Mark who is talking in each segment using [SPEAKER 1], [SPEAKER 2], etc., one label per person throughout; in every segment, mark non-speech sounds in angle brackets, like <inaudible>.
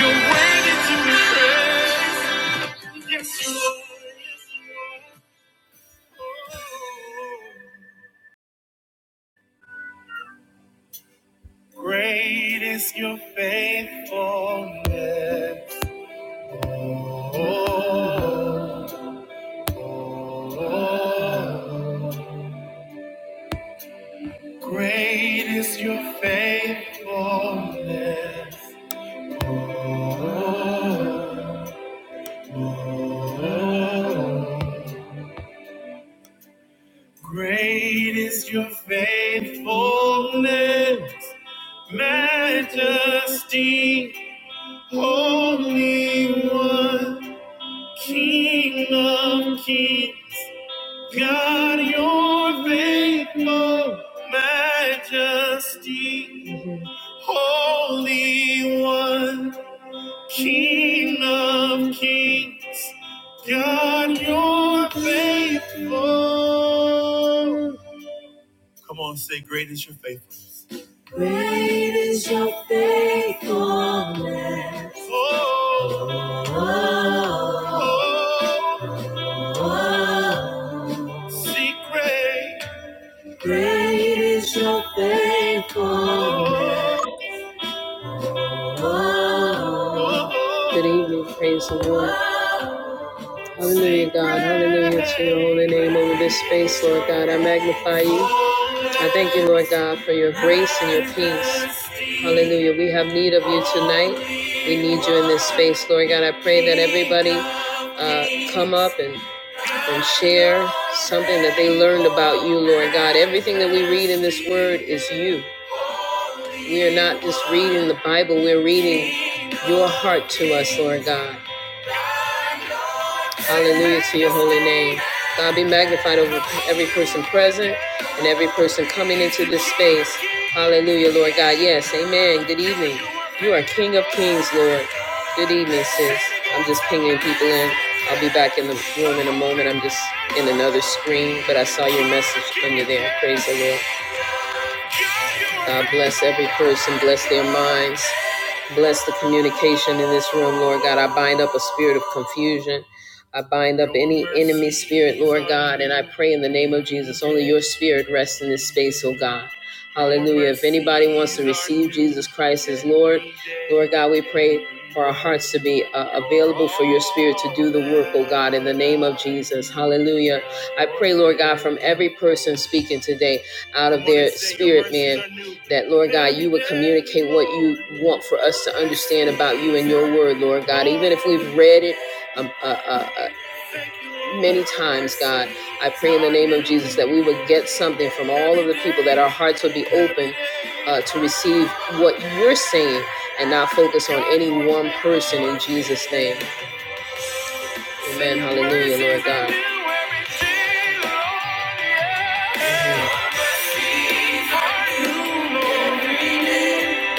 [SPEAKER 1] You're worthy to be praised. Yes, you are. Great is your faithfulness. Oh, oh, oh. great is your faithfulness. Oh, oh, oh. great is your faithfulness. Majesty, Holy One, King of Kings, God, You're faithful Majesty, Holy One, King of Kings, God, You're faithful. Come on, say, Great is your faithfulness. Great is your faithfulness. Oh, oh, oh. oh. See, great. Great is your faithfulness. Oh, oh. oh. Good evening, praise the Lord. Hallelujah, God. Hallelujah to your holy name over this space, Lord God. I magnify you. I thank you, Lord God, for your grace and your peace. Hallelujah. We have need of you tonight. We need you in this space, Lord God. I pray that everybody uh, come up and, and share something that they learned about you, Lord God. Everything that we read in this word is you. We are not just reading the Bible, we're reading your heart to us, Lord God. Hallelujah to your holy name. God be magnified over every person present and every person coming into this space. Hallelujah, Lord God. Yes, amen. Good evening. You are King of Kings, Lord. Good evening, sis. I'm just pinging people in. I'll be back in the room in a moment. I'm just in another screen, but I saw your message under there. Praise the Lord. God bless every person, bless their minds, bless the communication in this room, Lord God. I bind up a spirit of confusion. I bind up any enemy spirit, Lord God, and I pray in the name of Jesus, only your spirit rests in this space, oh God. Hallelujah. If anybody wants to receive Jesus Christ as Lord, Lord God, we pray for our hearts to be uh, available for your spirit to do the work, oh God, in the name of Jesus. Hallelujah. I pray, Lord God, from every person speaking today out of their spirit, man. That Lord God, you would communicate what you want for us to understand about you and your word, Lord God. Even if we've read it um, uh, uh, uh, many times, God, I pray in the name of Jesus that we would get something from all of the people, that our hearts would be open uh, to receive what you're saying and not focus on any one person in Jesus' name. Amen. Hallelujah, Lord God.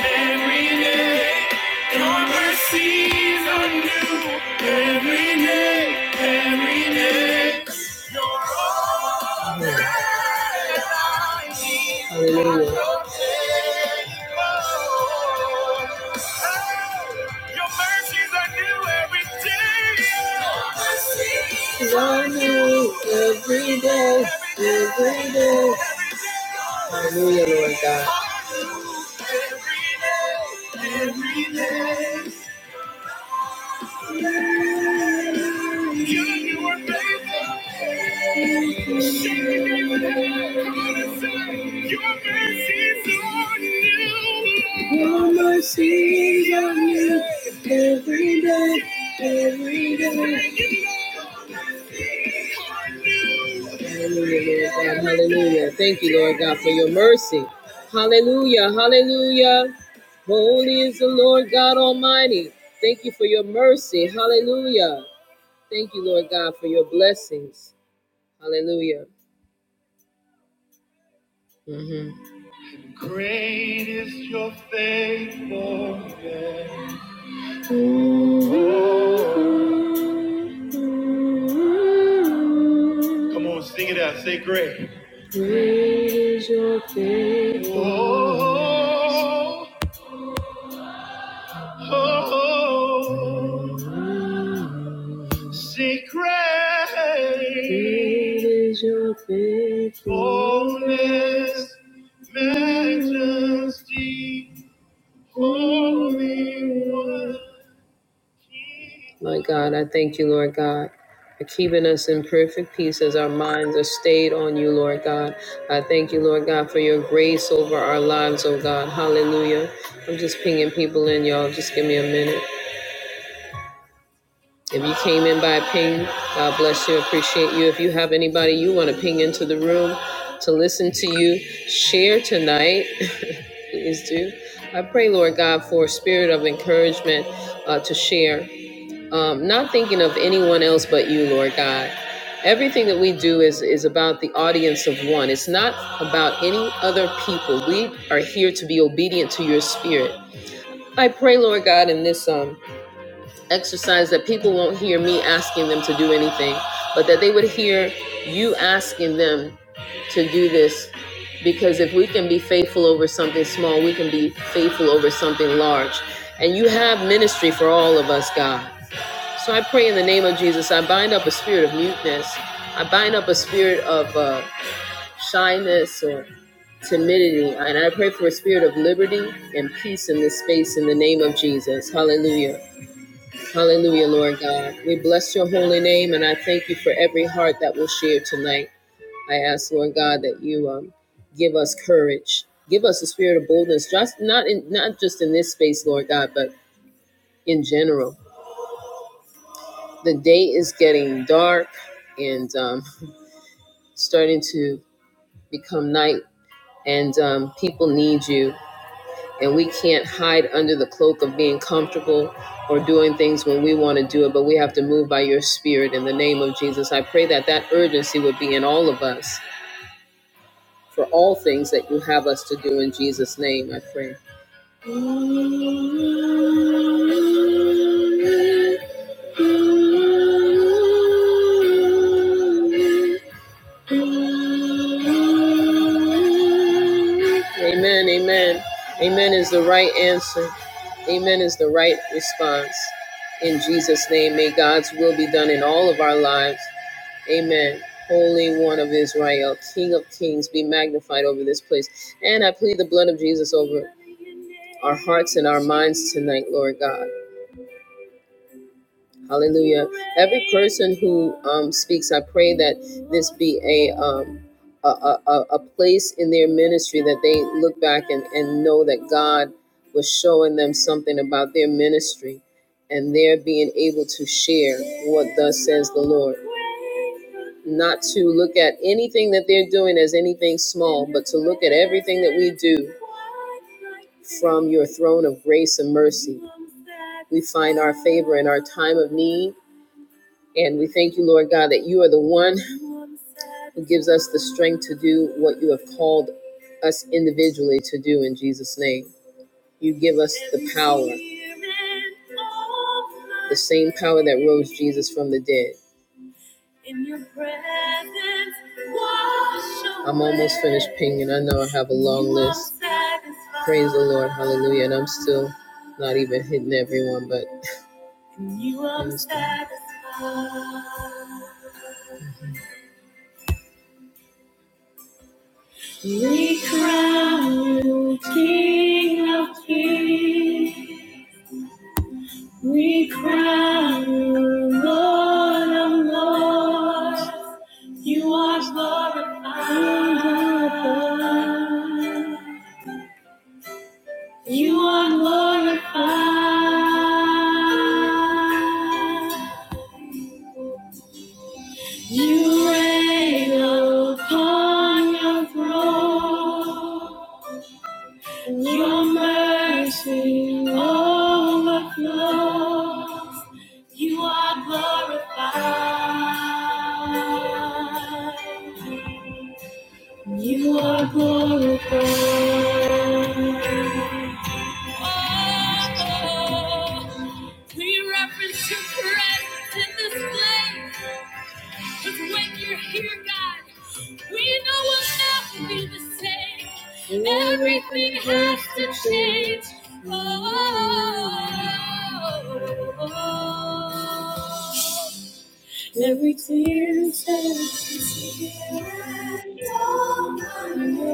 [SPEAKER 1] Mhm. Your mercies are new every day, every day. Your mercies are new every day. every day, every day. Hallelujah, Lord God. Every day. You, you are faithful. Your mercies are new every day. Hallelujah, Lord God. Hallelujah. Thank you, Lord God, for your mercy. Hallelujah. Hallelujah. Holy is the Lord God Almighty. Thank you for your mercy. Hallelujah. Thank you, Lord God, for your blessings. Hallelujah. hmm Great is your faithfulness. Oh. Come on, sing it out. Say great. Oh. Oh, say great is your faithfulness, majesty, holy one. My God, I thank you, Lord God. For keeping us in perfect peace as our minds are stayed on you, Lord God. I thank you, Lord God, for your grace over our lives, oh God. Hallelujah. I'm just pinging people in, y'all. Just give me a minute. If you came in by ping, God bless you. Appreciate you. If you have anybody you want to ping into the room to listen to you share tonight, <laughs> please do. I pray, Lord God, for a spirit of encouragement uh, to share. Um, not thinking of anyone else but you, Lord God. Everything that we do is is about the audience of one. It's not about any other people. We are here to be obedient to your spirit. I pray, Lord God, in this um exercise that people won't hear me asking them to do anything, but that they would hear you asking them to do this. Because if we can be faithful over something small, we can be faithful over something large. And you have ministry for all of us, God. So I pray in the name of Jesus, I bind up a spirit of muteness. I bind up a spirit of uh, shyness or timidity. And I pray for a spirit of liberty and peace in this space in the name of Jesus. Hallelujah. Hallelujah, Lord God. We bless your holy name and I thank you for every heart that will share tonight. I ask, Lord God, that you um, give us courage, give us a spirit of boldness, just not in not just in this space, Lord God, but in general. The day is getting dark and um, starting to become night, and um, people need you. and we can't hide under the cloak of being comfortable or doing things when we want to do it, but we have to move by your spirit in the name of Jesus. I pray that that urgency would be in all of us for all things that you have us to do in Jesus' name. I pray. Amen, amen. Amen is the right answer. Amen is the right response. In Jesus' name, may God's will be done in all of our lives. Amen. Holy One of Israel, King of Kings, be magnified over this place. And I plead the blood of Jesus over our hearts and our minds tonight, Lord God. Hallelujah. Every person who um, speaks, I pray that this be a, um, a, a, a a place in their ministry that they look back and, and know that God was showing them something about their ministry and their being able to share what thus says the Lord. Not to look at anything that they're doing as anything small, but to look at everything that we do from your throne of grace and mercy. We find our favor in our time of need and we thank you, Lord God, that you are the one who gives us the strength to do what you have called us individually to do in Jesus' name. You give us the power, the same power that rose Jesus from the dead. I'm almost finished pinging. I know I have a long list. Praise the Lord. Hallelujah. And I'm still not even hitting everyone, but I'm We crown you King of Kings. We crown you Lord of Lords. You are glorified. You are glorified. You reign upon your throne. Your mercy overflows. You are glorified. You are glorified. Oh, we reference your presence in this place. Cause when you're here, God, we know we'll never be the same. Everything has to change. Oh, oh, oh, oh. Every tear is Your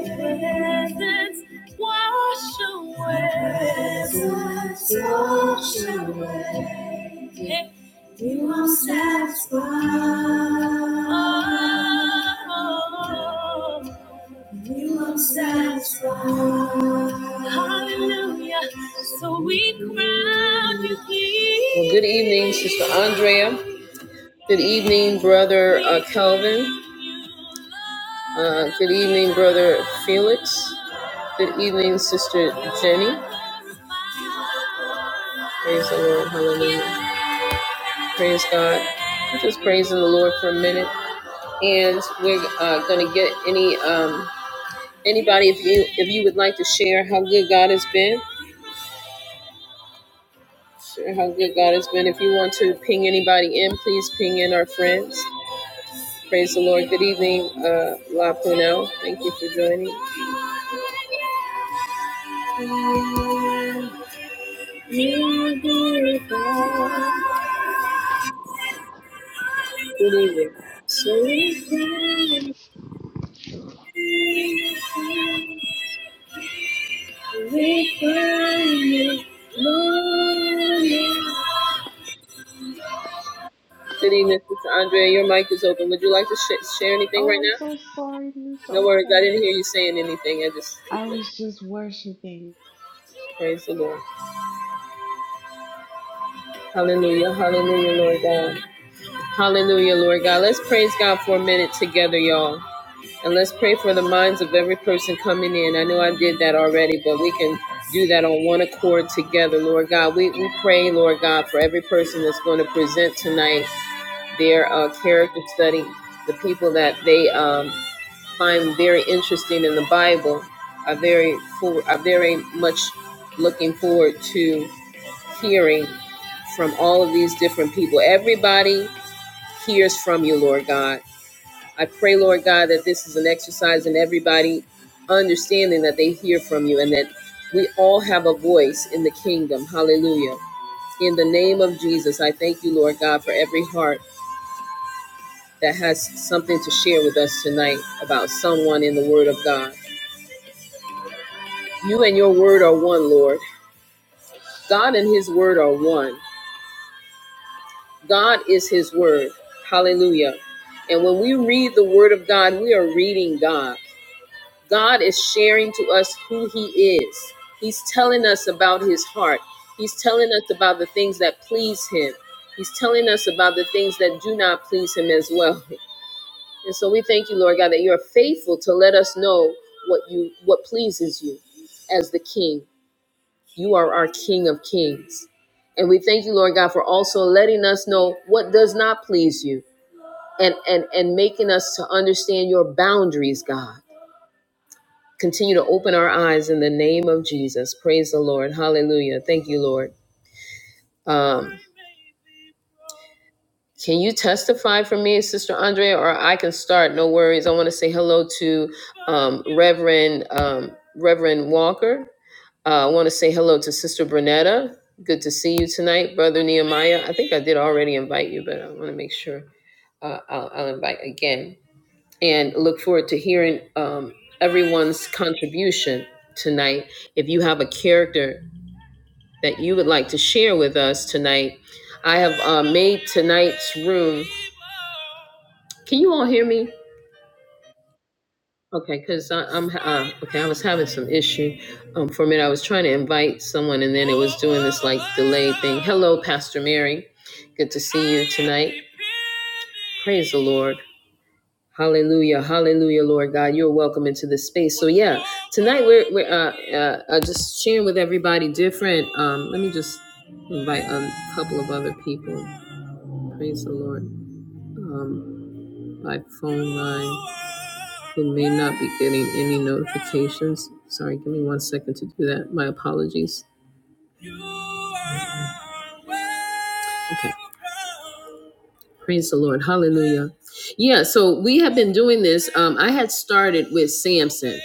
[SPEAKER 1] presence wash away. Wash away. You will satisfy. satisfied. You are satisfy. Hallelujah. So we crown you King. Well, good evening, Sister Andrea. Good evening, Brother uh, Calvin. Uh, good evening, Brother Felix. Good evening, Sister Jenny. Praise the Lord. Hallelujah. Praise God. We're just praising the Lord for a minute, and we're uh, going to get any um, anybody if you if you would like to share how good God has been. Share how good God has been. If you want to ping anybody in, please ping in our friends. Praise the Lord. Good evening, uh, La Punel. Thank you for joining. Good evening. So we glorify, we glorify you, Lord. Good evening, Sister Andrea. Your mic is open. Would you like to sh- share anything
[SPEAKER 2] Oh,
[SPEAKER 1] right
[SPEAKER 2] I'm
[SPEAKER 1] now?
[SPEAKER 2] so sorry, Miss.
[SPEAKER 1] No worries. I
[SPEAKER 2] Okay.
[SPEAKER 1] didn't hear you saying anything. I just
[SPEAKER 2] I was just worshiping.
[SPEAKER 1] praise the Lord. Hallelujah. Hallelujah, Lord God. Hallelujah, Lord God. Let's praise God for a minute together, y'all. And let's pray for the minds of every person coming in. I know I did that
[SPEAKER 2] Hallelujah.
[SPEAKER 1] already, but we can do that on one accord together, Lord God. We, we pray, Lord God, for every person that's going to present tonight their uh, character study, the people that they um, find very interesting in the Bible are very, for, are very much looking forward to hearing from all of these different people. Everybody hears from you, Lord God. I pray, Lord God, that this is an exercise in everybody understanding that they hear from you and that we all have a voice in the kingdom. Hallelujah. In the name of Jesus, I thank you, Lord God, for every heart that has something to share with us tonight about someone in the Word of God. You and your Word are one, Lord. God and His Word are one. God is his word. Hallelujah. And when we read the word of God, we are reading God. God is sharing to us who he is. He's telling us about his heart. He's telling us about the things that please him. He's telling us about the things that do not please him as well. <laughs> And so we thank you, Lord God, that you're faithful to let us know what you what pleases you as the king. You are our King of Kings. And we thank you, Lord God, for also letting us know what does not please you and, and, and making us to understand your boundaries, God. Continue to open our eyes in the name of Jesus. Praise the Lord. Hallelujah. Thank you, Lord. Um, can you testify for me, Sister Andrea, or I can start? No worries. I want to say hello to um, Reverend um, Reverend Walker. Uh, I want to say hello to Sister Bernetta. Good to see you tonight, Brother Nehemiah. I think I did already invite you, but I want to make sure uh, I'll, I'll invite again. And look forward to hearing um, everyone's contribution tonight. If you have a character that you would like to share with us tonight, I have uh, made tonight's room. Can you all hear me? Okay, because I'm uh, okay. I was having some issue. Um, for a minute, I was trying to invite someone, and then it was doing this like delayed thing. Hello, Pastor Mary. Good to see you tonight. Praise the Lord. Hallelujah, Hallelujah, Lord God. You're welcome into this space. So yeah, tonight we're we're uh, uh, uh, just sharing with everybody different. Um, let me just invite a couple of other people. Praise the Lord. Um, by phone line. who may not be getting any notifications. Sorry, give me one second to do that. My apologies. Okay. Praise the Lord. Hallelujah. Yeah, so we have been doing this. Um, I had started with Samson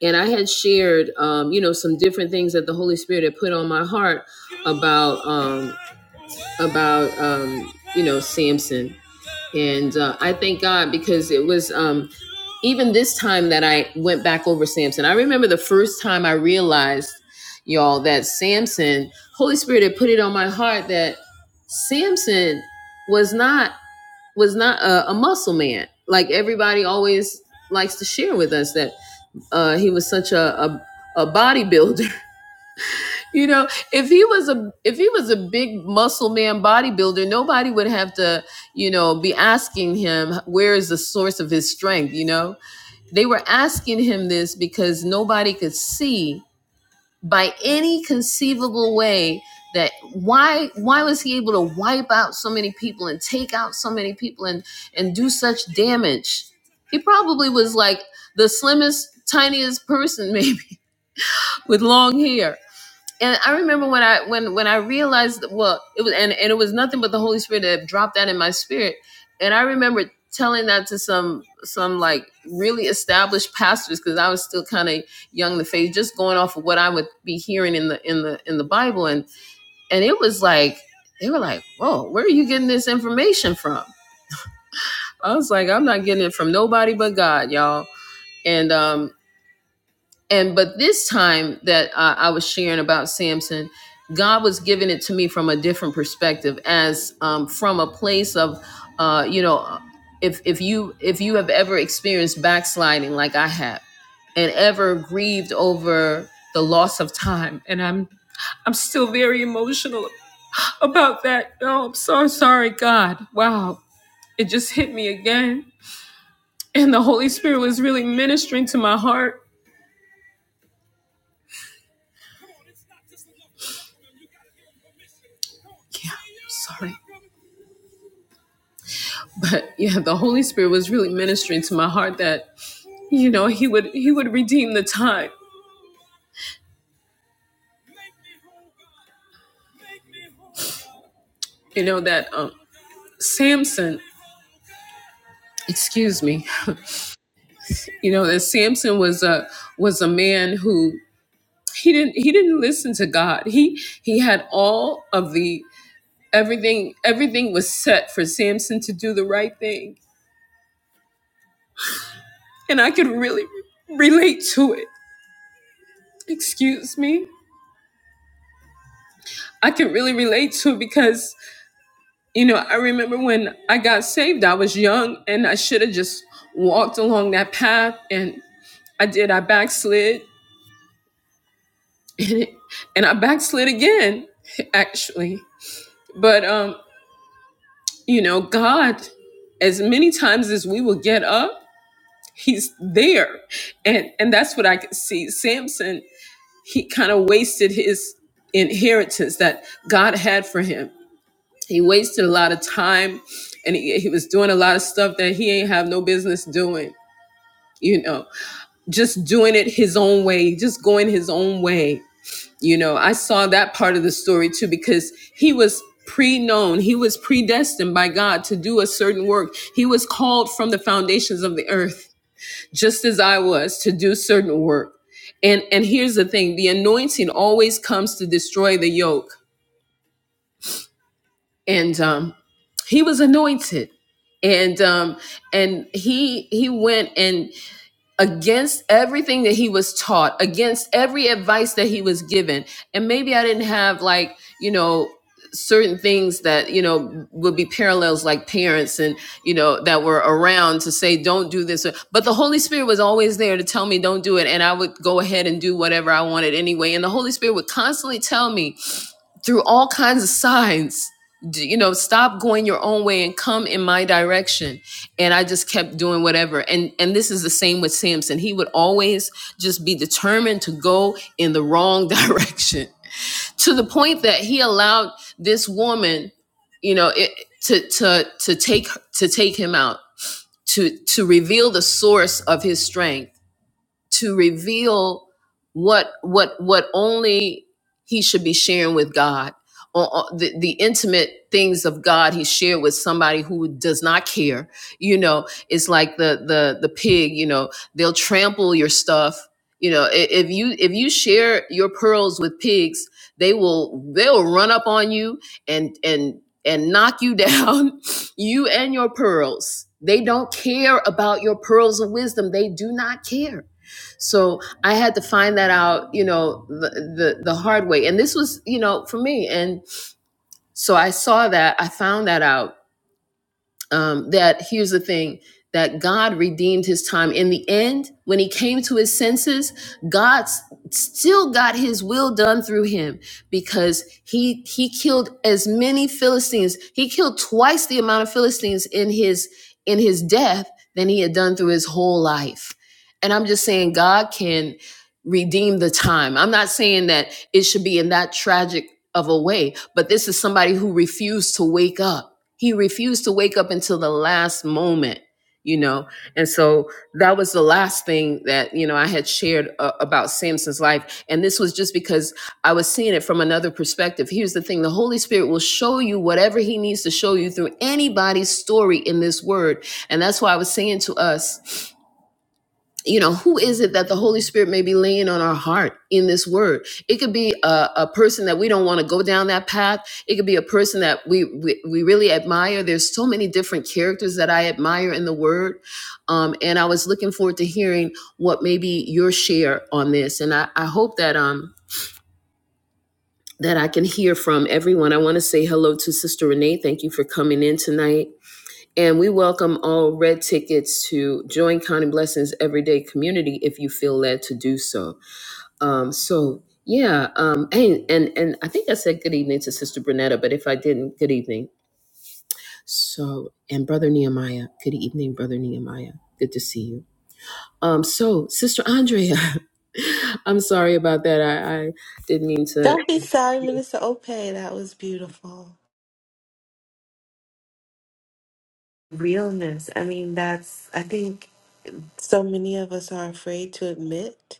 [SPEAKER 1] and I had shared, um, you know, some different things that the Holy Spirit had put on my heart about, um, about, um, you know, Samson. And uh, I thank God because it was, um, even this time that I went back over Samson, I remember the first time I realized, y'all, that Samson, Holy Spirit had put it on my heart that Samson was not was not a, a muscle man. Like everybody always likes to share with us that uh, he was such a, a a bodybuilder. <laughs> You know, if he was a if he was a big muscle man bodybuilder, nobody would have to, you know, be asking him where is the source of his strength, you know? They were asking him this because nobody could see by any conceivable way that why why was he able to wipe out so many people and take out so many people and and do such damage? He probably was like the slimmest, tiniest person maybe <laughs> with long hair and I remember when I when when I realized well it was and, and it was nothing but the Holy Spirit that dropped that in my spirit and I remember telling that to some some like really established pastors because I was still kind of young in the faith just going off of what I would be hearing in the in the in the Bible and and it was like they were like whoa where are you getting this information from I was like I'm not getting it from nobody but God y'all and um and but this time that uh, i was sharing about samson god was giving it to me from a different perspective as um, from a place of uh, you know if if you if you have ever experienced backsliding like i have and ever grieved over the loss of time and i'm i'm still very emotional about that oh i'm so sorry god wow it just hit me again and the holy spirit was really ministering to my heart yeah I'm sorry but yeah the holy spirit was really ministering to my heart that you know he would he would redeem the time you know that um samson excuse me <laughs> you know that samson was a was a man who he didn't he didn't listen to god he he had all of the everything everything was set for samson to do the right thing and i could really relate to it excuse me i could really relate to it because You know, I remember when I got saved, I was young and I should have just walked along that path. And I did, I backslid <laughs> and I backslid again, <laughs> actually. But, um, you know, God, as many times as we will get up, He's there. And, and that's what I could see. Samson, he kind of wasted his inheritance that God had for him he wasted a lot of time and he, he was doing a lot of stuff that he ain't have no business doing you know just doing it his own way just going his own way you know i saw that part of the story too because he was pre-known he was predestined by god to do a certain work he was called from the foundations of the earth just as i was to do certain work and and here's the thing the anointing always comes to destroy the yoke and um, he was anointed and um and he he went and against everything that he was taught against every advice that he was given and maybe i didn't have like you know certain things that you know would be parallels like parents and you know that were around to say don't do this but the holy spirit was always there to tell me don't do it and i would go ahead and do whatever i wanted anyway and the holy spirit would constantly tell me through all kinds of signs d- you know stop going your own way and come in my direction and i just kept doing whatever and and this is the same with samson he would always just be determined to go in the wrong <laughs> direction to the point that he allowed this woman you know it, to to to take to take him out to to reveal the source of his strength to reveal what what what only he should be sharing with God or, or the, the intimate things of God he shared with somebody who does not care. You know, it's like the the the pig, you know, they'll trample your stuff. You know, i- if you if you share your pearls with pigs, they will they'll run up on you and and and knock you down, <laughs> you and your pearls. They don't care about your pearls of wisdom. They do not care so I had to find that out, you know, the, the the hard way. And this was, you know, for me. And so I saw that, I found that out um, that here's the thing that God redeemed his time. In the end, when he came to his senses, God s- still got his will done through him because he he killed as many Philistines. He killed twice the amount of Philistines in his in his death than he had done through his whole life. And I'm just saying God can redeem the time. I'm not saying that it should be in that tragic of a way, but this is somebody who refused to wake up he refused to wake up until the last moment you know and so that was the last thing that you know i had shared uh, about samson's life and this was just because i was seeing it from another perspective here's the thing the holy spirit will show you whatever he needs to show you through anybody's story in this word and that's why i was saying to us you know, who is it that the Holy Spirit may be laying on our heart in this word? It could be a, a person that we don't want to go down that path. It could be a person that we, we, we really admire. There's so many different characters that I admire in the word. Um, and I was looking forward to hearing what maybe your share on this. And I, I hope that, um, that I can hear from everyone. I want to say hello to Sister Renee. Thank you for coming in tonight. And we welcome all red tickets to join Counting Blessings Everyday Community if you feel led to do so. Um, so yeah, um, and, and and I think I said good evening to Sister Brunetta, but if I didn't, good evening. So and Brother Nehemiah, good evening, Brother Nehemiah. Good to see you. Um, so Sister Andrea, <laughs> I'm sorry about that. I, I didn't mean to.
[SPEAKER 2] Don't be sorry, Minister Ope. That was beautiful. Realness. I mean, that's, I think so many of us are afraid to admit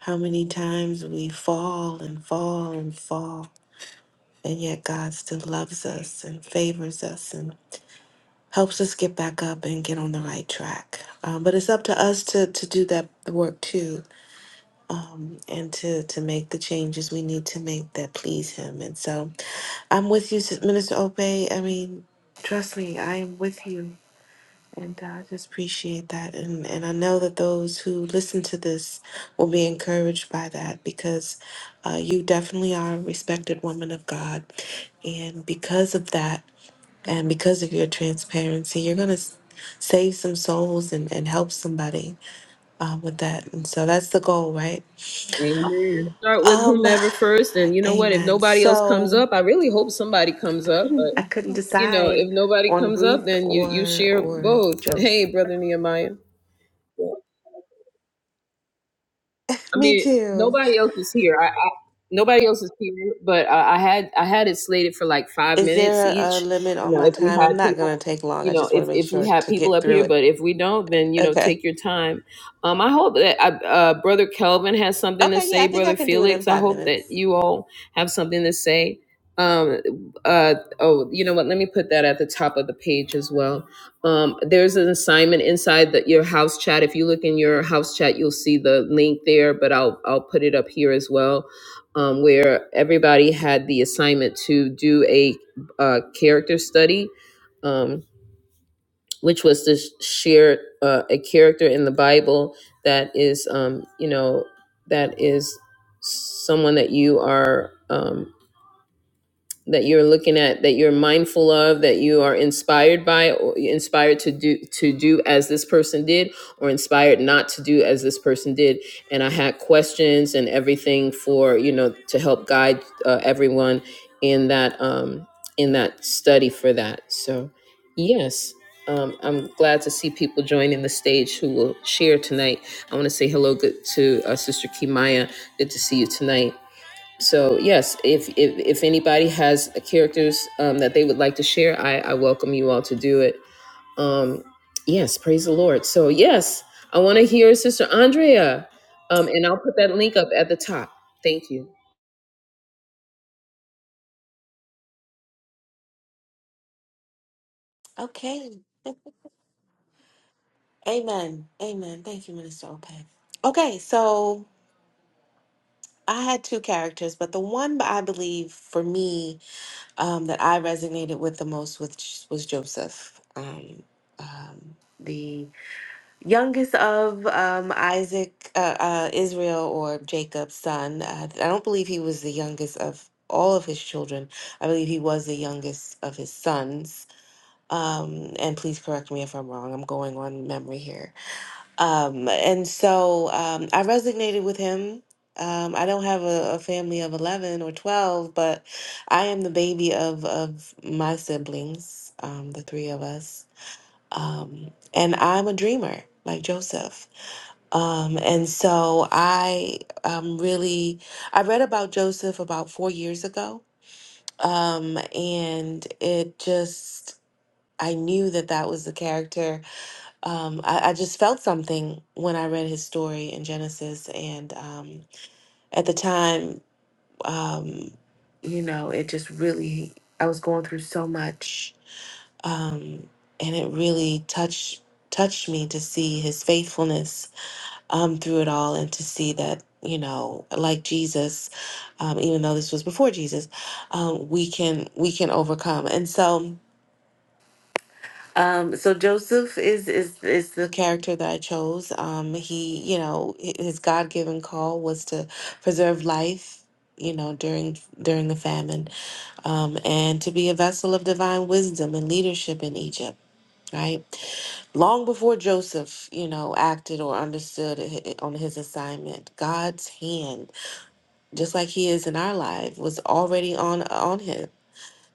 [SPEAKER 2] how many times we fall and fall and fall. And yet God still loves us and favors us and helps us get back up and get on the right track. Um, but it's up to us to, to do that work too. and to to make the changes we need to make that please him and so i'm with you Sis- minister obey i mean trust me i am with you and uh, i just appreciate that and and i know that those who listen to this will be encouraged by that because uh, you definitely are a respected woman of god and because of that and because of your transparency you're going to save some souls and, and help somebody uh, with that and so that's the goal right
[SPEAKER 1] Amen. Start with
[SPEAKER 2] um
[SPEAKER 1] whomever first, and you know what? If
[SPEAKER 2] Amen.
[SPEAKER 1] nobody else comes
[SPEAKER 2] So
[SPEAKER 1] up, I really hope somebody comes
[SPEAKER 2] I
[SPEAKER 1] up. But
[SPEAKER 2] couldn't I couldn't
[SPEAKER 1] You know,
[SPEAKER 2] decide
[SPEAKER 1] if nobody
[SPEAKER 2] on
[SPEAKER 1] comes up,
[SPEAKER 2] Ruth
[SPEAKER 1] then you you
[SPEAKER 2] or
[SPEAKER 1] share
[SPEAKER 2] or
[SPEAKER 1] both.
[SPEAKER 2] Joseph.
[SPEAKER 1] Hey, brother Nehemiah. I
[SPEAKER 2] Me
[SPEAKER 1] mean,
[SPEAKER 2] too.
[SPEAKER 1] nobody else is here. I, I nobody else is here, but I, I had I had it slated for like five
[SPEAKER 2] Is
[SPEAKER 1] minutes
[SPEAKER 2] there a
[SPEAKER 1] each.
[SPEAKER 2] limit
[SPEAKER 1] You
[SPEAKER 2] on
[SPEAKER 1] know,
[SPEAKER 2] my
[SPEAKER 1] if we
[SPEAKER 2] time?
[SPEAKER 1] had
[SPEAKER 2] I'm not
[SPEAKER 1] people,
[SPEAKER 2] gonna take long.
[SPEAKER 1] you
[SPEAKER 2] I
[SPEAKER 1] know,
[SPEAKER 2] just want
[SPEAKER 1] if
[SPEAKER 2] to make
[SPEAKER 1] if we
[SPEAKER 2] sure
[SPEAKER 1] had
[SPEAKER 2] to
[SPEAKER 1] people
[SPEAKER 2] get
[SPEAKER 1] up
[SPEAKER 2] through
[SPEAKER 1] here,
[SPEAKER 2] it.
[SPEAKER 1] but if we don't, then you know,
[SPEAKER 2] Okay.
[SPEAKER 1] take your time. Um, I hope that uh, uh, brother Kelvin has something to
[SPEAKER 2] Okay, yeah,
[SPEAKER 1] say.
[SPEAKER 2] I think I
[SPEAKER 1] Brother
[SPEAKER 2] can do it in
[SPEAKER 1] Felix, I
[SPEAKER 2] five
[SPEAKER 1] hope that
[SPEAKER 2] minutes.
[SPEAKER 1] you all have something to say. Um, uh, oh, you know what? Let me put that at the top of the page as well Um, there's an assignment inside the, your house chat. If you look in your house chat, you'll see the link there, but I'll I'll put it up here as well, um, where everybody had the assignment to do a, uh character study, um, which was to sh- share uh, a character in the Bible that is, um, you know, that is someone that you are. um, that you're looking at that you're mindful of that you are inspired by or inspired to do to do as this person did or inspired not to do as this person did and i had questions and everything for you know to help guide uh, everyone in that um in that study for that so yes um, I'm glad to see people joining the stage who will share tonight. I want to say hello good to uh, Sister Kimaya. Good to see you tonight. So yes, if if, if anybody has characters um, that they would like to share, I, I welcome you all to do it. Um, yes, praise the Lord. So yes, I want to hear Sister Andrea, um, and I'll put that link up at the top. Thank you,
[SPEAKER 2] Okay. Amen. Amen. Thank you, Minister Ope. Okay, so I had two characters, but the one that I believe for me um, that I resonated with the most with was was Joseph. Um, um, the Youngest of um, Isaac, uh, uh, Israel, or Jacob's son. Uh, I don't believe he was the youngest of all of his children. I believe he was the youngest of his sons. Um, and please correct me if I'm wrong. I'm going on memory here. Um, and so um, I resonated with him. Um, I don't have a, a family of 11 or 12, but I am the baby of, of my siblings, um, the three of us. Um, and I'm a dreamer like Joseph. Um, and so I um, really I read about Joseph about four years ago, um, and it just I knew that that was the character. Um, I, I just felt something when I read his story in Genesis, and um, at the time, um, you know, it just really I was going through so much, um, and it really touched touched me to see his faithfulness um, through it all and to see that, you know, like Jesus, um, even though this was before Jesus, um, we can we can overcome. And so um, so Joseph is is is the character that I chose. Um, he, you know, hi- his God given call was to preserve life, you know, during during the famine, um, and to be a vessel of divine wisdom and leadership in Egypt. Right long before Joseph, you know, acted or understood i- on his assignment, God's hand, just like He is in our life, was already on on him,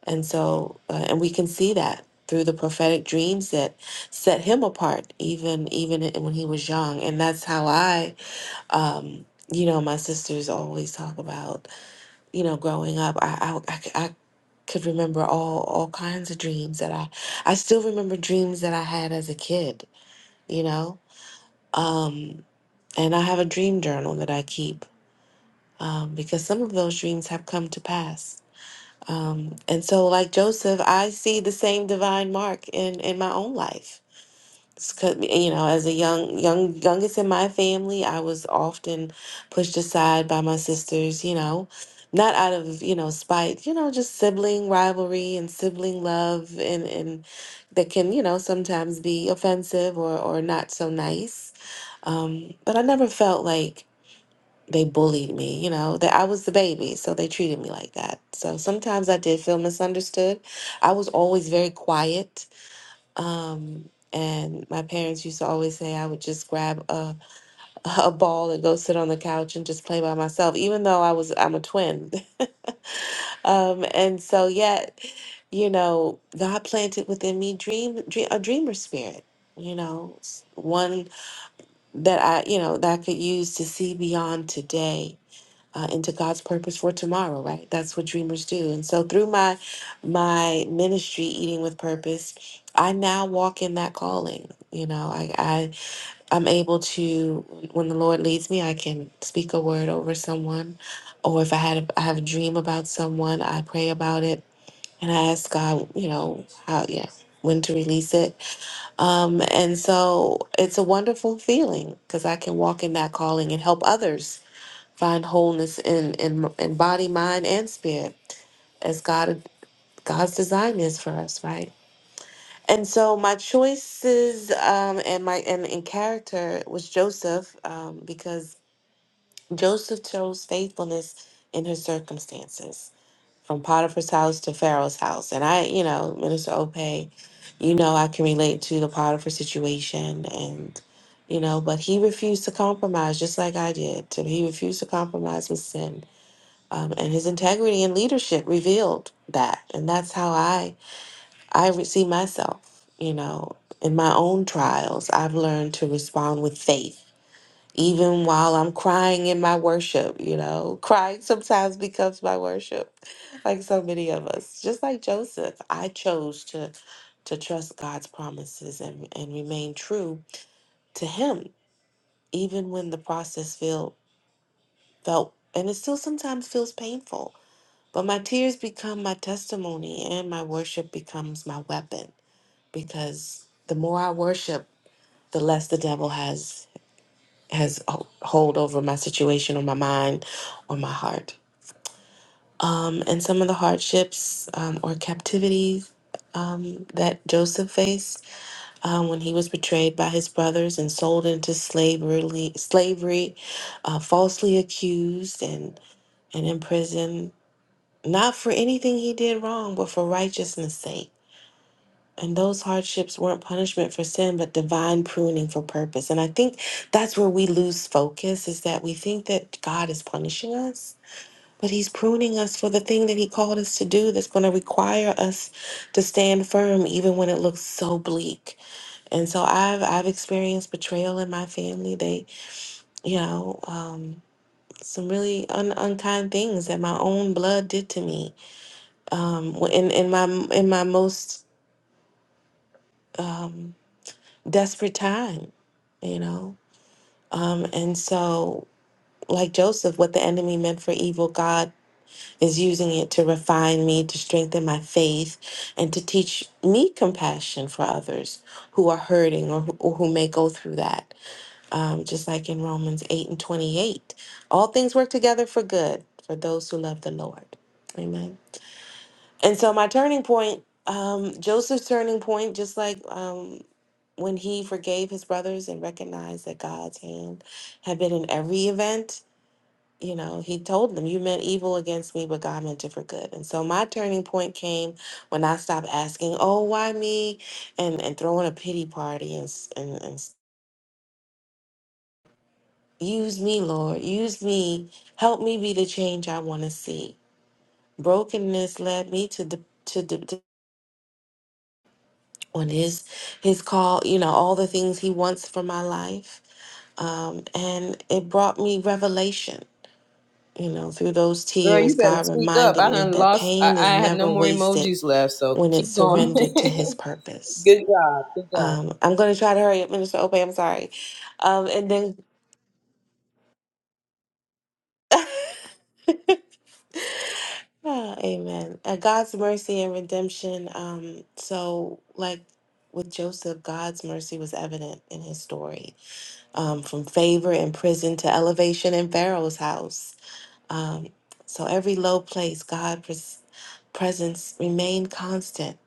[SPEAKER 2] and so uh, and we can see that through the prophetic dreams that set him apart, even even when he was young, and that's how I. Um, you know, my sisters always talk about, you know, growing up. I, I, I, c- I could remember all all kinds of dreams that I, I still remember dreams that I had as a kid. You know, um, and I have a dream journal that I keep um, because some of those dreams have come to pass. Um, and so, like Joseph, I see the same divine mark in, in my own life. It's 'cause, you know, as a young, young, youngest in my family, I was often pushed aside by my sisters. You know, not out of you know spite. You know, just sibling rivalry and sibling love, and and that can you know sometimes be offensive or or not so nice. Um, but I never felt like they bullied me. You know, that I was the baby, so they treated me like that. So sometimes I did feel misunderstood. I was always very quiet um, and my parents used to always say I would just grab a, <laughs> a ball and go sit on the couch and just play by myself, even though I was I'm a twin. <laughs> Um, and so yet, you know, God planted within me dream, dream a dreamer spirit, you know, s- one that I, you know, that I could use to see beyond today uh, into God's purpose for tomorrow, right? That's what dreamers do. And so through my my ministry, eating with purpose, I now walk in that calling. You know, I, I I'm able to when the Lord leads me, I can speak a word over someone, or if I had a, I have a dream about someone, I pray about it and I ask God, you know, how yeah when to release it um, and so it's a wonderful feeling because i can walk in that calling and help others find wholeness in in in body, mind, and spirit, as God God's design is for us, right? And so my choices um, and my and in character was Joseph um, because Joseph chose faithfulness in his circumstances, from Potiphar's house to Pharaoh's house. And I, you know, Minister Ope, you know, I can relate to the Potiphar situation and. You know, but he refused to compromise just like I did. He refused to compromise with sin um, and his integrity and leadership revealed that and that's how i i re- see myself you know in my own trials i've learned to respond with faith even while i'm crying in my worship you know crying sometimes becomes my worship like so many of us just like joseph i chose to to trust god's promises and and remain true to him even when the process feel felt and it still sometimes feels painful But my tears become my testimony and my worship becomes my weapon because the more I worship, the less the devil has has ho- hold over my situation or my mind or my heart. Um, and some of the hardships um, or captivities um, that Joseph faced um, when he was betrayed by his brothers and sold into slavery, slavery, uh, falsely accused and and imprisoned, not for anything he did wrong, but for righteousness' sake And those hardships weren't punishment for sin, but divine pruning for purpose. And I think that's where we lose focus is that we think that God is punishing us, but He's pruning us for the thing that He called us to do that's going to require us to stand firm even when it looks so bleak. And so I've I've experienced betrayal in my family. They, you know, um, some really un- unkind things that my own blood did to me. Um, in in my in my most um desperate time, you know? Um, and so, like Joseph, what the enemy meant for evil, God is using it to refine me, to strengthen my faith, and to teach me compassion for others who are hurting or who, or who may go through that. Um, just like in Romans 8 and 28, all things work together for good for those who love the Lord. Amen. And so, my turning point, um, Joseph's turning point, just like um, when he forgave his brothers and recognized that God's hand had been in every event, you know, he told them, You meant evil against me, but God meant it for good. And so my turning point came when I stopped asking, Oh, why me? And and throwing a pity party and s- and, and s- use me, Lord, use me, help me be the change I want to see. Brokenness led me to the to the to- on his his call, you know, all the things he wants for my life um, and it brought me revelation. You know, through those
[SPEAKER 1] girl.
[SPEAKER 2] tears,
[SPEAKER 1] You better
[SPEAKER 2] God
[SPEAKER 1] speak up.
[SPEAKER 2] reminded
[SPEAKER 1] I
[SPEAKER 2] me
[SPEAKER 1] done
[SPEAKER 2] that
[SPEAKER 1] lost. I,
[SPEAKER 2] pain is
[SPEAKER 1] I have no
[SPEAKER 2] never
[SPEAKER 1] more
[SPEAKER 2] wasted
[SPEAKER 1] emojis left. So
[SPEAKER 2] when it's
[SPEAKER 1] keep going. <laughs>
[SPEAKER 2] surrendered to His purpose.
[SPEAKER 1] good job. Good job.
[SPEAKER 2] Um, I'm going to try to hurry up, Minister Ope. I'm sorry. Um, and then, <sighs> ah, Amen. Uh, God's mercy and redemption. Um, so, like with Joseph, God's mercy was evident in his story, um, from favor in prison to elevation in Pharaoh's house. Um, so every low place, God. presence remain constant.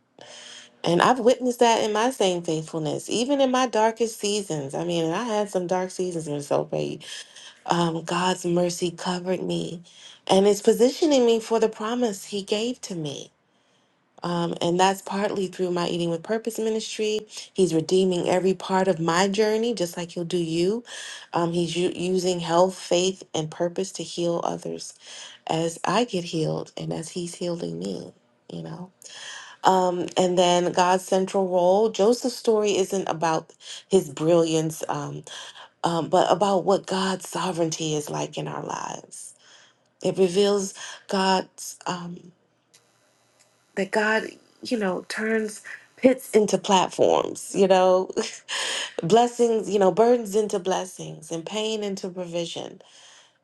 [SPEAKER 2] And I've witnessed that in my same faithfulness, even in my darkest seasons. I mean, and I had some dark seasons in Sobe. Um, God's mercy covered me and it's positioning me for the promise he gave to me. Um, and that's partly through my Eating with Purpose ministry. He's redeeming every part of my journey, just like he'll do you. Um, he's u- using health, faith, and purpose to heal others as I get healed and as he's healing me, you know? Um, and then God's central role. Joseph's story isn't about his brilliance, um, um, but about what God's sovereignty is like in our lives. It reveals God's um, that God, you know, turns pits into platforms. You know, <laughs> blessings, you know, burdens into blessings, and pain into provision.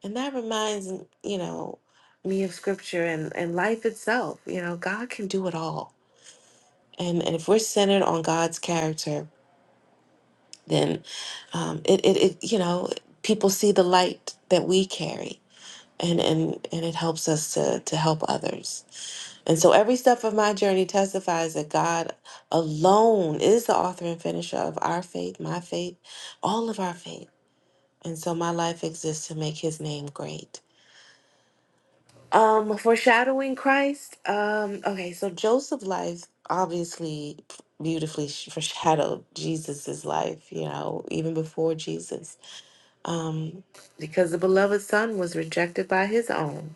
[SPEAKER 2] And that reminds you know me of Scripture and and life itself. You know, God can do it all. And, and if we're centered on God's character, then um, it, it, it you know people see the light that we carry and and and it helps us to to help others and so every step of my journey testifies that god alone is the author and finisher of our faith my faith all of our faith and so my life exists to make his name great um foreshadowing christ um okay so joseph's life obviously beautifully sh- foreshadowed jesus's life you know even before jesus um, because the beloved son was rejected by his own,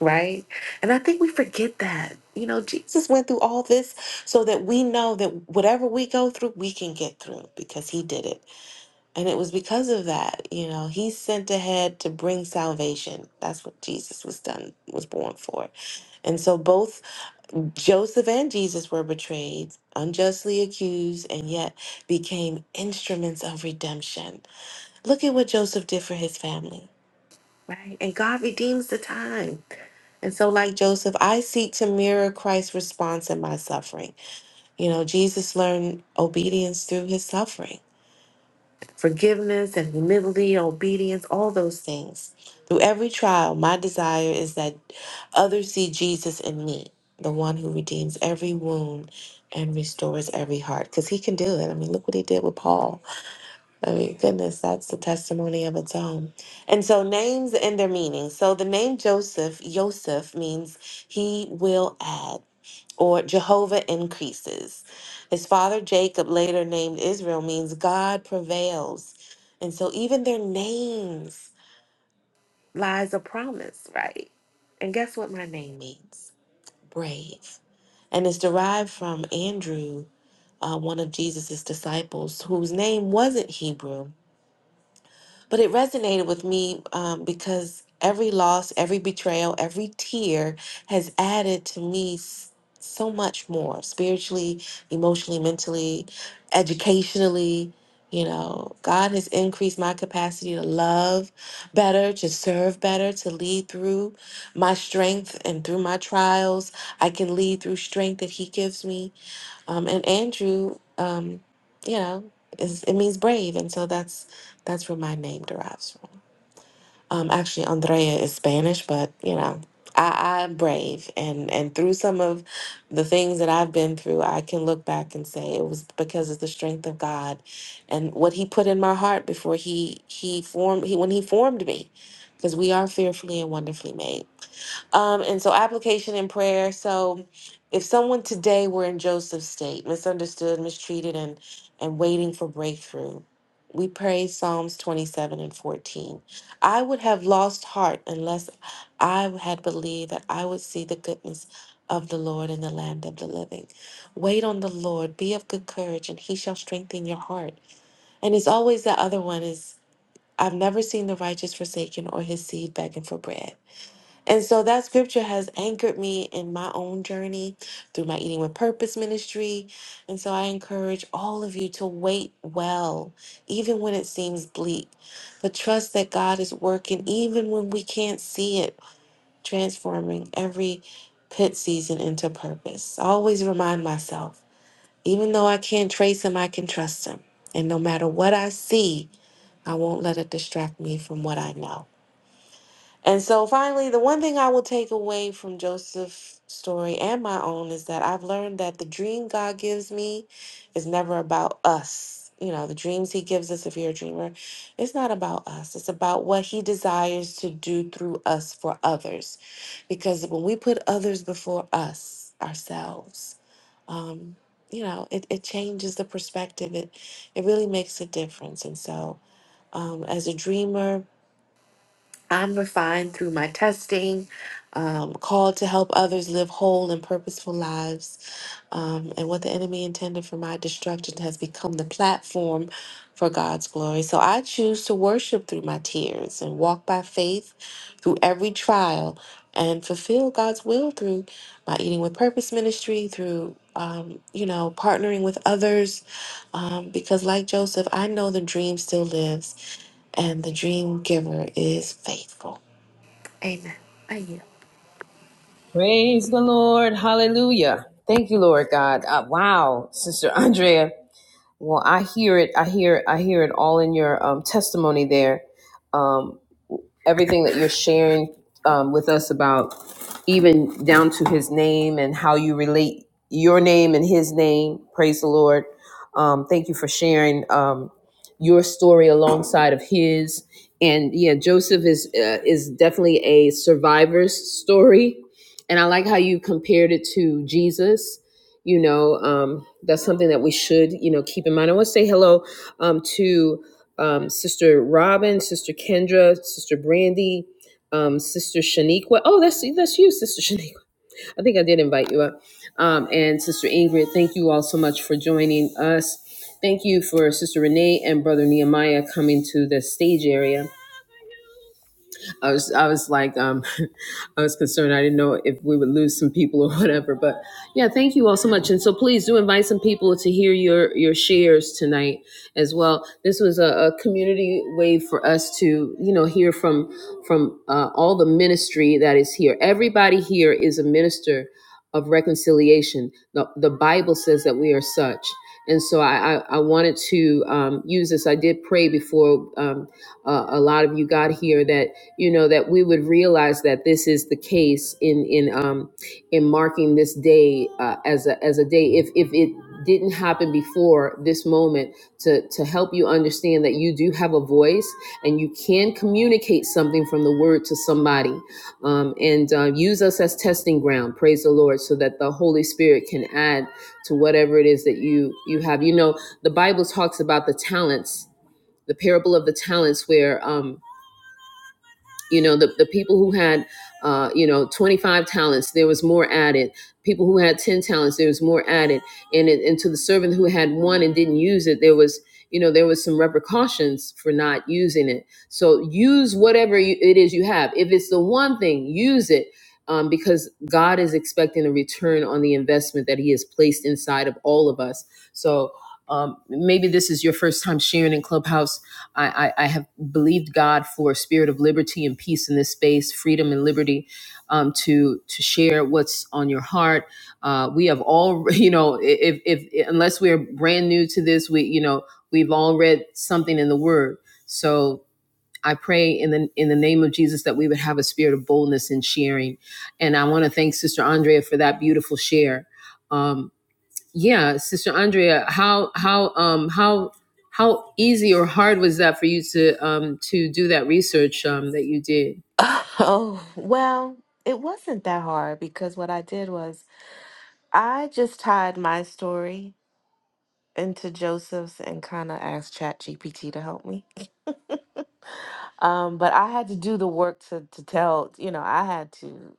[SPEAKER 2] right? And I think we forget that. You know, Jesus went through all this so that we know that whatever we go through, we can get through because he did it. And it was because of that, you know, he sent ahead to bring salvation. That's what Jesus was done, was born for. And so both Joseph and Jesus were betrayed, unjustly accused, and yet became instruments of redemption. Look at what Joseph did for his family Right. And God redeems the time. And so, like Joseph, I seek to mirror Christ's response in my suffering. You know, Jesus learned obedience through his suffering, forgiveness and humility, obedience, all those things. Through every trial, my desire is that others see Jesus in me, the one who redeems every wound and restores every heart, because he can do it. I mean, look what he did with Paul. I mean, goodness, that's the testimony of its own. And so, names and their meaning. So, the name Joseph, Yosef, means he will add, or Jehovah increases. His father Jacob, later named Israel, means God prevails. And so, even their names lies a promise, right? And guess what my name means? Brave. And it's derived from Andrew, uh, one of Jesus' disciples, whose name wasn't Hebrew But it resonated with me um, because every loss, every betrayal, every tear has added to me s- so much more spiritually, emotionally, mentally, educationally. You know, God has increased my capacity to love better, to serve better, to lead through my strength and through my trials. I can lead through strength that He gives me um, and Andrew, um, you know, is it means brave, and so that's that's where my name derives from. Um, actually, Andrea is Spanish, but you know, I, I'm brave, and and through some of the things that I've been through, I can look back and say it was because of the strength of God, and what He put in my heart before He He formed He when He formed me, because we are fearfully and wonderfully made. Um, and so application and prayer. So if someone today were in Joseph's state, misunderstood, mistreated, and and waiting for breakthrough, we pray Psalms 27 and 14. I would have lost heart unless I had believed that I would see the goodness of the Lord in the land of the living. Wait on the Lord, be of good courage, and he shall strengthen your heart. And it's always the other one is I've never seen the righteous forsaken or his seed begging for bread. And so that scripture has anchored me in my own journey through my Eating with Purpose ministry. And so I encourage all of you to wait well, even when it seems bleak, but trust that God is working, even when we can't see it, transforming every pit season into purpose. I always remind myself, even though I can't trace Him, I can trust Him. And no matter what I see, I won't let it distract me from what I know. And so finally, the one thing I will take away from Joseph's story and my own is that I've learned that the dream God gives me is never about us. You know, the dreams he gives us, if you're a dreamer, it's not about us. It's about what he desires to do through us for others. Because when we put others before us, ourselves, um, you know, it, it changes the perspective. It, it really makes a difference. And so, um, as a dreamer, I'm refined through my testing, um, called to help others live whole and purposeful lives. Um, and what the enemy intended for my destruction has become the platform for God's glory. So I choose to worship through my tears and walk by faith through every trial and fulfill God's will through my eating with purpose ministry, through, um, you know, partnering with others. Um, because, like Joseph, I know the dream still lives and the dream giver is faithful. Amen. I yield.
[SPEAKER 1] Praise the Lord. Hallelujah. Thank you, Lord God. Uh, wow, Sister Andrea. Well, I hear it. I hear. I hear it all in your um, testimony there. Um, everything that you're sharing um, with us about even down to his name and how you relate your name and his name. Praise the Lord. Um, thank you for sharing um, your story alongside of his. And yeah, Joseph is uh, is definitely a survivor's story, and I like how you compared it to Jesus. You know, um, that's something that we should you know keep in mind. I want to say hello um, to um, Sister Robin, Sister Kendra, Sister Brandy, um, Sister Shaniqua. Oh, that's that's you, Sister <laughs> Shaniqua. I think I did invite you up. Um, and Sister Ingrid, thank you all so much for joining us. Thank you for Sister Renee and Brother Nehemiah coming to the stage area. I was I was like um <laughs> I was concerned I didn't know if we would lose some people or whatever but yeah thank you all so much and so please do invite some people to hear your your shares tonight as well this was a, a community way for us to you know hear from from uh, all the ministry that is here everybody here is a minister of reconciliation the, the Bible says that we are such and so I, I, I wanted to um, use this. I did pray before um, uh, a lot of you got here that you know that we would realize that this is the case in in um in marking this day uh, as a as a day if if it didn't happen before this moment to to help you understand that you do have a voice and you can communicate something from the word to somebody um, and uh, use us as testing ground praise the lord so that the holy spirit can add to whatever it is that you you have you know the bible talks about the talents the parable of the talents where um, you know the, the people who had uh, you know 25 talents there was more added people who had 10 talents there was more added and, it, and to the servant who had one and didn't use it there was you know there was some repercussions for not using it so use whatever you, it is you have if it's the one thing use it um, because god is expecting a return on the investment that he has placed inside of all of us so um, maybe this is your first time sharing in clubhouse I, I, I have believed God for a spirit of liberty and peace in this space, freedom and liberty, um, to to share what's on your heart. Uh, we have all, <laughs> you know, if, if unless we're brand new to this, we you know we've all read something in the Word. So I pray in the in the name of Jesus that we would have a spirit of boldness in sharing. And I want to thank Sister Andrea for that beautiful share. Um, yeah, Sister Andrea, how how um how how easy or hard was that for you to um to do that research um that you did?
[SPEAKER 2] <laughs> Oh, well, it wasn't that hard because what I did was. I just tied my story into Joseph's and kind of asked ChatGPT to help me. Um, but I had to do the work to to tell, you know, I had to,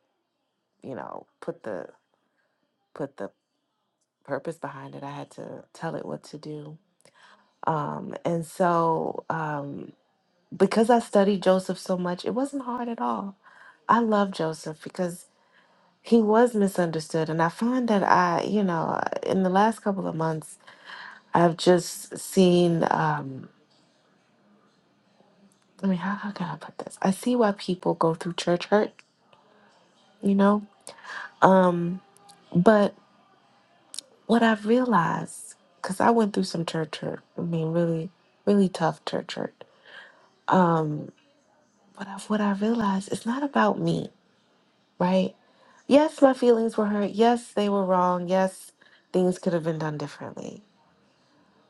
[SPEAKER 2] you know, put the put the purpose behind it. I had to tell it what to do. Um, and so um because I studied Joseph so much, it wasn't hard at all. I love Joseph because he was misunderstood and I find that I, you know, in the last couple of months I've just seen um I mean, how, how can I put this? I see why people go through church hurt, you know? Um, but what I've realized, because I went through some church hurt, I mean, really, really tough church hurt. Um, but I've, what I realized, it's not about me, right? Yes, my feelings were hurt. Yes, they were wrong. Yes, things could have been done differently.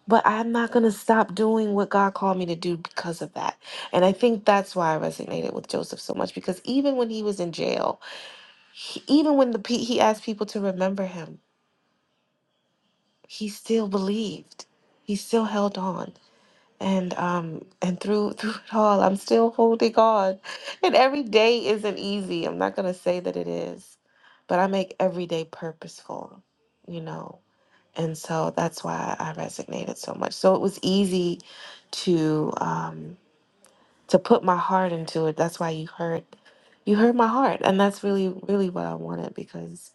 [SPEAKER 2] But I'm not going to stop doing what God called me to do because of that. And I think that's why I resonated with Joseph so much because even when he was in jail, He, even when the pe- he asked people to remember him, he still believed. He still held on. And um and through <laughs> through it all, I'm still holding on. And every day isn't easy. I'm not gonna say that it is, but I make every day purposeful, you know. And so that's why I resonated so much. So it was easy to um to put my heart into it. That's why you heard you heard my heart. And that's really, really what I wanted because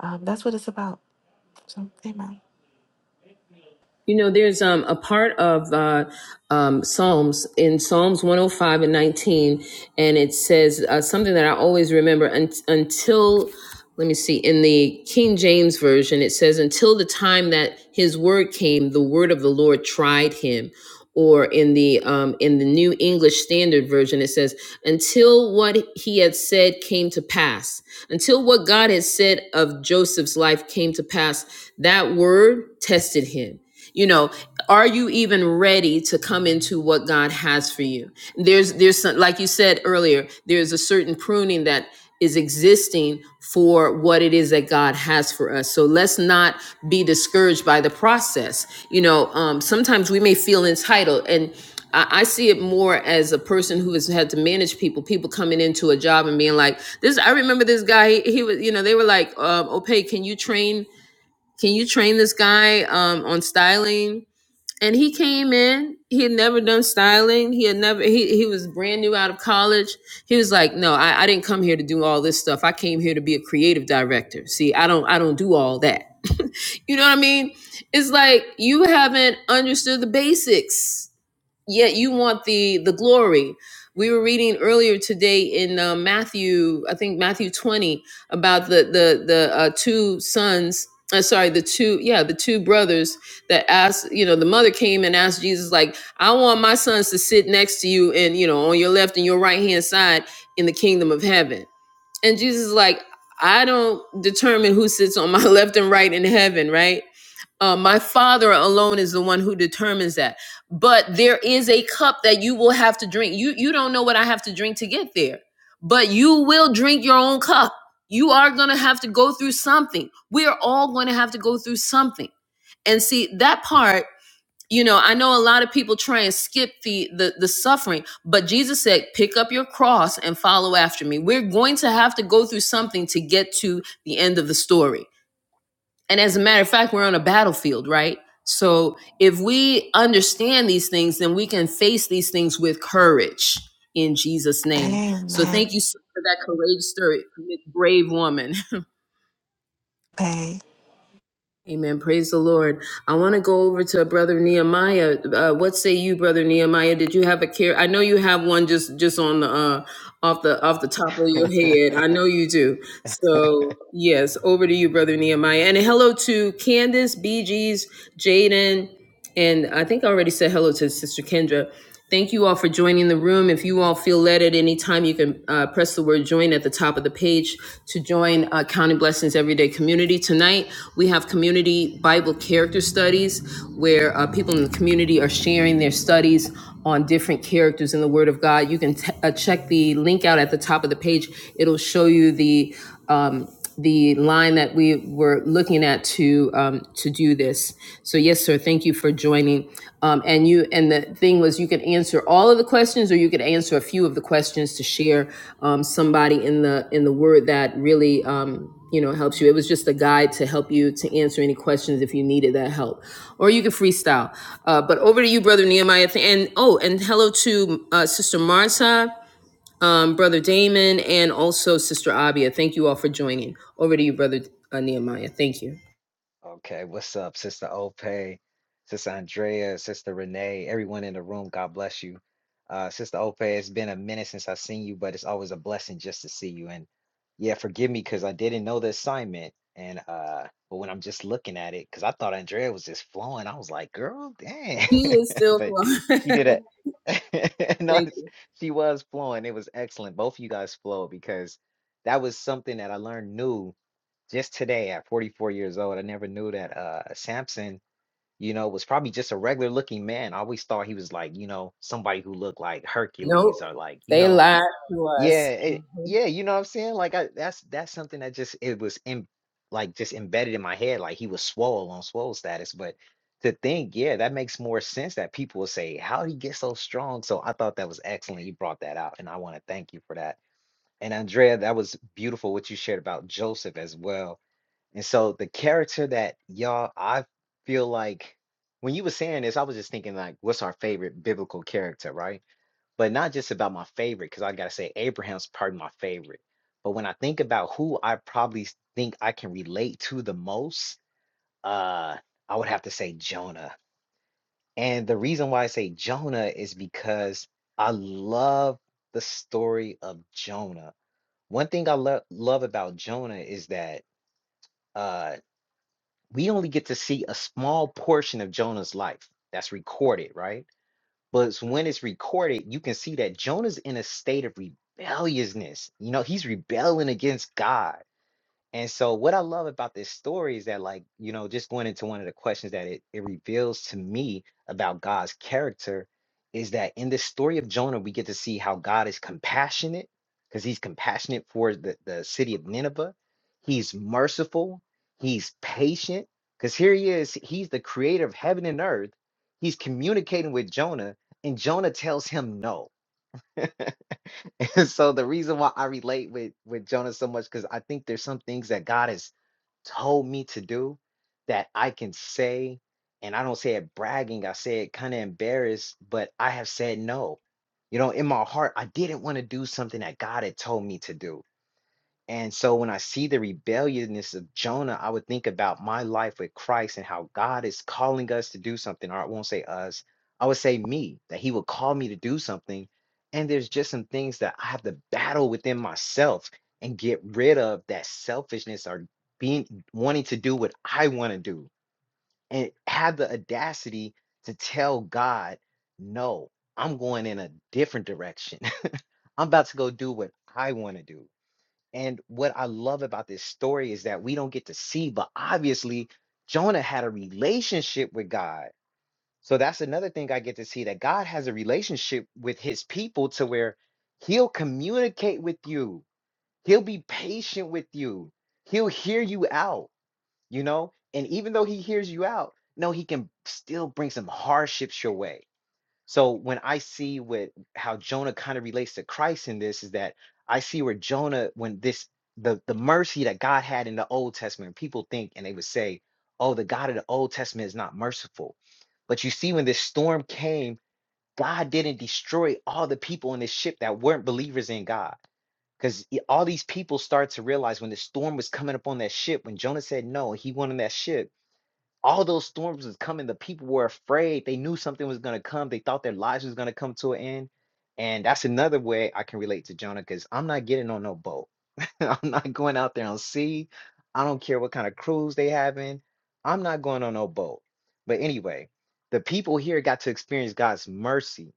[SPEAKER 2] um that's what it's about So, amen.
[SPEAKER 1] You know, there's um, a part of uh, um, Psalms in Psalms 105 and 19, and it says uh, something that I always remember un- until, let me see, in the King James Version, it says, until the time that his word came, the word of the Lord tried him. Or in the um, in the New English Standard Version, it says, "Until what he had said came to pass, until what God had said of Joseph's life came to pass, that word tested him." you know are you even ready to come into what god has for you there's there's some, like you said earlier there's a certain pruning that is existing for what it is that god has for us so let's not be discouraged by the process you know um, sometimes we may feel entitled and I I see it more as a person who has had to manage people, people coming into a job and being like, this, I remember this guy, he, he was, you know, they were like, um, Opay, can you train can you train this guy um, on styling? And he came in. He had never done styling. He had never. He he was brand new out of college. He was like, "No, I, I didn't come here to do all this stuff. I came here to be a creative director. See, I don't I don't do all that. <laughs> you know what I mean? It's like you haven't understood the basics. Yet you want the the glory we were reading earlier today in uh, matthew i think matthew 20 about the the the uh, two sons uh, sorry the two yeah the two brothers that asked you know the mother came and asked jesus like i want my sons to sit next to you and you know on your left and your right hand side in the kingdom of heaven and jesus is like i don't determine who sits on my <laughs> left and right in heaven right uh, my father alone is the one who determines that. But there is a cup that you will have to drink. You you don't know what I have to drink to get there, but you will drink your own cup. You are going to have to go through something. We are all going to have to go through something. And see that part, you know, I know a lot of people try and skip the the the suffering, but Jesus said, "Pick up your cross and follow after me." We're going to have to go through something to get to the end of the story and as a matter of fact, we're on a battlefield, right? So if we understand these things, then we can face these things with courage in Jesus' name. So
[SPEAKER 2] Amen.
[SPEAKER 1] thank you so- for that courageous story, brave woman. <laughs>
[SPEAKER 2] Pay.
[SPEAKER 1] Amen. Praise the Lord. I want to go over to Brother Nehemiah. Uh, what say you, Brother Nehemiah? Did you have a care? I know you have one just just on the uh, off the off the top of your head. I know you do. So yes, over to you, Brother Nehemiah. And hello to Candace, BG's, Jaden. And I think I already said hello to Sister Kendra. Thank you all for joining the room. If you all feel led at any time, you can uh, press the word join at the top of the page to join uh, Counting Blessings Everyday Community. Tonight, we have community Bible
[SPEAKER 3] Check the
[SPEAKER 1] character
[SPEAKER 3] link at the
[SPEAKER 1] studies where uh, people in the community are sharing their studies
[SPEAKER 3] top of the
[SPEAKER 1] on
[SPEAKER 3] page.
[SPEAKER 1] different characters in the Word of God. You
[SPEAKER 3] We'll
[SPEAKER 1] can t- uh, check the link
[SPEAKER 3] send
[SPEAKER 1] out at the
[SPEAKER 3] the
[SPEAKER 1] top of
[SPEAKER 3] line
[SPEAKER 1] the
[SPEAKER 3] that you're looking at to you. And then we'll answer all
[SPEAKER 1] page.
[SPEAKER 3] the questions
[SPEAKER 1] It'll
[SPEAKER 3] that
[SPEAKER 1] show
[SPEAKER 3] people
[SPEAKER 1] you
[SPEAKER 3] have
[SPEAKER 1] the
[SPEAKER 3] questions
[SPEAKER 1] um,
[SPEAKER 3] to share on somebody.
[SPEAKER 1] the
[SPEAKER 3] who's
[SPEAKER 1] line that we were looking at to um, to do this. So yes, sir. Thank you for joining. Um, and you and the thing was, you could answer all of the questions, or you could answer a few of the questions to share um, somebody in the in the word that really.
[SPEAKER 3] really bad.
[SPEAKER 1] Um, you know, helps you. It was just a guide to help you to answer any questions if you needed that help, or you could freestyle. Uh, but over to you, brother Nehemiah. And oh, and hello to uh, sister Marta um, Brother Damon, and also Sister Abia. Thank you all for joining. Over to you, Brother uh, Nehemiah. Thank you.
[SPEAKER 3] Okay, what's up, Sister Ope, Sister Andrea, Sister Renee, everyone in the room, God bless you. Uh, Sister Ope, it's been a minute since I've seen you, but it's always a blessing just to see you. And yeah, forgive me because I didn't know the assignment. And uh, but when I'm just looking at it, because I thought Andrea was just flowing, I was like, girl, dang.
[SPEAKER 1] He is
[SPEAKER 3] <laughs>
[SPEAKER 1] still
[SPEAKER 3] But
[SPEAKER 1] flying. <laughs>
[SPEAKER 3] she did it. <laughs> No,
[SPEAKER 1] Thank
[SPEAKER 3] it's-
[SPEAKER 1] you.
[SPEAKER 3] she was flowing. It was excellent. Both of you guys flow because that was something that I learned new just today at 44 years old, I never knew that uh Samson, you know, was probably just a regular looking man. I always thought he was like, you know, somebody who looked like
[SPEAKER 1] Nope.
[SPEAKER 3] Hercules or like, you
[SPEAKER 1] They
[SPEAKER 3] know,
[SPEAKER 1] lied to
[SPEAKER 3] yeah,
[SPEAKER 1] us.
[SPEAKER 3] it,
[SPEAKER 1] Mhm.
[SPEAKER 3] yeah, you know what I'm saying? Like I that's that's something that just it was in like just embedded in my head, like he was swole on swole status. But to think, yeah, that makes more sense that people will say, How he get so strong? So I thought that was excellent. You brought that out, and I want to thank you for that. And Andrea, that was beautiful what you shared about Joseph as well and so the character that y'all, I feel like when you were saying this, I was just thinking like, what's our favorite biblical character, right? But not just about my favorite, because I gotta say Abraham's probably my favorite. But when I think about who I probably s- think I can relate to the most, uh, I would have to say Jonah. And the reason why I say Jonah is because I love the story of Jonah. One thing I lo- love about Jonah is that uh we only get to see a small portion of Jonah's life that's recorded, right? But it's when it's recorded, you can see that Jonah's in a state of rebelliousness. You know, he's rebelling against God. And so what I love about this story is that like, you know, just going into one of the questions that it, it reveals to me about God's character is that in the story of Jonah, we get to see how God is compassionate because he's compassionate for the, the city of Nineveh. He's merciful. He's patient because here he is. He's the creator of heaven and earth. He's communicating with Jonah and Jonah tells him no. <laughs> so the reason why I relate with, with Jonah so much, because I think there's some things that God has told me to do that I can say, and I don't say it bragging, I say it kind of embarrassed, but I have said no. You know, in my heart, I didn't want to do something that God had told me to do. And so when I see the rebelliousness of Jonah, I would think about my life with Christ and how God is calling us to do something, or I won't say us, I would say me, that He would call me to do something. And there's just some things that I have to battle within myself and get rid of that selfishness or being wanting to do what I want to do and have the audacity to tell God, no, I'm going in a different direction. <laughs> I'm about to go do what I want to do. And what I love about this story is that we don't get to see, but obviously Jonah had a relationship with God. So that's another thing I get to see that God has a relationship with his people to where he'll communicate with you, he'll be patient with you, he'll hear you out, you know? And even though he hears you out, no, he can still bring some hardships your way so when I see what how Jonah kind of relates to Christ in this is that I see where Jonah when this the the mercy that God had in the Old Testament, people think and they would say, "Oh, the God of the Old Testament is not merciful." But you see when this storm came, God didn't destroy all the people in this ship that weren't believers in God. Because all these people start to realize when the storm was coming up on that ship, when Jonah said no, he went on that ship all those storms was coming. The people were afraid. They knew something was going to come. They thought their lives was going to come to an end. And that's another way I can relate to Jonah because I'm not getting on no boat. <laughs> I'm not going out there on sea. I don't care what kind of cruise they having. I'm not going on no boat. But anyway, the people here got to experience God's mercy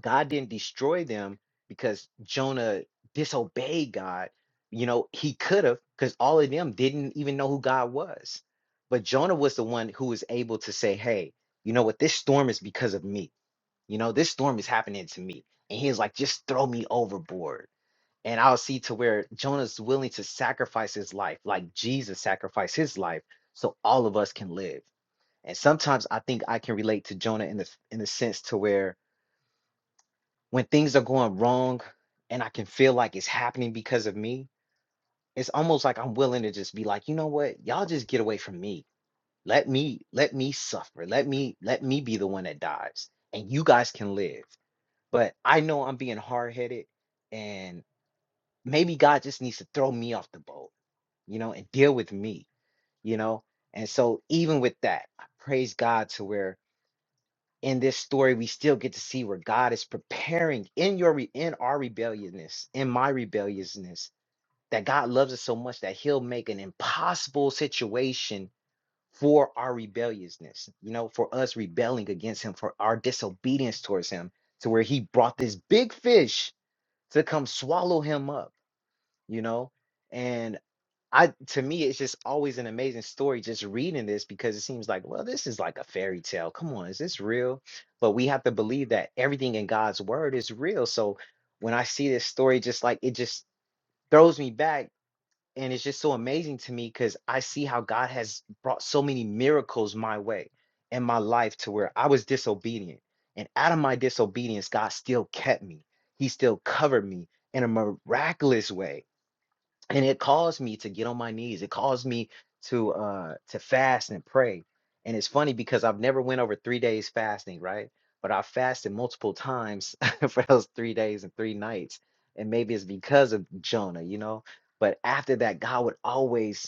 [SPEAKER 3] God didn't destroy them because Jonah disobeyed God. You know, he could have, because all of them didn't even know who God was. But Jonah was the one who was able to say, Hey, you know what? This storm is because of me. You know, this storm is happening to me. And he was like, Just throw me overboard. And I'll see to where Jonah's willing to sacrifice his life, like Jesus sacrificed his life, so all of us can live. And sometimes I think I can relate to Jonah in the in the sense to where when things are going wrong and I can feel like it's happening because of me, it's almost like I'm willing to just be like, you know what? Y'all just get away from me. Let me let me suffer. Let me let me be the one that dies and you guys can live. But I know I'm being hard-headed and maybe God just needs to throw me off the boat, you know, and deal with me, you know? And so even with that, I praise God to where in this story we still get to see where god is preparing in your re- in our rebelliousness in my rebelliousness that god loves us so much that he'll make an impossible situation for our rebelliousness you know for us rebelling against him for our disobedience towards him to where he brought this big fish to come swallow him up you know I to me it's just always an amazing story just reading this because it seems like, well, this is like a fairy tale. Come on, is this real? But we have to believe that everything in God's word is real. So when I see this story, just like it just throws me back. And it's just so amazing to me because I see how God has brought so many miracles my way in my life to where I was disobedient. And out of my disobedience, God still kept me. He still covered me in a miraculous way and it caused me to get on my knees it caused me to uh to fast and pray and it's funny because i've never went over three days fasting right but i fasted multiple times <laughs> for those three days and three nights and maybe it's because of jonah you know but after that god would always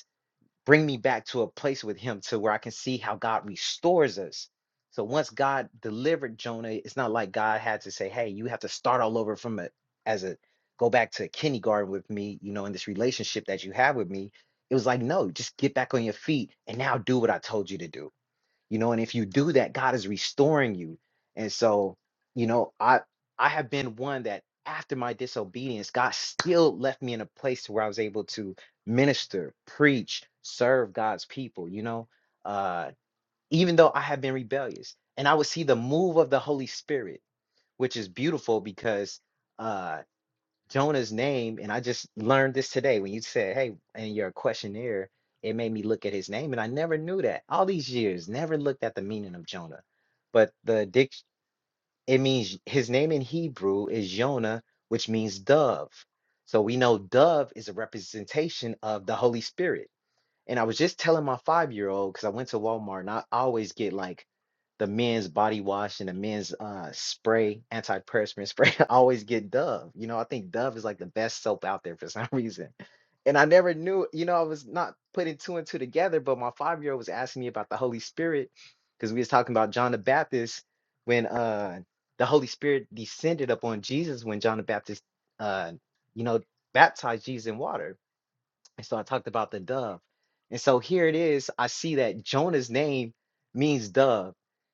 [SPEAKER 3] bring me back to a place with him to where I can see how God restores us. So once God delivered Jonah, it's not like God had to say, "Hey, you have to start all over from a as a go back to kindergarten with me, you know, in this relationship that you have with me." It was like, "No, just get back on your feet and now do what I told you to do." you know and if you do that god is restoring you and so you know i i have been one that after my disobedience god still left me in a place where i was able to minister preach serve god's people you know uh even though i have been rebellious and i would see the move of the holy spirit which is beautiful because uh Jonah's name, and I just learned this today when you said, "Hey," in your questionnaire, it made me look at his name, and I never knew that. All these years, never looked at the meaning of Jonah, but the dic it means his name in Hebrew is Jonah, which means dove. So we know dove is a representation of the Holy Spirit. And I was just telling my five year old because I went to Walmart and I always get like the men's body wash and the men's uh, spray, antiperspirant spray. <laughs> I always get Dove. You know, I think Dove is like the best soap out there for some <laughs> reason. And I never knew, you know, I was not putting two and two together, but my five year old was asking me about the Holy Spirit because we was talking about John the Baptist when uh, the Holy Spirit descended upon Jesus when John the Baptist, uh, you know, baptized Jesus in water and so I talked about the dove. And so here it is. I see that Jonah's name means dove.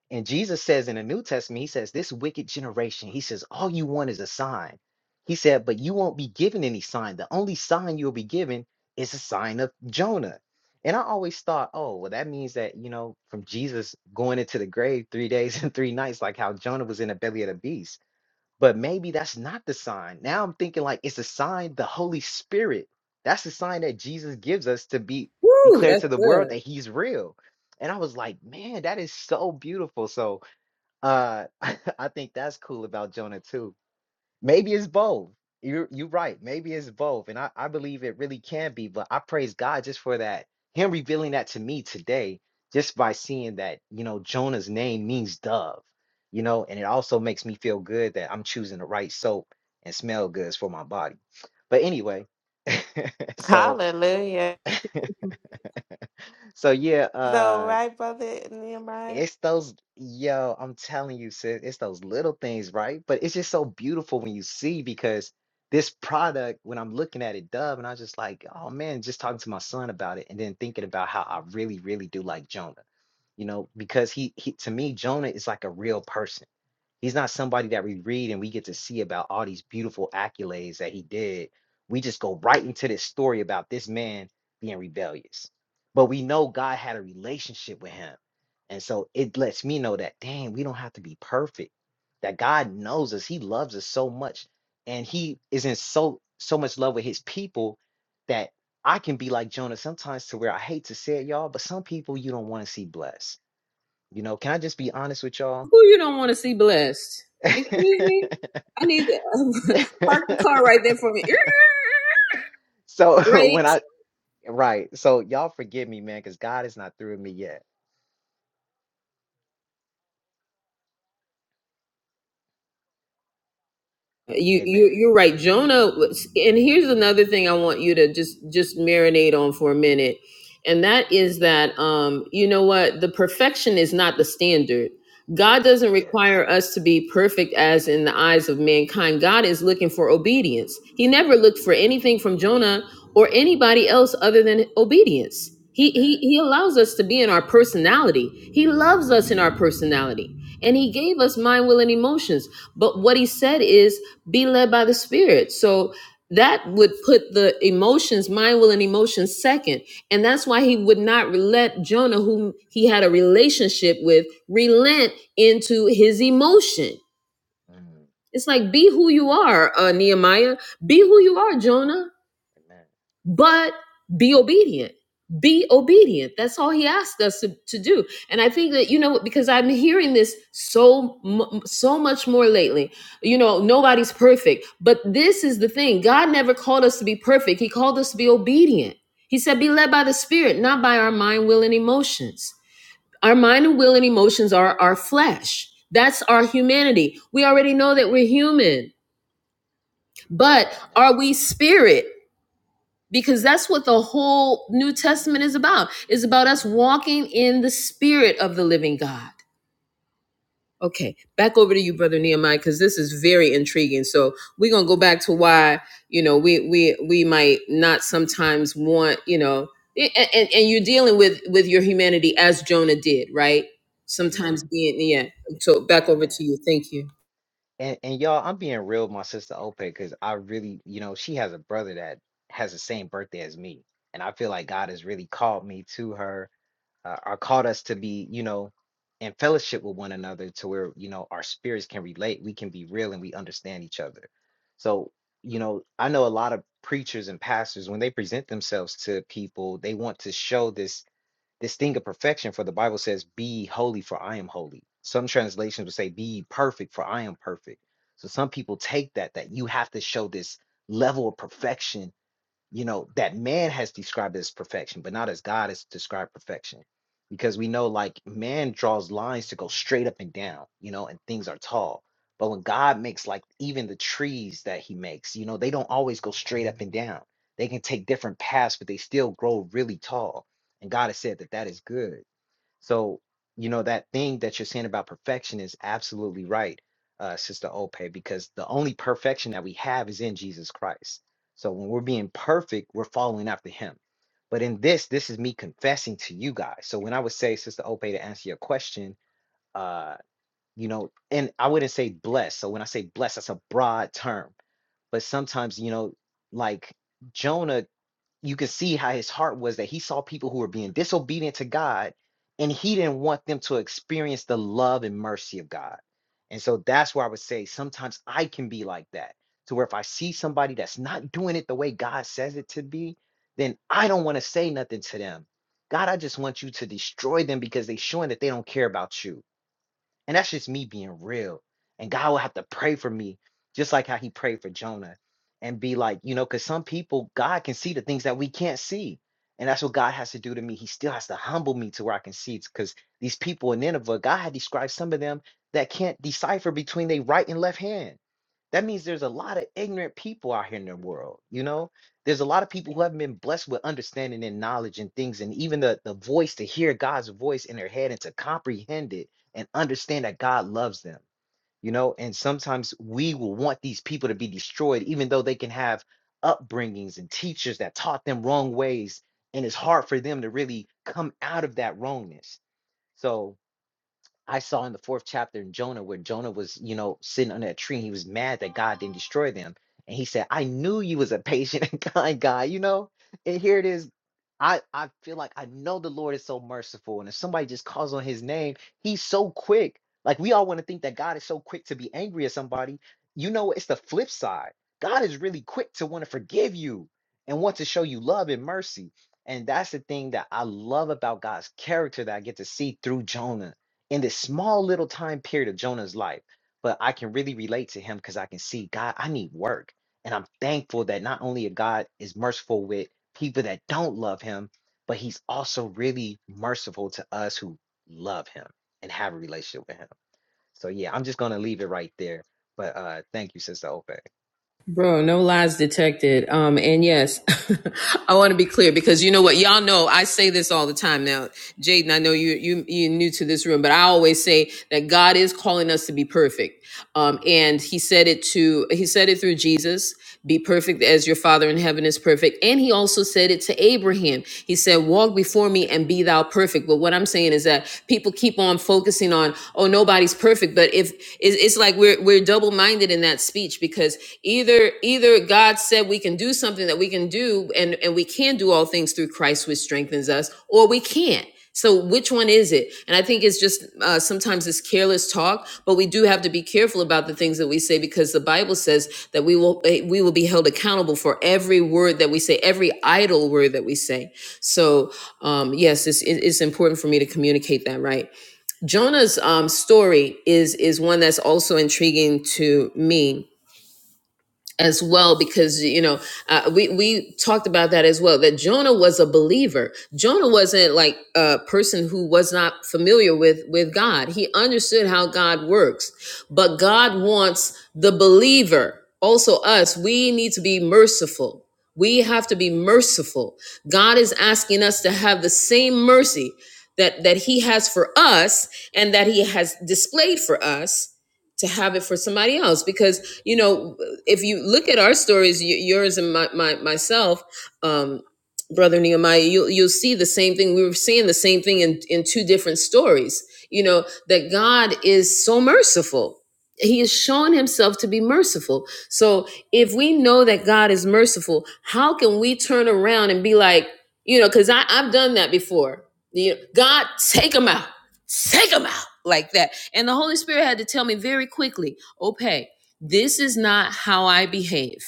[SPEAKER 3] And Jesus says in the New Testament, he says, This wicked generation, he says, all you want is a sign. He said, But you won't be given any sign. The only sign you'll be given is a sign of Jonah. And I always thought, oh, well, that means that, you know, from Jesus going into the grave three days <laughs> and three nights, like how Jonah was in the belly of the beast but maybe that's not the sign. Now I'm thinking like it's a sign the Holy Spirit. That's the sign that Jesus gives us to be
[SPEAKER 1] Woo,
[SPEAKER 3] declared
[SPEAKER 1] that's
[SPEAKER 3] to the world that
[SPEAKER 1] good.
[SPEAKER 3] he's real. And I was like, man, that is so beautiful. So uh <laughs> I think that's cool about Jonah too. Maybe it's both. You're you're right. Maybe it's both. And I, I believe it really can be, but I praise God just for that, him revealing that to me today, just by seeing that, you know, Jonah's name means dove, you know, and it also makes me feel good that I'm choosing the right soap and smell goods for my body. But anyway, <laughs> so
[SPEAKER 2] Hallelujah.
[SPEAKER 3] so yeah,
[SPEAKER 2] So,
[SPEAKER 3] uh,
[SPEAKER 2] right, brother Nehemiah?
[SPEAKER 3] It's those yo, I'm telling you, sis, it's those little things, right? But it's just so beautiful when you see because this product, when I'm looking at it, Dove, and I was just like, oh man, just talking to my son about it, and then thinking about how I really, really do like Jonah, you know, because he, he to me, Jonah is like a real person He's not somebody that we read and we get to see about all these beautiful accolades that he did. We just go right into this story about this man being rebellious. But we know God had a relationship with him. And so it lets me know that, dang, we don't have to be perfect. That God knows us. He loves us so much. And he is in so so much love with his people that I can be like Jonah sometimes to where I hate to say it, y'all, but some people you don't want to see blessed. You know, can I just be honest with y'all?
[SPEAKER 1] Who you don't want to see blessed? Excuse
[SPEAKER 3] <laughs>
[SPEAKER 1] me? I need to <laughs> park the car right
[SPEAKER 3] <laughs>
[SPEAKER 1] there for me.
[SPEAKER 3] So
[SPEAKER 1] <laughs>
[SPEAKER 3] <laughs>
[SPEAKER 1] Great.
[SPEAKER 3] when I right, so y'all forgive me, man, because God is not through with me yet.
[SPEAKER 1] you
[SPEAKER 3] Amen.
[SPEAKER 1] you you're right
[SPEAKER 3] Amen.
[SPEAKER 1] jonah was, and here's another thing i want you to just just marinate on for a minute and that is that um you know what the perfection is not the standard God doesn't
[SPEAKER 3] Yes.
[SPEAKER 1] require us to be perfect as in the eyes of mankind. God is looking for obedience. He never looked for anything from Jonah or anybody else other than obedience. He, he,
[SPEAKER 3] Amen.
[SPEAKER 1] he allows us to be in our personality. He loves us in our personality. And
[SPEAKER 3] Mm,
[SPEAKER 1] he
[SPEAKER 3] mm,
[SPEAKER 1] gave us mind, will, and emotions. But what he said is be led by the Spirit. So that would put the emotions, mind, will, and emotions second. And that's why he would not let Jonah, whom he had a relationship with, relent into his emotion.
[SPEAKER 3] amen.
[SPEAKER 1] It's like, be who you are, uh, Nehemiah. Be who you are, Jonah but be obedient be obedient that's all he asked us to, to do and i think that you know because i'm hearing this so mu- so much more lately you know nobody's perfect but this is the thing god never called us to be perfect he called us to be obedient he said be led by the spirit not by our mind will and emotions our mind and will and emotions are our flesh that's our humanity we already know that we're human but
[SPEAKER 3] Amen.
[SPEAKER 1] are we spirit because that's what the whole New Testament is about. It's about us walking in the spirit of the living God. Okay, back over to you, brother Nehemiah, because this is very intriguing. So we're gonna go back to why you know we we we might not sometimes want you know, and and, and you're dealing with with your humanity as Jonah did, right?
[SPEAKER 3] Amen.
[SPEAKER 1] Sometimes being yeah. So back over
[SPEAKER 3] Amen.
[SPEAKER 1] to you. Thank you.
[SPEAKER 3] And and y'all, I'm being real with my sister Ope because I really, you know, she has a brother that has the same birthday as me. And I feel like God has really called me to her uh, are called us to be, you know, in fellowship with one another to where, you know, our spirits can relate, we can be real and we understand each other. So, you know, I know a lot of preachers and pastors when they present themselves to people, they want to show this this thing of perfection for the Bible says be holy for I am holy. Some translations would say be ye perfect for I am perfect. So some people take that that you have to show this level of perfection you know that man has described as perfection but not as god has described perfection because we know like man draws lines to go straight up and down you know and things are tall but when god makes like even the trees that he makes you know they don't always go straight up and down they can take different paths but they still grow really tall and god has said that that is good so, you know, that thing that you're saying about perfection is absolutely right, uh, Sister Ope, because the only perfection that we have is in Jesus Christ. So when we're being perfect, we're following after him. But in this, this is me confessing to you guys. So when I would say, Sister Ope, to answer your question, uh, you know, and I wouldn't say blessed. So when I say blessed, that's a broad term. But sometimes, you know, like Jonah you can see how his heart was that he saw people who were being disobedient to God and he didn't want them to experience the love and mercy of God. And so that's where I would say sometimes I can be like that to where if I see somebody that's not doing it the way God says it to be, then I don't want to say nothing to them. God, I just want you to destroy them because they're showing that they don't care about you. And that's just me being real. And God will have to pray for me, just like how he prayed for Jonah, and be like, you know, because some people, God can see the things that we can't see. And that's what God has to do to me. He still has to humble me to where I can see it. Because these people in Nineveh, God had described some of them that can't decipher between their right and left hand. That means there's a lot of ignorant people out here in the world. You know, there's a lot of people who haven't been blessed with understanding and knowledge and things, and even the, the voice to hear God's voice in their head and to comprehend it and understand that God loves them, you know. And sometimes we will want these people to be destroyed, even though they can have upbringings and teachers that taught them wrong ways, and it's hard for them to really come out of that wrongness. So I saw in the fourth chapter in Jonah where Jonah was, you know, sitting under a tree and he was mad that God didn't destroy them. And he said, I knew you was a patient <laughs> and kind guy, you know? And here it is. I, I feel like I know the Lord is so merciful. And if somebody just calls on his name, he's so quick. Like we all want to think that God is so quick to be angry at somebody. You know, it's the flip side. God is really quick to want to forgive you and want to show you love and mercy. And that's the thing that I love about God's character that I get to see through Jonah in this small little time period of Jonah's life. But I can really relate to him because I can see God, I need work. And I'm thankful that not only God is merciful with people that don't love him, but he's also really merciful to us who love him and have a relationship with him. So yeah, I'm just gonna leave it right there. But uh thank you, Sister Ope.
[SPEAKER 1] Bro, no lies detected. Um, and yes, <laughs> I want to be clear because you know what, y'all know I say this all the time now. Jaden, I know you you you're new to this room, but I always say that God is calling us to be perfect um, and he said it to he said it through jesus be perfect as your father in heaven is perfect and he also said it to abraham he said walk before me and be thou perfect but what i'm saying is that people keep on focusing on oh nobody's perfect but if it's, it's like we're we're double-minded in that speech because either either god said we can do something that we can do and and we can do all things through christ which strengthens us or we can't so which one is it? And I think it's just uh, sometimes it's careless talk, but we do have to be careful about the things that we say because the Bible says that we will eh, we will be held accountable for every word that we say, every idle word that we say. So um, yes, it's, it- it's important for me to communicate that right. Jonah's um, story is is one that's also intriguing to me as well because you know uh, we we talked about that as well that Jonah was a believer. Jonah wasn't like a person who was not familiar with with God. He understood how God works, but God wants the believer, also us. We need to be merciful. We have to be merciful. God is asking us to have the same mercy that that He has for us and that He has displayed for us to have it for somebody else because you know if you look at our stories yours and my, my myself um brother nehemiah you'll you'll see the same thing we were seeing the same thing in in two different stories you know that god is so merciful he has shown himself to be merciful so if we know that god is merciful how can we turn around and be like you know because i've done that before you know, god take him out take them out like that. And the Holy Spirit had to tell me very quickly, okay, this is not how I behave.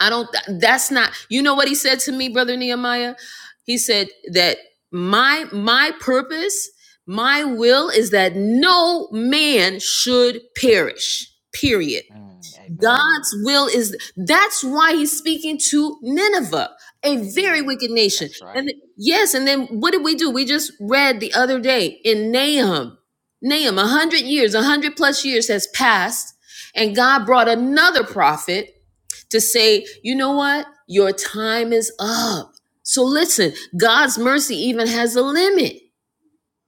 [SPEAKER 1] I don't, that's not, you know what he said to me, Brother Nehemiah? He said that my, my purpose, my will is that no man should perish, period.
[SPEAKER 3] Mm, amen.
[SPEAKER 1] God's will is that's why he's speaking to Nineveh, a very
[SPEAKER 3] Amen.
[SPEAKER 1] wicked nation.
[SPEAKER 3] That's
[SPEAKER 1] And
[SPEAKER 3] right.
[SPEAKER 1] th- yes, and then what did we do? We just read the other day in Nahum. Nahum, a hundred years, a hundred plus years has passed, and God brought another prophet to say, you know what? Your time is up. So listen, God's mercy even has a limit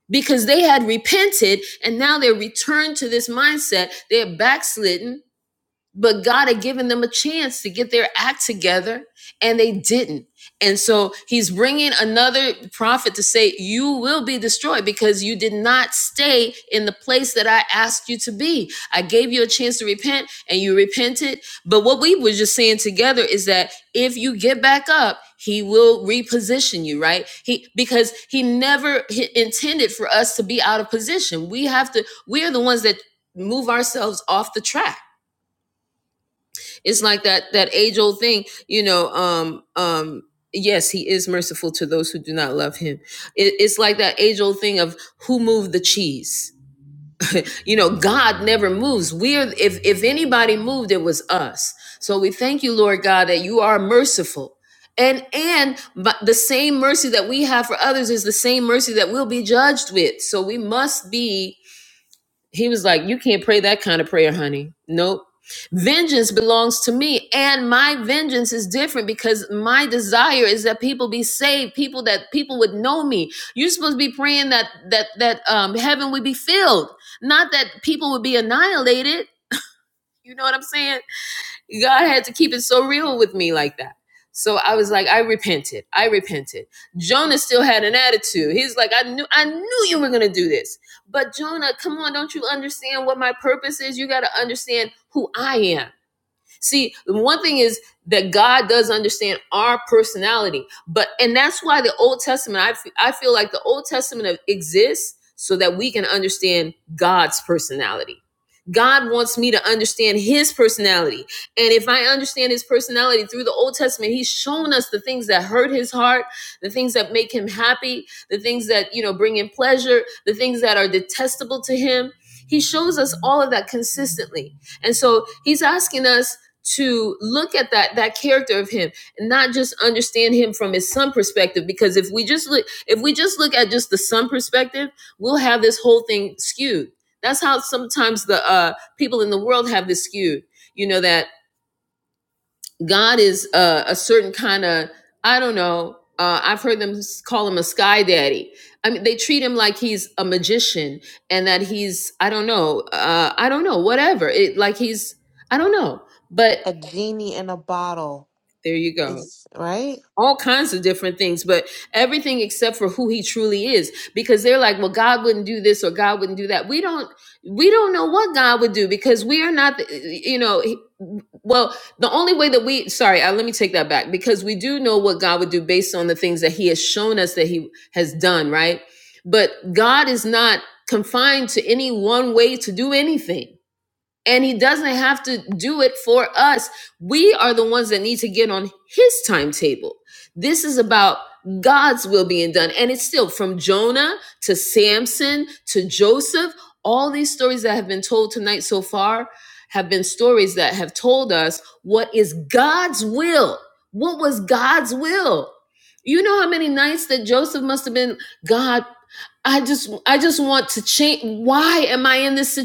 [SPEAKER 1] because they had repented and now they're returned to this mindset. They're backslidden but God had given them a chance to get their act together and they didn't. And so he's bringing another prophet to say, You will be destroyed because you did not stay in the place that I asked you to be. I gave you a chance to repent and you repented. But what we were just saying together is that if you get back up, he will reposition you, right? He because he never h- intended for us to be out of position. We have to, we are the ones that move ourselves off the track it's like that that age old thing you know um um yes he is merciful to those who do not love him it, it's like that age old thing of who moved the cheese you know god never moves we're if if anybody moved it was us so we thank you lord god that you are merciful and and but the same mercy that we have for others is the same mercy that we'll be judged with so we must be he was like, You can't pray that kind of prayer, honey. Nope. Vengeance belongs to me, and my vengeance is different because my desire is that people be saved, people that people would know me. You're supposed to be praying that that that um, heaven would be filled, not that people would be annihilated. You know what I'm saying? God had to keep it so real with me like that. So I was like, I repented. I repented. Jonah still had an attitude. He's like, I knew, I knew you were gonna do this. But Jonah, come on, don't you understand what my purpose is? You gotta understand who I am. See, one thing is that God does understand our personality, but and that's why the Old Testament. I f- I feel like the Old Testament exists so that we can understand God's personality. God wants me to understand His personality, and if I understand His personality through the Old Testament, He's shown us the things that hurt His heart, the things that make Him happy, the things that you know bring Him pleasure, the things that are detestable to Him. He shows us all of that consistently. And so he's asking us to look at that that character of him and not just understand him from his son perspective because if we just look if we just look at just the son perspective we'll have this whole thing skewed that's how sometimes the uh people in the world have this skewed you know that god is uh, a certain kind of i don't know uh, i've heard them call him a sky daddy i mean they treat him like he's a magician and that he's i don't know uh i don't know whatever it like he's i don't know but
[SPEAKER 2] A genie in a bottle
[SPEAKER 1] there you go
[SPEAKER 2] is right.
[SPEAKER 1] all kinds of different things, but everything except for who he truly is. Because they're like, well, God wouldn't do this or God wouldn't do that. We don't, we don't know what God would do because we are not, you know, he- well, the only way that we, sorry, uh, let me take that back because we do know what God would do based on the things that he has shown us that he has done, right? But God is not confined to any one way to do anything and he doesn't have to do it for us. We are the ones that need to get on his timetable. This is about God's will being done. And it's still from Jonah to Samson to Joseph. All these stories that have been told tonight so far have been stories that have told us what is God's will. What was God's will? You know how many nights that Joseph must have been, God, I just I just want to change. Why am I in this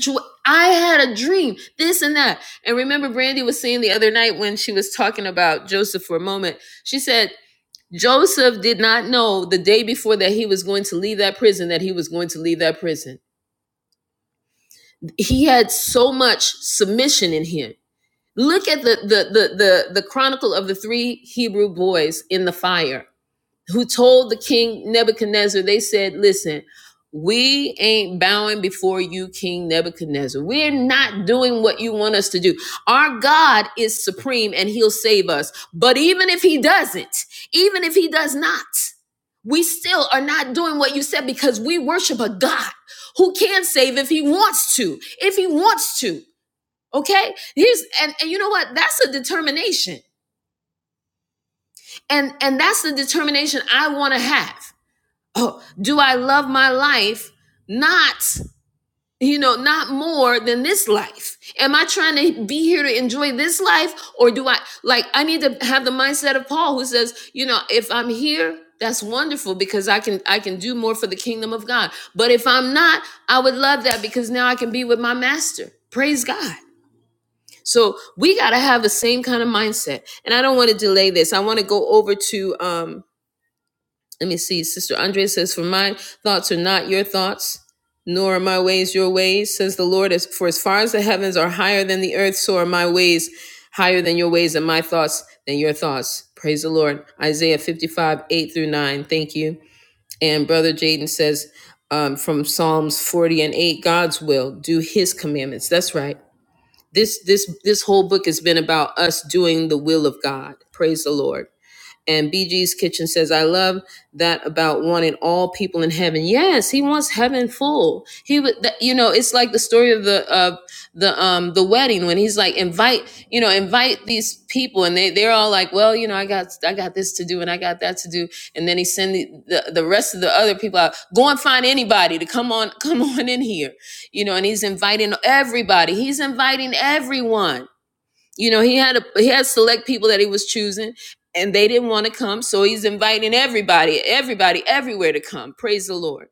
[SPEAKER 1] I had a dream, this and that. And remember, Brandy was saying the other night when she was talking about Joseph for a moment, she said, Joseph did not know the day before that he was going to leave that prison that he was going to leave that prison. He had so much submission in him. Look at the the the the, the chronicle of the three Hebrew boys in the fire who told the king Nebuchadnezzar, they said, Listen, we ain't bowing before you, King Nebuchadnezzar. We're not doing what you want us to do. Our God is supreme and he'll save us. But even if he doesn't, even if he does not, we still are not doing what you said because we worship a God who can save if he wants to, if he wants to. Okay? Here's and, and you know what? That's a determination. And and that's the determination I want to have. <laughs> oh, do I love my life not, you know, not more than this life? Am I trying to be here to enjoy this life? Or do I, like, I need to have the mindset of Paul who says, you know, if I'm here, that's wonderful because I can I can do more for the kingdom of God. But if I'm not, I would love that because now I can be with my master. Praise God. So we got to have the same kind of mindset. And I don't want to delay this. I want to go over to um let me see. Sister Andre says, For my thoughts are not your thoughts, nor are my ways your ways, says the Lord. As for as far as the heavens are higher than the earth, so are my ways higher than your ways, and my thoughts than your thoughts. Praise the Lord. Isaiah 55, 8 through 9. Thank you. And Brother Jaden says, um, from Psalms 40 and 8, God's will, do his commandments. That's right. This this this whole book has been about us doing the will of God. Praise the Lord. And BG's Kitchen says, I love that about wanting all people in heaven. Yes, he wants heaven full. He would, you know, it's like the story of the, of the, um, the wedding when he's like, invite, you know, invite these people. And they, they're all like, well, you know, I got, I got this to do and I got that to do. And then he send the, the, the rest of the other people out, go and find anybody to come on, <laughs> come on in here, you know, and he's inviting everybody. He's inviting everyone you know, he had a he had select people that he was choosing and they didn't want to come, so he's inviting everybody, everybody everywhere to come. Praise the Lord.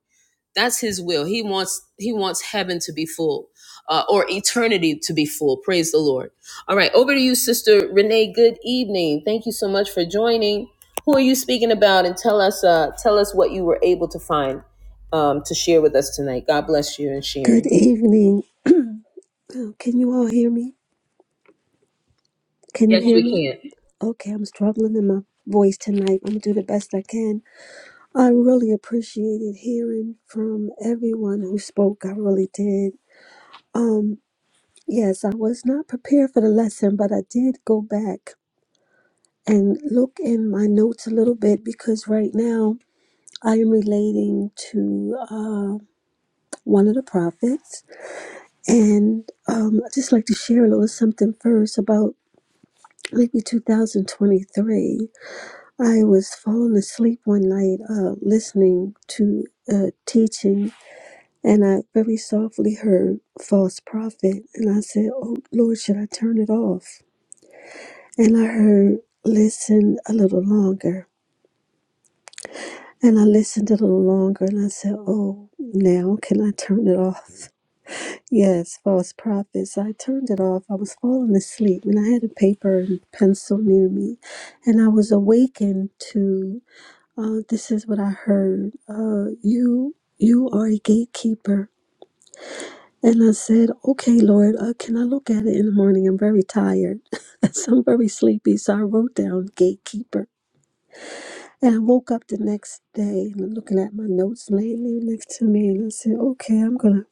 [SPEAKER 1] That's his will. He wants he wants heaven to be full. Uh, or eternity to be full. Praise the Lord. All right, over to you, Sister Renee. Good evening. Thank you so much for joining. Who are you speaking about? And tell us, uh, tell us what you were able to find um, to share with us tonight. God bless you in
[SPEAKER 4] Good
[SPEAKER 1] sharing.
[SPEAKER 4] evening. Oh, Can you all hear me? Can you
[SPEAKER 1] Yes,
[SPEAKER 4] hear
[SPEAKER 1] we
[SPEAKER 4] me?
[SPEAKER 1] can.
[SPEAKER 4] Okay, I'm struggling in my voice tonight. I'm gonna do the best I can. I really appreciated hearing from everyone who spoke. I really did. Um, yes, I was not prepared for the lesson, but I did go back and look in my notes a little bit because right now I am relating to uh, one of the prophets, and um, I just like to share a little something first about. maybe 2023, I was falling asleep one night uh, listening to uh, teaching, and I very softly heard false prophet. And I said, Oh Lord, should I turn it off? And I heard, Listen a little longer. And I listened a little longer, and I said, Oh, now can I turn it off? <laughs> Yes, false prophets. I turned it off. I was falling asleep, and I had a paper and pencil near me, and I was awakened to Uh, this is what I heard. Uh, you you are a gatekeeper. And I said, okay, Lord, uh, can I look at it in the morning? I'm very tired. <laughs> so I'm very sleepy. So I wrote down gatekeeper. And I woke up the next day and I'm looking at my notes lately next to me. And I said, okay, I'm going to.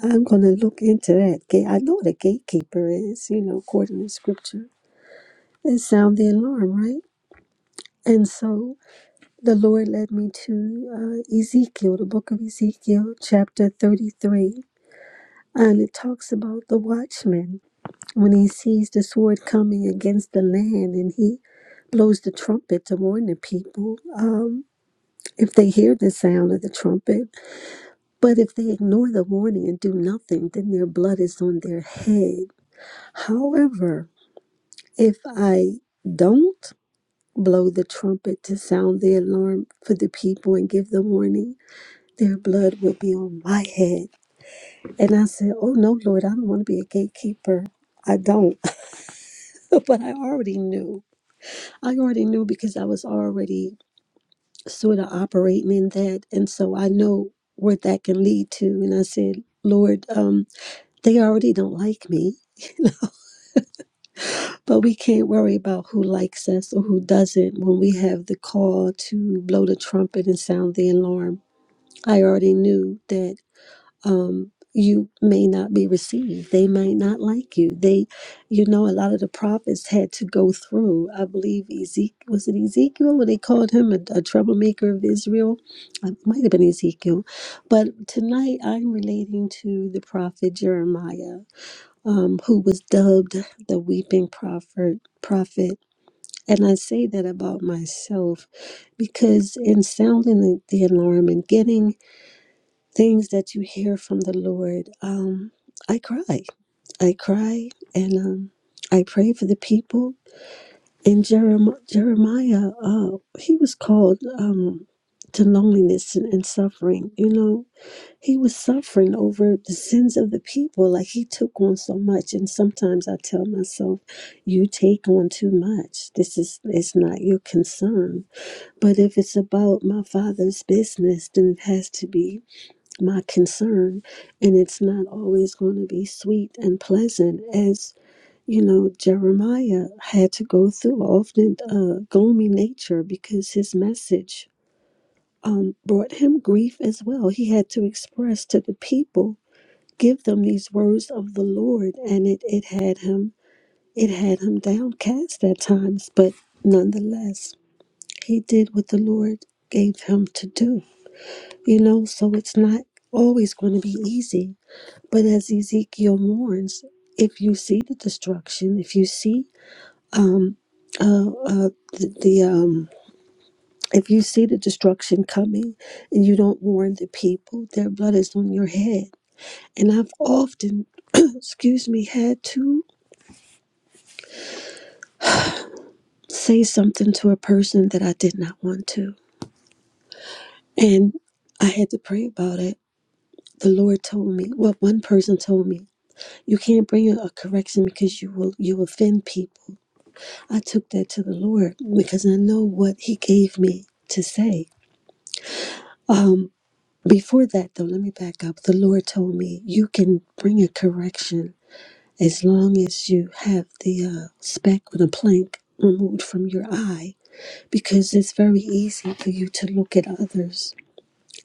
[SPEAKER 4] I'm gonna look into that gate. I know what a gatekeeper is, you know, according to scripture. And sound the alarm, right? And so The Lord led me to uh, Ezekiel, the book of Ezekiel, chapter 33. And it talks about the watchman when he sees the sword coming against the land and he blows the trumpet to warn the people um, if they hear the sound of the trumpet. But if they ignore the warning and do nothing, then their blood is on their head. However, if I don't blow the trumpet to sound the alarm for the people and give the warning, their blood would be on my head. And I said, Oh no, Lord, I don't want to be a gatekeeper. I don't. <laughs> but I already knew. I already knew because I was already sort of operating in that. And so I know where that can lead to. And I said, Lord, um, they already don't like me, but we can't worry about who likes us or who doesn't when we have the call to blow the trumpet and sound the alarm. I already knew that um, you may not be received. They might not like you. They, you know, a lot of the prophets had to go through. I believe Ezekiel was it Ezekiel when they called him a, a troublemaker of Israel. It might have been Ezekiel, but tonight I'm relating to the prophet Jeremiah, um, who was dubbed the weeping prophet. Prophet, and I say that about myself because in sounding the, the alarm and getting things that you hear from the Lord, um, I cry. I cry and um, I pray for the people. And Jerem- Jeremiah, uh, he was called um, to loneliness and, and suffering. You know, he was suffering over the sins of the people. Like he took on so much. And sometimes I tell myself, you take on too much. This is it's not your concern. But if it's about my father's business, then it has to be my concern and it's not always going to be sweet and pleasant as you know jeremiah had to go through often uh, gloomy nature because his message um, brought him grief as well he had to express to the people give them these words of the lord and it, it had him it had him downcast at times but nonetheless he did what the lord gave him to do you know so it's not always going to be easy But as Ezekiel mourns, if you see the destruction, if you see um, uh, uh, the, the um, if you see the destruction coming, and you don't warn the people, their blood is on your head. And I've often, <clears throat> excuse me, had to say something to a person that I did not want to, and I had to pray about it. The Lord told me. Well, one person told me, "You can't bring a correction because you will you offend people." I took that to the Lord because I know what He gave me to say. Um, before that, though, let me back up. The Lord told me you can bring a correction as long as you have the uh, speck or the plank removed from your eye because it's very easy for you to look at others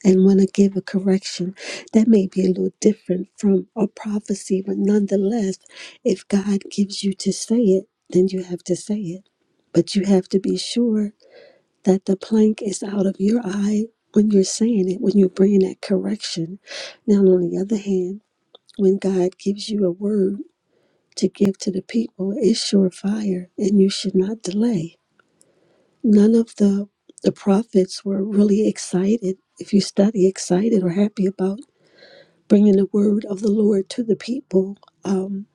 [SPEAKER 4] and want to give a correction that may be a little different from a prophecy but nonetheless if god gives you to say it then you have to say it but you have to be sure that the plank is out of your eye when you're saying it, when you're bringing that correction. Now, on the other hand, when God gives you a word to give to the people, it's surefire, and you should not delay. None of the the prophets were really excited. If you study, excited or happy about bringing the word of the Lord to the people, um,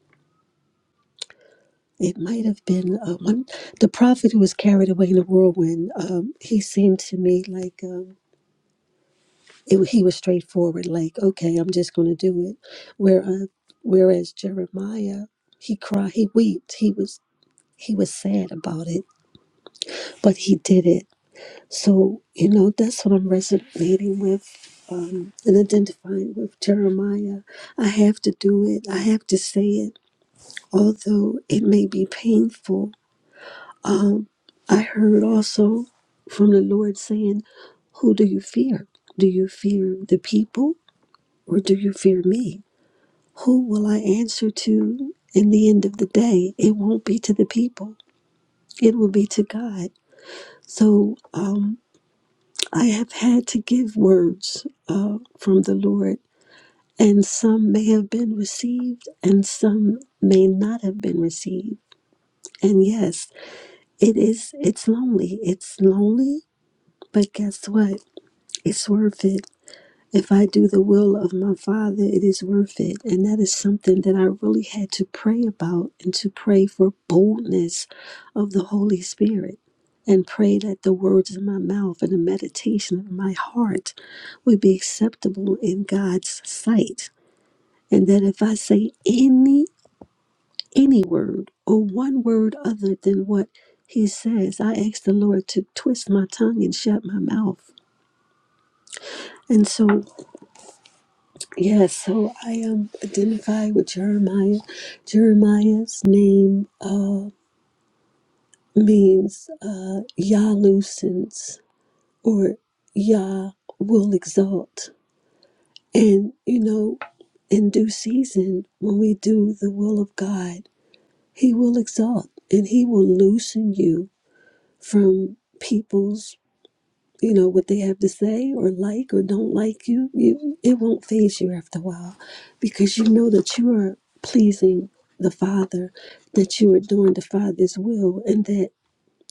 [SPEAKER 4] it might have been uh, one the prophet who was carried away in the whirlwind. Um, he seemed to me like. Um, it, he was straightforward like okay i'm just going to do it Where, uh, whereas jeremiah he cried he wept he was he was sad about it but he did it so you know that's what i'm resonating with um, and identifying with jeremiah i have to do it i have to say it although it may be painful i heard also from the lord saying who do you fear do you fear the people or do you fear me Who will I answer to in the end of the day? It won't be to the people, it will be to God. So um, I have had to give words uh, from the Lord, and some may have been received, and some may not have been received. And yes, it is, it's lonely. It's lonely, but guess what? It's worth it If I do the will of my Father, it is worth it. And that is something that I really had to pray about and to pray for boldness of the Holy Spirit and pray that the words of my mouth and the meditation of my heart would be acceptable in God's sight. And that if I say any any word or one word other than what he says, I ask the Lord to twist my tongue and shut my mouth. And so Yes, so I um, identify with Jeremiah. Jeremiah's name uh, means uh, Yah loosens or Yah will exalt. And, you know, in due season, when we do the will of God, He will exalt and He will loosen you from people's you know what they have to say or like or don't like you, you it won't phase you after a while because you know that you are pleasing the father that you are doing the father's will and that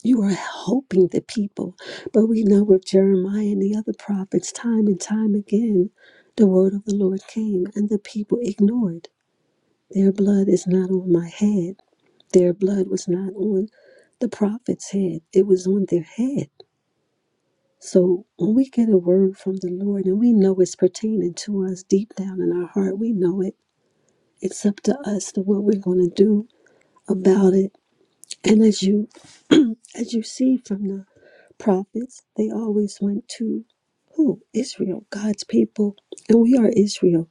[SPEAKER 4] you are helping the people but we know with jeremiah and the other prophets time and time again the word of the lord came and the people ignored their blood is not on my head their blood was not on the prophet's head it was on their head so when we get a word from the Lord and we know it's pertaining to us deep down in our heart, we know it. It's up to us to what we're going to do about it. And as you as you see from the prophets, they always went to who? Israel, God's people. And we are Israel.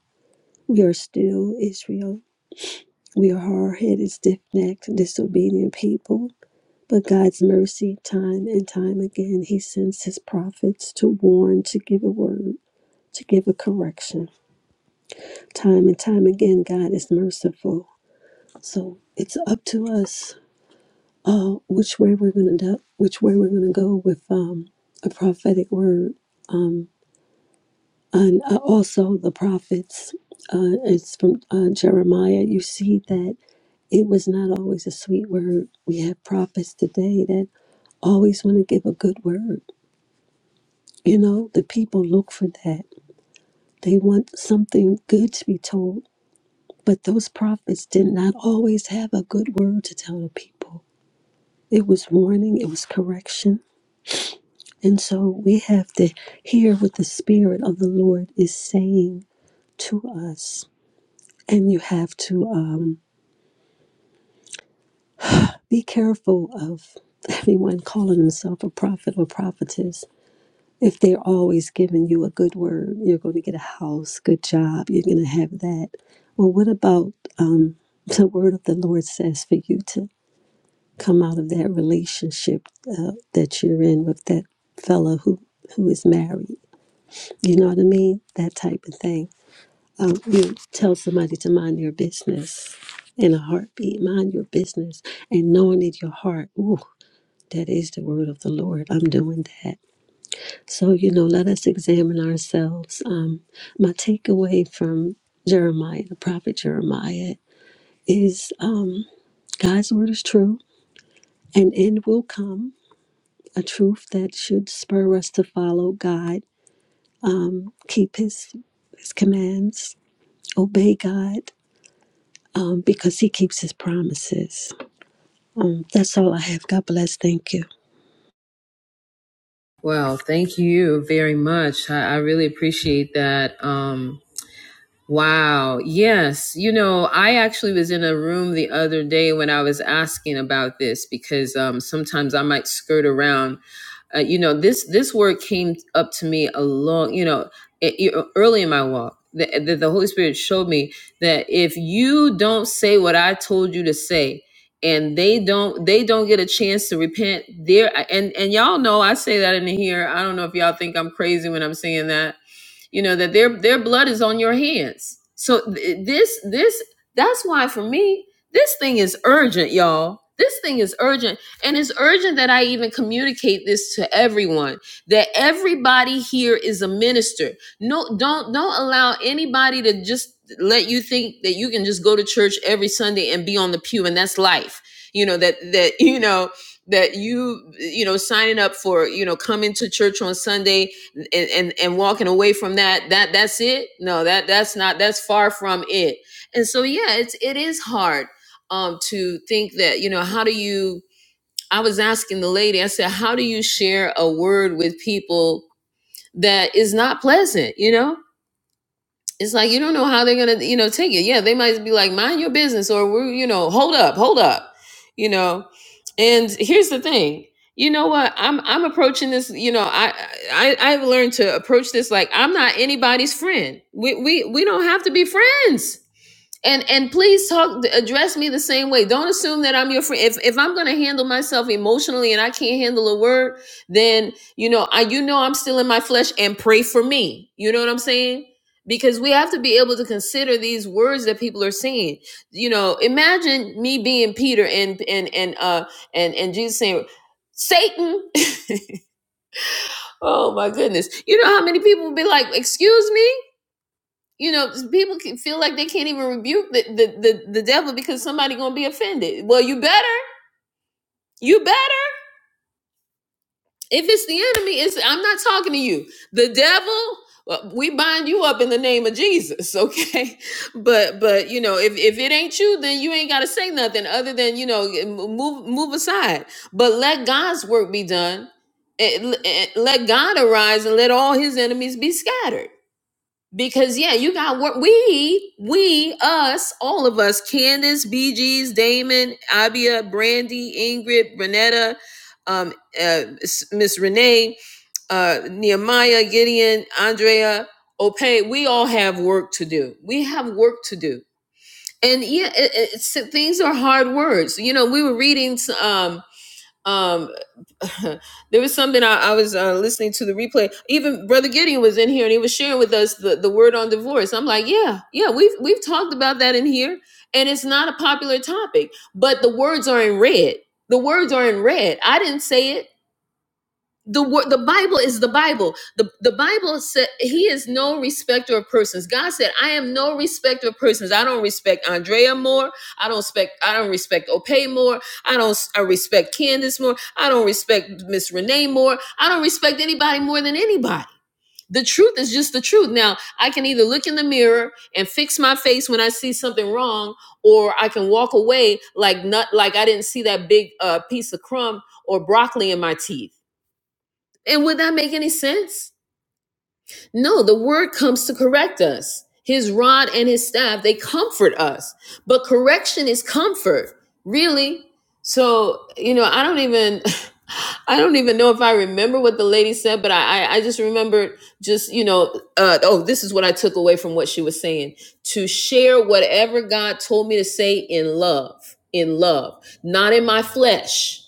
[SPEAKER 4] We are still Israel. We are hard headed, stiff necked, disobedient people. But God's mercy, time and time again, He sends His prophets to warn, to give a word to give a correction. Time and time again, God is merciful. So it's up to us uh, which way we're going to do, which way we're going to go with um, a prophetic word, and uh, also the prophets. Uh, it's from uh, Jeremiah. You see that it was not always a sweet word. We have prophets today that always want to give a good word. You know, the people look for that. They want something good to be told But those prophets did not always have a good word to tell the people. It was warning, it was correction. And so we have to hear what the Spirit of the Lord is saying to us. And you have to um, be careful of anyone calling himself a prophet or prophetess. If they're always giving you a good word, you're going to get a house, good job, you're going to have that. Well, what about the word of the Lord says for you to? come out of that relationship uh, that you're in with that fella who who is married. You know what I mean? That type of thing. Um, you tell somebody to mind your business in a heartbeat. Mind your business, and knowing in your heart, ooh, that is the word of the Lord. I'm doing that. So you know, let us examine ourselves. Um, my takeaway from Jeremiah, the prophet Jeremiah, is um, God's word is true. An end will come a truth that should spur us to follow God, um, keep His His commands, obey God, um, because He keeps His promises. Um, that's all I have. God bless. Thank you.
[SPEAKER 1] Well, thank you very much. I, I really appreciate that. Um, Wow. Yes. You know, I actually was in a room the other day when I was asking about this because um, sometimes I might skirt around. Uh, you know, this this word came up to me a long, you know, it, it- early in my walk. The, the, the Holy Spirit showed me that if you don't say what I told you to say, and they don't they don't get a chance to repent, there and and y'all know I say that in here. I don't know if y'all think I'm crazy when I'm saying that you know that their their blood is on your hands so th- this this that's why for me this thing is urgent y'all this thing is urgent and it's urgent that i even communicate this to everyone that everybody here is a minister no don't don't allow anybody to just let you think that you can just go to church every sunday and be on the pew and that's life you know that that <laughs> you know that you you know signing up for you know coming to church on sunday and, and and walking away from that that that's it no that that's not that's far from it and so yeah it's it is hard um to think that you know how do you i was asking the lady i said how do you share a word with people that is not pleasant you know it's like you don't know how they're gonna you know take it yeah they might be like mind your business or we're you know hold up hold up you know and here's the thing you know what i'm i'm approaching this you know i i i've learned to approach this like i'm not anybody's friend we we we don't have to be friends and and please talk address me the same way don't assume that i'm your friend if, if i'm going to handle myself emotionally and i can't handle a word then you know i you know i'm still in my flesh and pray for me you know what i'm saying because we have to be able to consider these words that people are saying you know imagine me being peter and and and uh and and jesus saying satan <laughs> oh my goodness you know how many people would be like excuse me you know people can feel like they can't even rebuke the, the the the devil because somebody gonna be offended well you better you better if it's the enemy it's i'm not talking to you the devil well, we bind you up in the name of jesus okay <laughs> but but you know if if it ain't you then you ain't gotta say nothing other than you know move move aside but let god's work be done Eh, eh, let god arise and let all his enemies be scattered Because yeah, you got work. We, we, us, all of us, Candace, BG's, Damon, Abia, Brandy, Ingrid, Renetta, um, uh, Miss Renee, uh, Nehemiah, Gideon, Andrea, Ope, we all have work to do. We have work to do. And yeah, it, it's, things are hard words. You know, we were reading um, um, <laughs> there was something I, I was uh, listening to the replay. Even Brother Gideon was in here and he was sharing with us the, the word on divorce. I'm like, yeah, yeah, we've we've talked about that in here, and it's not a popular topic. But the words are in red. The words are in red. I didn't say it the word the bible is the bible the, the bible said he is no respecter of persons god said i am no respecter of persons i don't respect andrea more i don't respect i don't respect opay more i don't s- i respect candace more i don't respect miss renee more i don't respect anybody more than anybody the truth is just the truth now i can either look in the mirror and fix my face when i see something wrong or i can walk away like not like i didn't see that big uh, piece of crumb or broccoli in my teeth and would that make any sense? No, the word comes to correct us. His rod and his staff, they comfort us. But correction is comfort, really. So, you know, I don't even <laughs> I don't even know if I remember what the lady said, but I I, I just remembered just, you know, uh, oh, this is what I took away from what she was saying. To share whatever God told me to say in love, in love, not in my flesh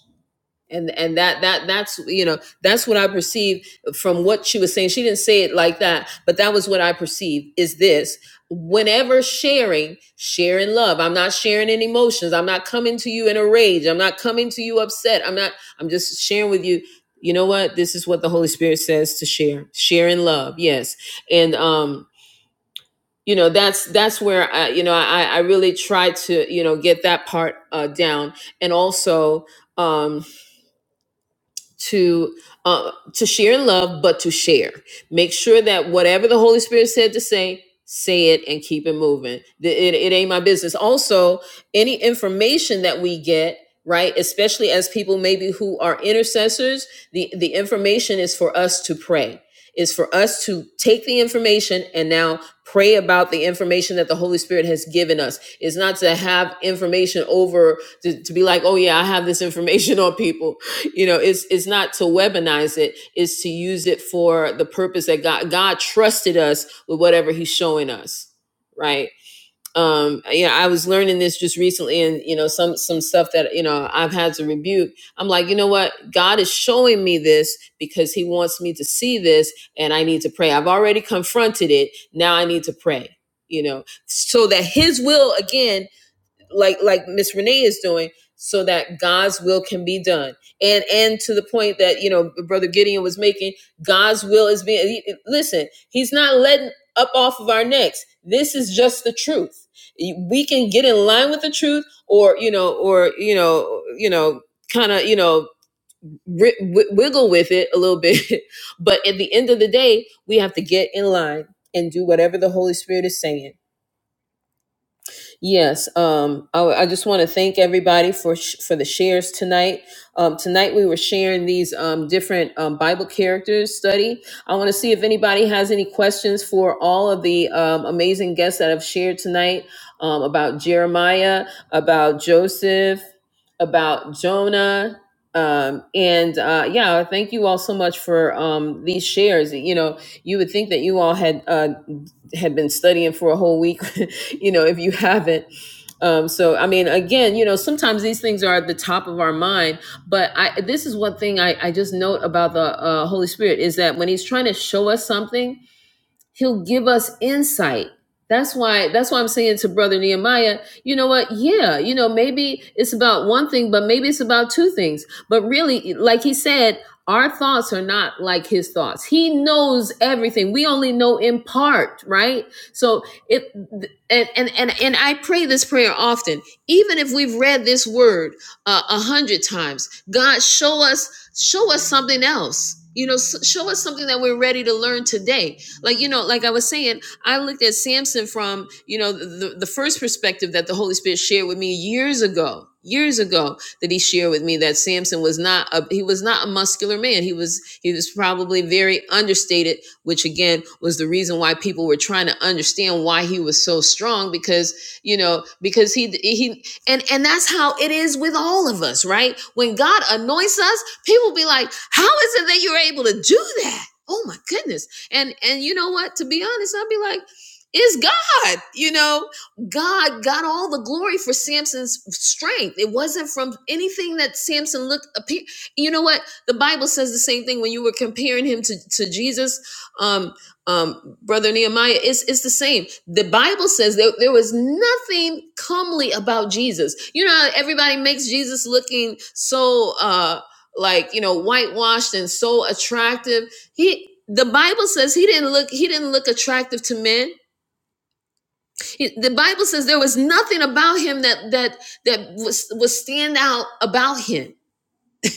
[SPEAKER 1] and and that that that's you know that's what i perceive from what she was saying she didn't say it like that but that was what i perceived is this whenever sharing sharing love i'm not sharing any emotions i'm not coming to you in a rage i'm not coming to you upset i'm not i'm just sharing with you you know what this is what the holy spirit says to share share in love yes and um you know that's that's where i you know i i really try to you know get that part uh down and also um to uh, to share in love, but to share. Make sure that whatever the Holy Spirit said to say, say it and keep it moving. Th- It, it ain't my business. Also, any information that we get, right, especially as people maybe who are intercessors, the the information is for us to pray. Is for us to take the information and now pray about the information that the Holy Spirit has given us. It's not to have information over to, to be like, oh yeah, I have this information <laughs> on people you know it's it's not to weaponize it it's to use it for the purpose that god god trusted us with whatever he's showing us right um you know i was learning this just recently and you know some some stuff that you know i've had to rebuke i'm like you know what god is showing me this because he wants me to see this and i need to pray i've already confronted it now i need to pray you know so that his will again like like Miss Renee is doing, so that God's will can be done. And and to the point that you know Brother Gideon was making, God's will is being. he- Listen, He's not letting up off of our necks. This is just the truth. We can get in line with the truth, or you know, or you know, you know, kind of you know, ri- wi- wiggle with it a little bit. <laughs> but at the end of the day, we have to get in line and do whatever the Holy Spirit is saying Yes, um, I, I just want to thank everybody for sh- for the shares tonight. Um, tonight we were sharing these um, different um, Bible characters study. I want to see if anybody has any questions for all of the um, amazing guests that have shared tonight um, about Jeremiah, about Joseph, about Jonah. Um, and uh, yeah, thank you all so much for um, these shares. You know, you would think that you all had uh, had been studying for a whole week <laughs> you know, if you haven't. Um, so I mean, again, you know, sometimes these things are at the top of our mind, but I this is one thing I, I just note about the uh, Holy Spirit is that when He's trying to show us something, he'll give us insight that's why that's why i'm saying to brother nehemiah you know what yeah you know maybe it's about one thing but maybe it's about two things but really like he said our thoughts are not like his thoughts he knows everything we only know in part right so it and and and, and i pray this prayer often even if we've read this word uh, a hundred times god show us show us something else you know s- show us something that we're ready to learn today like you know like i was saying i looked at samson from you know the, the first perspective that the holy spirit shared with me years ago years ago that he shared with me that samson was not a he was not a muscular man he was he was probably very understated which again was the reason why people were trying to understand why he was so strong because you know because he he and and that's how it is with all of us right when god anoints us people be like how is it that you're able to do that oh my goodness and and you know what? To be honest, I'd be like, it's God. You know, God got all the glory for Samson's strength. It wasn't from anything that Samson looked appear. You know what? The Bible says the same thing when you were comparing him to, to Jesus, um, um, brother Nehemiah. It's it's the same. The Bible says that there was nothing comely about Jesus. You know, how everybody makes Jesus looking so uh like you know whitewashed and so attractive he the Bible says he didn't look he didn't look attractive to men. He- the Bible says there was nothing about him that that that was was stand out about him.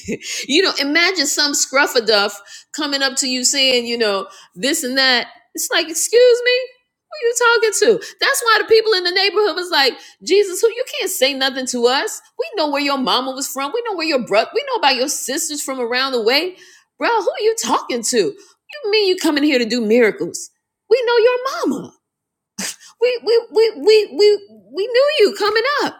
[SPEAKER 1] <laughs> you know, imagine some scruffaduff coming up to you saying, you know, this and that. It's like, excuse me, who you talking to? That's why the people in the neighborhood was like, Jesus, who you can't say nothing to us. We know where your mama was from. We know where your brother. We know about your sisters from around the way, bro. Who are you talking to? You mean you coming here to do miracles? We know your mama. We we we we we we knew you coming up.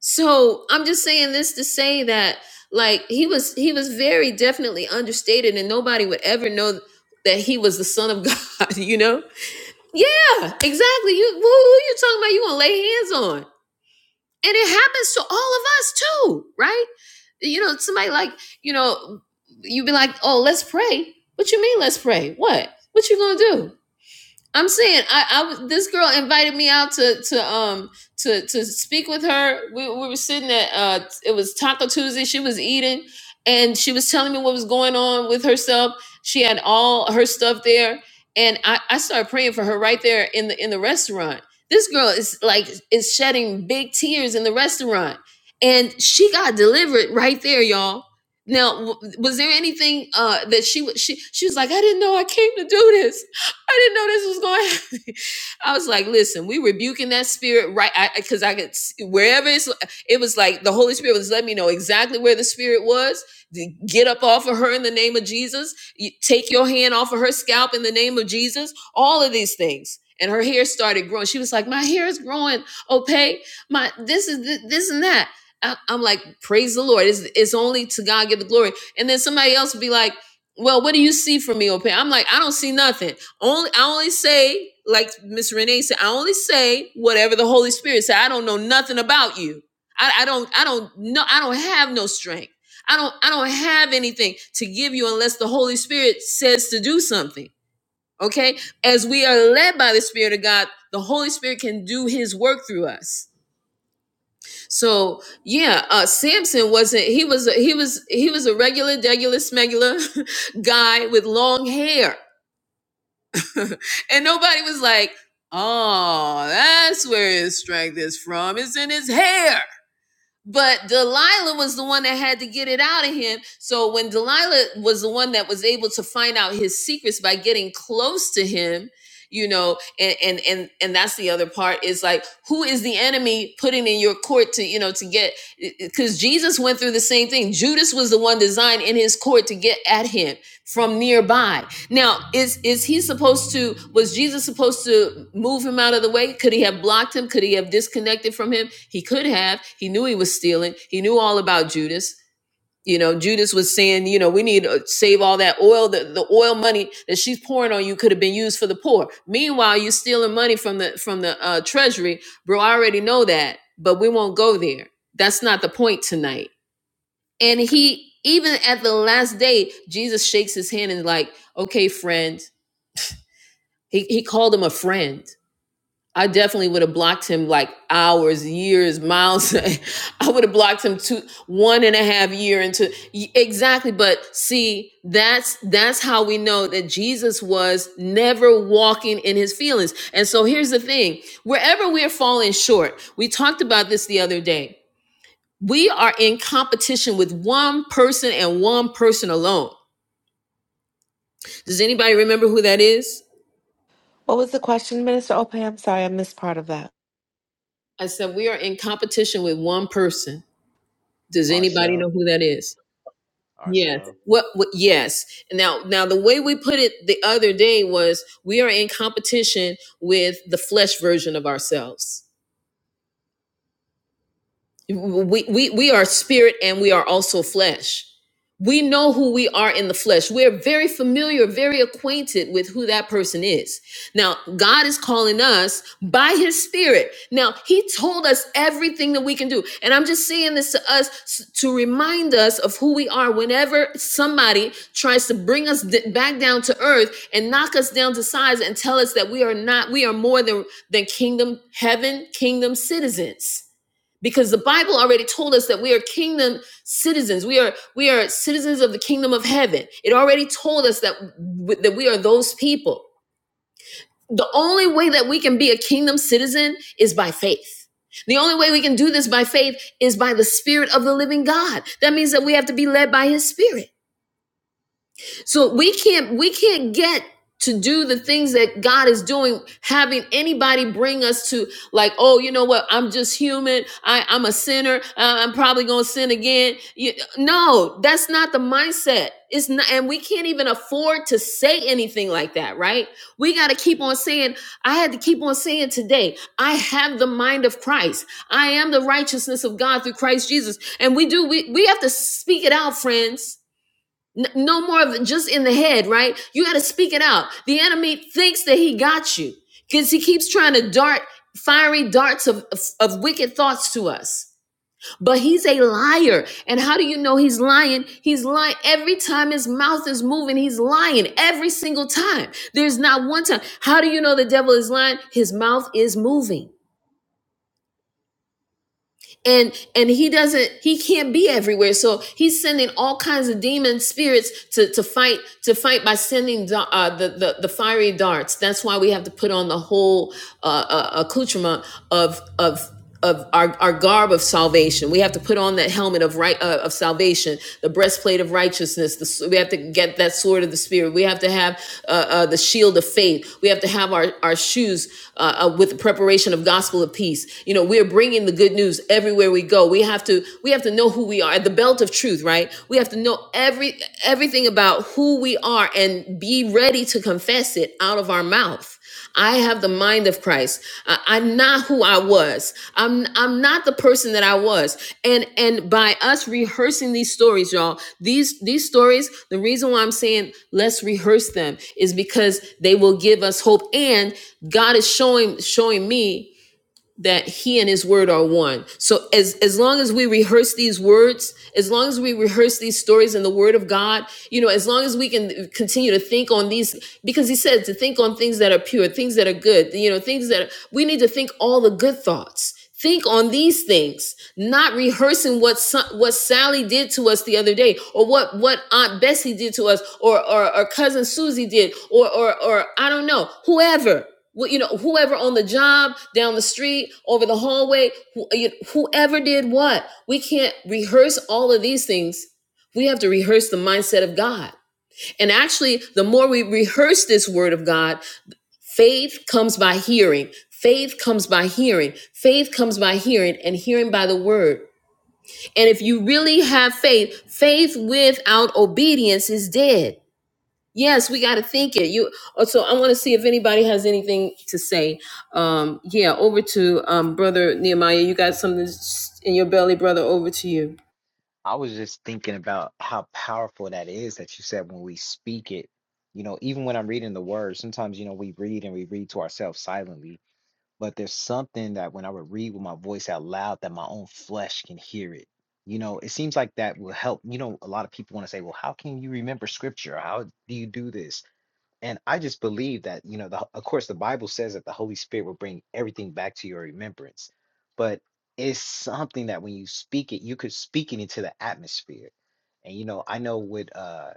[SPEAKER 1] So I'm just saying this to say that like he was he was very definitely understated and nobody would ever know that he was the son of <laughs> God, you know? Yeah, exactly. You who, who you talking about you gonna lay hands on? And it happens to all of us too, right? You know, somebody like, you know, you would be like, oh, let's pray. What you mean let's pray? What? What you gonna do? I'm saying I, I was this girl invited me out to to um to to speak with her. We, we were sitting at uh it was Taco Tuesday. She was eating and she was telling me what was going on with herself. She had all her stuff there and I, I started praying for her right there in the in the restaurant. This girl is like is shedding big tears in the restaurant and she got delivered right there, y'all. Now, w- was there anything uh, that she was? She she was like, I didn't know I came to do this <laughs> I didn't know this was going. to <laughs> I was like, listen, we rebuking that spirit right because I, 'cause I could s- wherever it's. It was like the Holy Spirit was letting me know exactly where the spirit was. Get up off of her in the name of Jesus. You- Take your hand off of her scalp in the name of Jesus. All of these things. And her hair started growing. She was like, "My hair is growing, okay? My this is th- this and that." I- I'm like, "Praise the Lord! It's, it's only to God give the glory." And then somebody else would be like, "Well, what do you see from me, okay?" I'm like, "I don't see nothing." Only I only say, like Miss Renee said, I only say whatever the Holy Spirit said. I don't know nothing about you. I, I don't I don't know I don't have no strength. I don't I don't have anything to give you unless the Holy Spirit says to do something. Okay? As we are led by the Spirit of God, the Holy Spirit can do his work through us. So yeah, uh Samson wasn't he was a, he was he was a regular, degular, smegular <laughs> guy with long hair <laughs> and nobody was like, oh, that's where his strength is from. It's in his hair. But Delilah was the one that had to get it out of him. So when Delilah was the one that was able to find out his secrets by getting close to him, you know, and and and and that's the other part is like who is the enemy putting in your court to, you know, to get because Jesus went through the same thing. Judas was the one designed in his court to get at him from nearby. Now, is is he supposed to? Was Jesus supposed to move him out of the way? Could he have blocked him? Could he have disconnected from him? He could have. He knew he was stealing. He knew all about Judas. You know, Judas was saying, you know, we need to save all that oil. The, the oil money that she's pouring on you could have been used for the poor. Meanwhile, you're stealing money from the from the uh, treasury, bro. I already know that, but we won't go there. That's not the point tonight. And he, even at the last day, Jesus shakes his hand and like, okay, friend he he called him a friend. I definitely would have blocked him like hours, years, miles. <laughs> I would have blocked him two, one and a half year into exactly. But see, that's that's how we know that Jesus was never walking in his feelings. And so here's the thing: wherever we're falling short, we talked about this the other day. We are in competition with one person and one person alone. Does anybody remember who that is?
[SPEAKER 2] What was the question, Minister Opay? I'm sorry, I missed part of that.
[SPEAKER 1] I said we are in competition with one person Does anybody
[SPEAKER 3] Arcel,
[SPEAKER 1] know who that is? Yes.
[SPEAKER 3] Arcel.
[SPEAKER 1] What, what? Yes. Now, now the way we put it the other day was we are in competition with the flesh version of ourselves. we, we we are spirit and we are also flesh we know who we are in the flesh we're very familiar very acquainted with who that person is now god is calling us by his spirit now he told us everything that we can do and i'm just saying this to us s- to remind us of who we are whenever somebody tries to bring us d- back down to earth and knock us down to size and tell us that we are not we are more than than kingdom heaven kingdom citizens because the bible already told us that we are kingdom citizens we are we are citizens of the kingdom of heaven it already told us that that we are those people the only way that we can be a kingdom citizen is by faith the only way we can do this by faith is by the spirit of the living god that means that we have to be led by his spirit so we can't we can't get to do the things that God is doing, having anybody bring us to like, oh, you know what? I'm just human. I, I'm a sinner. Uh, I'm probably gonna sin again. You, no, that's not the mindset. It's not, and we can't even afford to say anything like that, right? We got to keep on saying. I had to keep on saying today. I have the mind of Christ. I am the righteousness of God through Christ Jesus. And we do. We we have to speak it out, friends N- no more of it, just in the head, right? You got to speak it out. The enemy thinks that he got you because he keeps trying to dart fiery darts of, of, of wicked thoughts to us. But he's a liar. And how do you know he's lying? He's lying every time his mouth is moving. He's lying every single time. There's not one time. How do you know the devil is lying? His mouth is moving. and and he doesn't he can't be everywhere so he's sending all kinds of demon spirits to to fight to fight by sending da- uh, the, the the fiery darts that's why we have to put on the whole uh, uh, accoutrement of of of our, our garb of salvation we have to put on that helmet of right uh, of salvation the breastplate of righteousness the, we have to get that sword of the spirit we have to have uh, uh, the shield of faith we have to have our, our shoes uh, uh, with the preparation of gospel of peace you know we we're bringing the good news everywhere we go. We have to we have to know who we are at the belt of truth, right? We have to know every everything about who we are and be ready to confess it out of our mouth. I have the mind of Christ. I, I'm not who I was. I'm I'm not the person that I was. And and by us rehearsing these stories, y'all, these these stories, the reason why I'm saying let's rehearse them is because they will give us hope. And God is showing showing me that he and his word are one. So as as long as we rehearse these words, as long as we rehearse these stories in the word of God, you know, as long as we can continue to think on these because he said to think on things that are pure, things that are good, you know, things that are, we need to think all the good thoughts. Think on these things, not rehearsing what what Sally did to us the other day, or what what Aunt Bessie did to us, or or, or cousin Susie did, or or or I don't know, whoever. You know, whoever on the job, down the street, over the hallway, who, you- whoever did what, we can't rehearse all of these things. We have to rehearse the mindset of God. And actually, the more we rehearse this word of God, Faith comes by hearing. Faith comes by hearing. Faith comes by hearing and hearing by the word. And if you really have faith, faith without obedience is dead. Yes, we got to think it. You uh, So, I want to see if anybody has anything to say. Um, yeah, over to um, brother Nehemiah. You got something in your belly, brother. Over to you.
[SPEAKER 3] I was just thinking about how powerful that is that you said when we speak it. You know, even when I'm reading the word, sometimes, you know, we read and we read to ourselves silently, but there's something that when I would read with my voice out loud, that my own flesh can hear it. You know, it seems like that will help. You know, a lot of people want to say, well, how can you remember scripture? How do you do this? And I just believe that, you know, the, of course, the Bible says that the Holy Spirit will bring everything back to your remembrance. But it's something that when you speak it, you could speak it into the atmosphere. And, you know, I know with uh,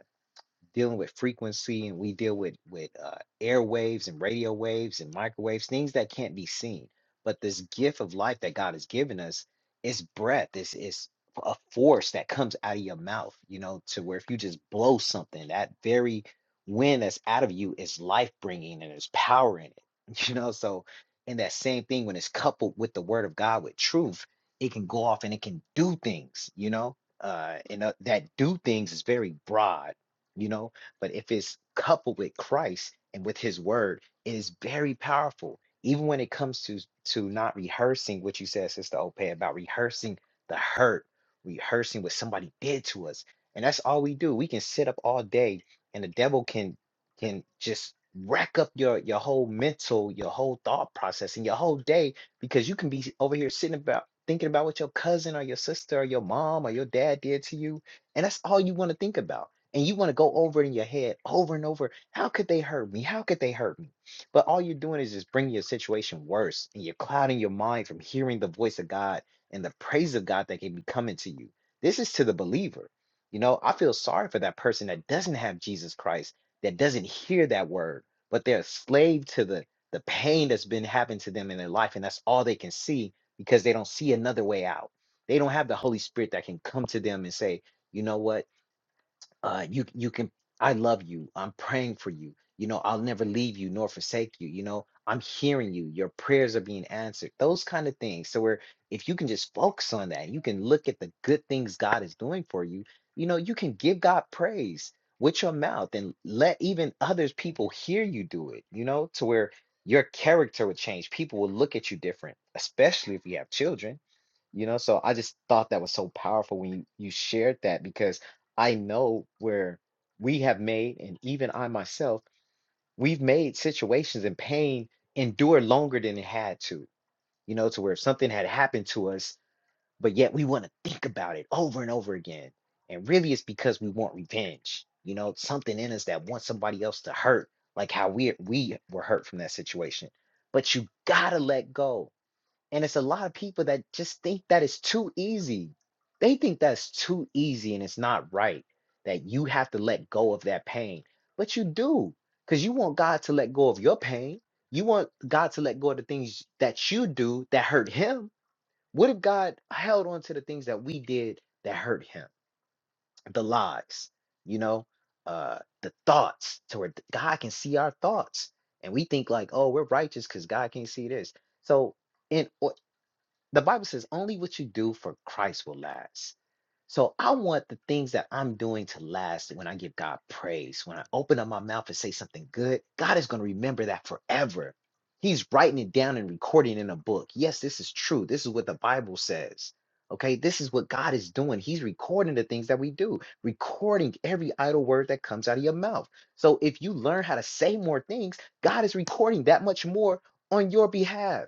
[SPEAKER 3] dealing with frequency and we deal with with uh, airwaves and radio waves and microwaves things that can't be seen but this gift of life that god has given us is breath is is a force that comes out of your mouth you know to where if you just blow something that very wind that's out of you is life bringing and there's power in it <laughs> you know so and that same thing when it's coupled with the word of god with truth it can go off and it can do things you know uh, and uh, that do things is very broad you know but if it's coupled with christ and with his word it is very powerful even when it comes to to not rehearsing what you said sister ope about rehearsing the hurt rehearsing what somebody did to us and that's all we do we can sit up all day and the devil can can just rack up your your whole mental your whole thought process and your whole day because you can be over here sitting about thinking about what your cousin or your sister or your mom or your dad did to you and that's all you want to think about and you want to go over it in your head over and over. How could they hurt me? How could they hurt me? But all you're doing is just bringing your situation worse, and you're clouding your mind from hearing the voice of God and the praise of God that can be coming to you. This is to the believer. You know, I feel sorry for that person that doesn't have Jesus Christ, that doesn't hear that word, but they're a slave to the the pain that's been happening to them in their life, and that's all they can see because they don't see another way out. They don't have the Holy Spirit that can come to them and say, you know what? uh you you can i love you i'm praying for you you know i'll never leave you nor forsake you you know i'm hearing you your prayers are being answered those kind of things so where if you can just focus on that you can look at the good things god is doing for you you know you can give god praise with your mouth and let even others people hear you do it you know to where your character would change people will look at you different especially if you have children you know, so I just thought that was so powerful when you, you shared that because I know where we have made, and even I myself, we've made situations and pain endure longer than it had to, you know, to where something had happened to us, but yet we want to think about it over and over again. And really, it's because we want revenge, you know, something in us that wants somebody else to hurt, like how we we were hurt from that situation. But you gotta let go and it's a lot of people that just think that it's too easy. They think that's too easy and it's not right that you have to let go of that pain. But you do, because you want God to let go of your pain. You want God to let go of the things that you do that hurt Him. What if God held on to the things that we did that hurt Him? The lies, you know, uh, the thoughts to where God can see our thoughts. And we think, like, oh, we're righteous because God can't see this. So, in. The Bible says only what you do for Christ will last. So I want the things that I'm doing to last when I give God praise. When I open up my mouth and say something good, God is going to remember that forever. He's writing it down and recording it in a book. Yes, this is true. This is what the Bible says. Okay, this is what God is doing. He's recording the things that we do, recording every idle word that comes out of your mouth. So if you learn how to say more things, God is recording that much more on your behalf.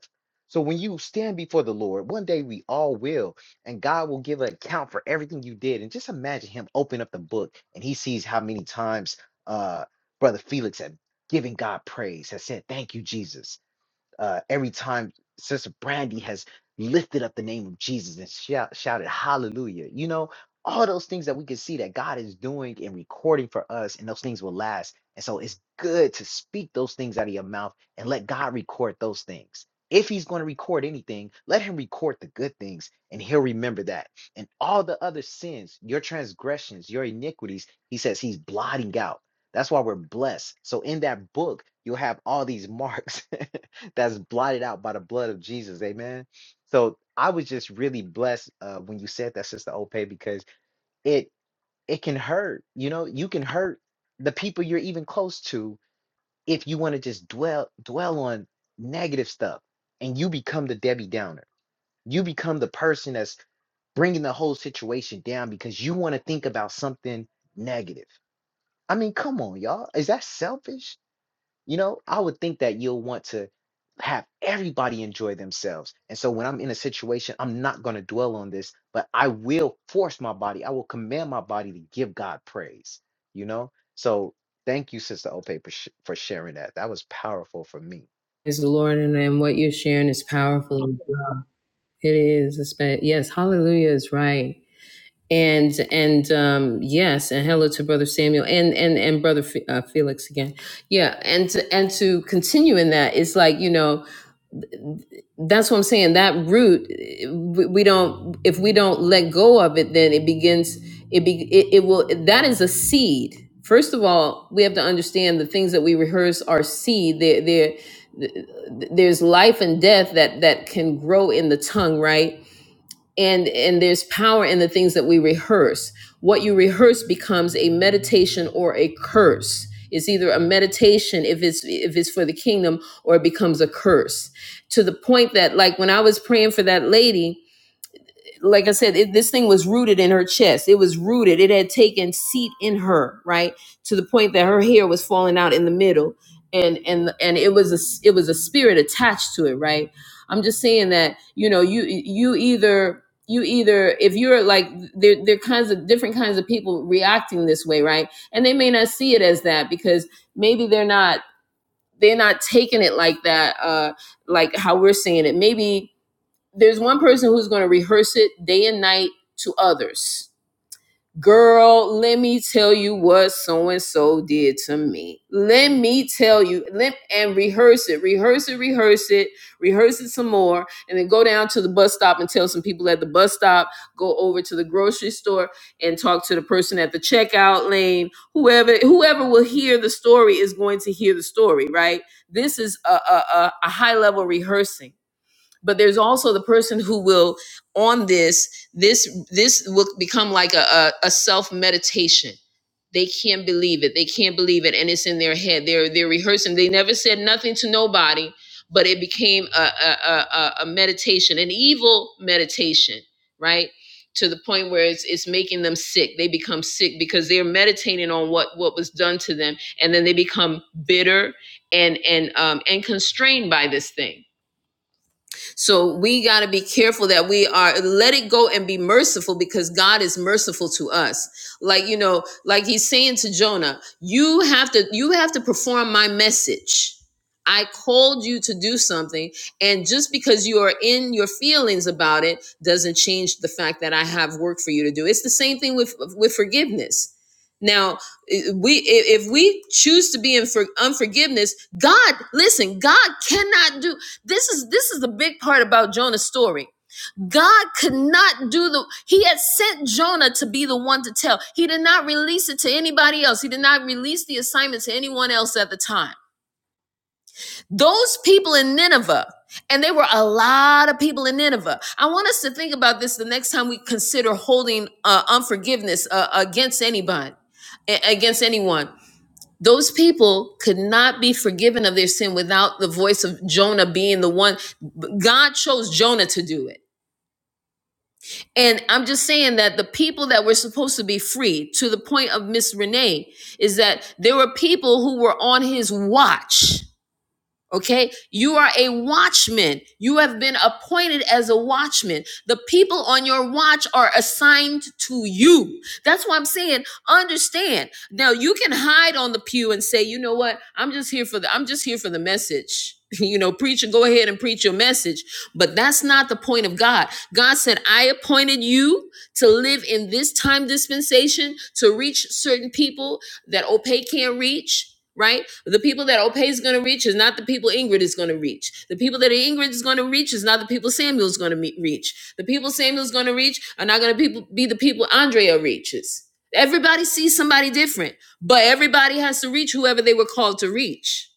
[SPEAKER 3] So when you stand before the Lord, one day we all will, and God will give an account for everything you did. And just imagine Him open up the book and He sees how many times uh, Brother Felix had given God praise, has said, "Thank you, Jesus." uh, every time Sister Brandy has lifted up the name of Jesus and shout, shouted hallelujah. You know, all those things that we can see that God is doing and recording for us, and those things will last. And so it's good to speak those things out of your mouth and let God record those things. If he's going to record anything, let him record the good things and he'll remember that. And all the other sins, your transgressions, your iniquities, he says he's blotting out. That's why we're blessed. So in that book, you'll have all these marks <laughs> that's blotted out by the blood of Jesus. Amen. So I was just really blessed uh, when you said that, Sister Ope, because it it can hurt. You know, you can hurt the people you're even close to if you want to just dwell dwell on negative stuff, and you become the Debbie Downer. You become the person that's bringing the whole situation down because you want to think about something negative. I mean, come on, y'all. Is that selfish? You know, I would think that you'll want to have everybody enjoy themselves. And so when I'm in a situation, I'm not going to dwell on this, but I will force my body, I will command my body to give God praise, you know? So thank you, Sister Ope, for, sh- for sharing that. That was powerful for me.
[SPEAKER 1] Is the Lord, and, and what you're sharing is powerful. It is. It's, been- yes, Hallelujah is right. and and um yes and hello to brother samuel and and and brother F- uh, felix again yeah and to, and to continue in that it's like you know that's what i'm saying that root eh, we we don't if we don't let go of it then it begins it be it, it will that is a seed first of all we have to understand the things that we rehearse are seed they they're they're- there's life and death that that can grow in the tongue right and and there's power in the things that we rehearse what you rehearse becomes a meditation or a curse it's either a meditation if it's if it's for the kingdom or it becomes a curse to the point that like when i was praying for that lady like I said, it, this thing was rooted in her chest. It was rooted. It had taken seat in her, right, to the point that her hair was falling out in the middle, and and and it was a it was a spirit attached to it, right. I'm just saying that you know you you either you either if you're like there there are kinds of different kinds of people reacting this way, right, and they may not see it as that because maybe they're not they're not taking it like that uh like how we're seeing it maybe there's one person who's going to rehearse it day and night to others. Girl, let me tell you what so and so did to me. Let me tell you, let, and rehearse it, rehearse it, rehearse it, rehearse it some more, and then go down to the bus stop and tell some people at the bus stop, go over to the grocery store and talk to the person at the checkout lane. Whoever whoever will hear the story is going to hear the story, right? This is a, a, a a high level rehearsing but there's also the person who will on this this this will become like a, a, a self meditation they can't believe it they can't believe it and it's in their head they're they're rehearsing they never said nothing to nobody but it became a a, a, a a meditation an evil meditation right to the point where it's it's making them sick they become sick because they're meditating on what what was done to them and then they become bitter and and um and constrained by this thing so we got to be careful that we are let it go and be merciful because God is merciful to us. Like you know, like he's saying to Jonah, you have to you have to perform my message. I called you to do something and just because you are in your feelings about it doesn't change the fact that I have work for you to do. It's the same thing with with forgiveness. Now, we if we choose to be in for unforgiveness god listen god cannot do this is this is the big part about jonah's story god could not do the he had sent jonah to be the one to tell he did not release it to anybody else he did not release the assignment to anyone else at the time those people in nineveh and there were a lot of people in Nineveh. I want us to think about this the next time we consider holding uh, unforgiveness uh, against anybody, against anyone those people could not be forgiven of their sin without the voice of Jonah being the one. God chose Jonah to do it. And I'm just saying that the people that were supposed to be free, to the point of Miss Renee, is that there were people who were on his watch Okay, you are a watchman. You have been appointed as a watchman. The people on your watch are assigned to you. That's why I'm saying, understand. Now you can hide on the pew and say, you know what? I'm just here for the I'm just here for the message. <laughs> You know, preacher, go ahead and preach your message. But that's not the point of God. God said, I appointed you to live in this time dispensation, to reach certain people that Opay can't reach right? The people that Opay is going to reach is not the people Ingrid is going to reach. The people that Ingrid is going to reach is not the people Samuel is going to me- reach. The people Samuel is going to reach are not going to people be the people Andrea reaches. Everybody sees somebody different, but everybody has to reach whoever they were called to reach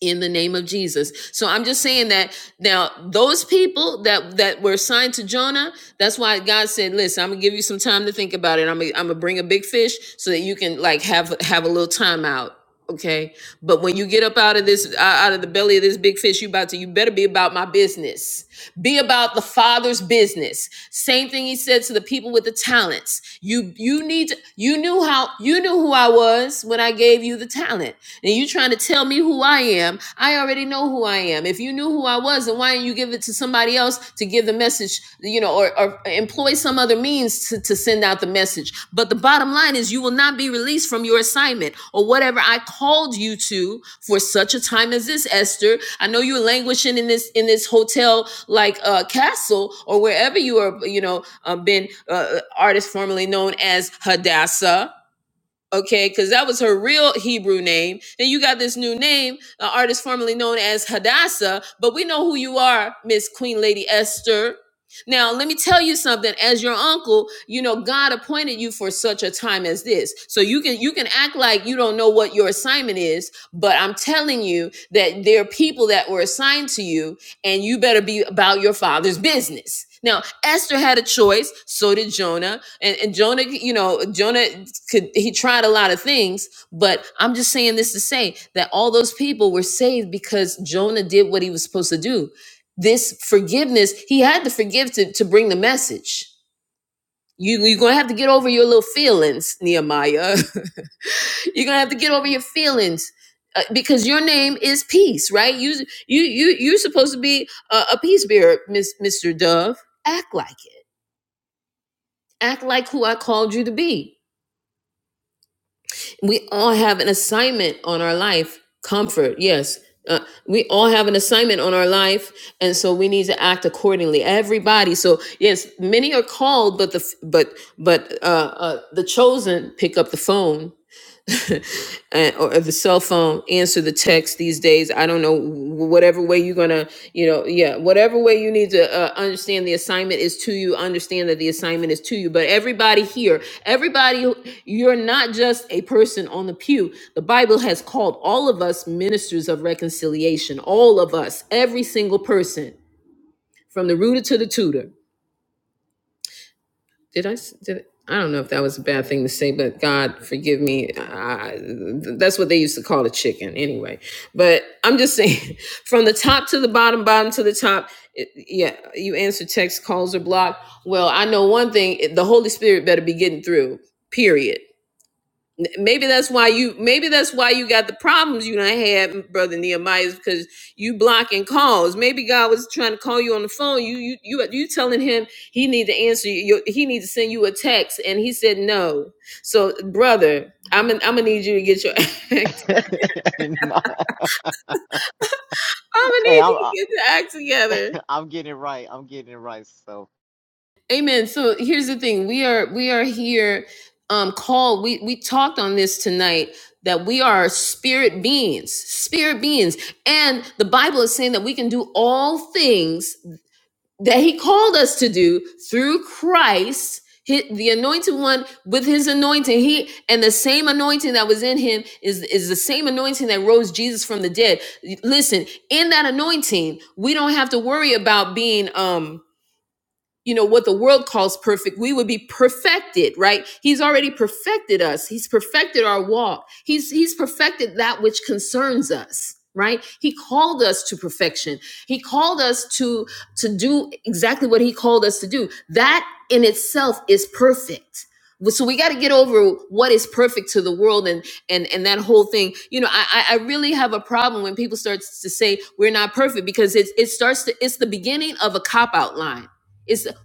[SPEAKER 1] in the name of Jesus. So I'm just saying that now those people that that were assigned to Jonah, that's why God said, "Listen, I'm going to give you some time to think about it. I'm gonna, I'm going to bring a big fish so that you can like have have a little time out." Okay? But when you get up out of this uh, out of the belly of this big fish, you about to you better be about my business business. Be about the Father's business. Same thing he said to the people with the talents. You you need to, you knew how you knew who I was when I gave you the talent. And you trying to tell me who I am? I already know who I am. If you knew who I was, then why didn't you give it to somebody else to give the message, you know, or, or employ some other means to, to send out the message? But the bottom line is you will not be released from your assignment or whatever I called you to for such a time as this, Esther. I know you're languishing in this in this hotel like uh, Castle or wherever you are, you know, uh, been uh, artist formerly known as Hadassah okay, because that was her real Hebrew name. And you got this new name, an artist formerly known as Hadassah, but we know who you are, Miss Queen Lady Esther. Now, let me tell you something. As your uncle, you know God appointed you for such a time as this. So you can you can act like you don't know what your assignment is, but I'm telling you that there are people that were assigned to you, and you better be about your father's business. Now, Esther had a choice. So did Jonah, and, and Jonah, you know, Jonah could he tried a lot of things but i'm just saying this to say that all those people were saved because jonah did what he was supposed to do this forgiveness he had to forgive to, to bring the message you, you're gonna have to get over your little feelings nehemiah <laughs> you're gonna have to get over your feelings uh, because your name is peace right you you you you're supposed to be a, a peace bearer miss mr dove act like it act like who i called you to be We all have an assignment on our life. Comfort, yes. Uh, we all have an assignment on our life, and so we need to act accordingly. Everybody, so yes, many are called, but the but but but uh, uh, the chosen pick up the phone uh, or or the cell phone answer the text these days i don't know wh- whatever way you're gonna you know yeah whatever way you need to uh, understand the assignment is to you understand that the assignment is to you but everybody here everybody who- you're not just a person on the pew the bible has called all of us ministers of reconciliation all of us every single person from the rooter to the tutor did I? did I s- did I don't know if that was a bad thing to say, but God forgive me. I, that's what they used to call a chicken anyway. But I'm just saying, <laughs> from the top to the bottom, bottom to the top. It, yeah, you answer text calls or block. Well, I know one thing: it- the Holy Spirit better be getting through. Period. Maybe that's why you maybe that's why you got the problems you done had, brother Nehemiah, is because you blocking calls. Maybe God was trying to call you on the phone. You you you you telling him he need to answer you. He need to send you a text, and he said no. So brother, I'm gonna I'm gonna need you to get your <laughs> act.
[SPEAKER 3] <laughs> no,
[SPEAKER 1] I'm gonna
[SPEAKER 3] hey,
[SPEAKER 1] need
[SPEAKER 3] I'm,
[SPEAKER 1] you
[SPEAKER 3] i am
[SPEAKER 1] to get the act together.
[SPEAKER 3] <laughs> I'm getting it right. I'm getting it right. So
[SPEAKER 1] Amen. So here's the thing. We are we are here um called we we talked on this tonight that we are spirit beings, spirit beings. And the Bible is saying that we can do all things that he called us to do through Christ. hi- The anointed one with his anointing, he and the same anointing that was in him is is the same anointing that rose Jesus from the dead. Listen, in that anointing, we don't have to worry about being um you know what the world calls perfect we would be perfected right he's already perfected us he's perfected our walk he's he's perfected that which concerns us right he called us to perfection he called us to to do exactly what he called us to do that in itself is perfect Well, so we got to get over what is perfect to the world and and and that whole thing you know i i I really have a problem when people start to say we're not perfect because it's it starts to it's the beginning of a cop out line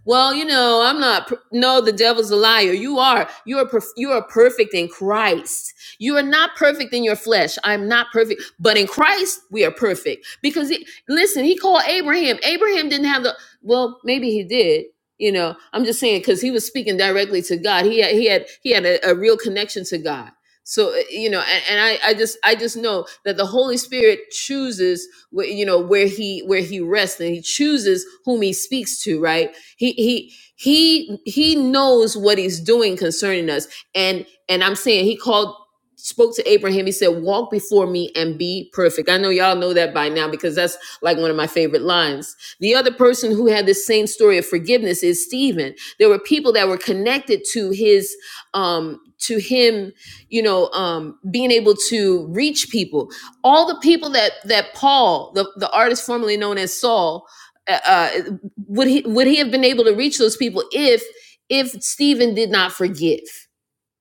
[SPEAKER 1] well, you know, I'm not. per- No, the devil's a liar. You are. You are. perf- You are perfect in Christ. You are not perfect in your flesh. I'm not perfect, but in Christ we are perfect. Because he, listen, he called Abraham. Abraham didn't have the. Well, maybe he did. You know, I'm just saying because he was speaking directly to God. He had. He had. He had a, a real connection to God. So uh, you know, and, and I, I just, I just know that the Holy Spirit chooses, wh- you know, where he, where he rests, and he chooses whom he speaks to, right? He he he he knows what he's doing concerning us. And and I'm saying he called spoke to Abraham. He said, "Walk before me and be perfect." I know y'all know that by now because that's like one of my favorite lines. The other person who had the same story of forgiveness is Stephen. There were people that were connected to his um to him, you know, um being able to reach people. All the people that that Paul, the the artist formerly known as Saul, uh. uh, would he would he have been able to reach those people if if Stephen did not forgive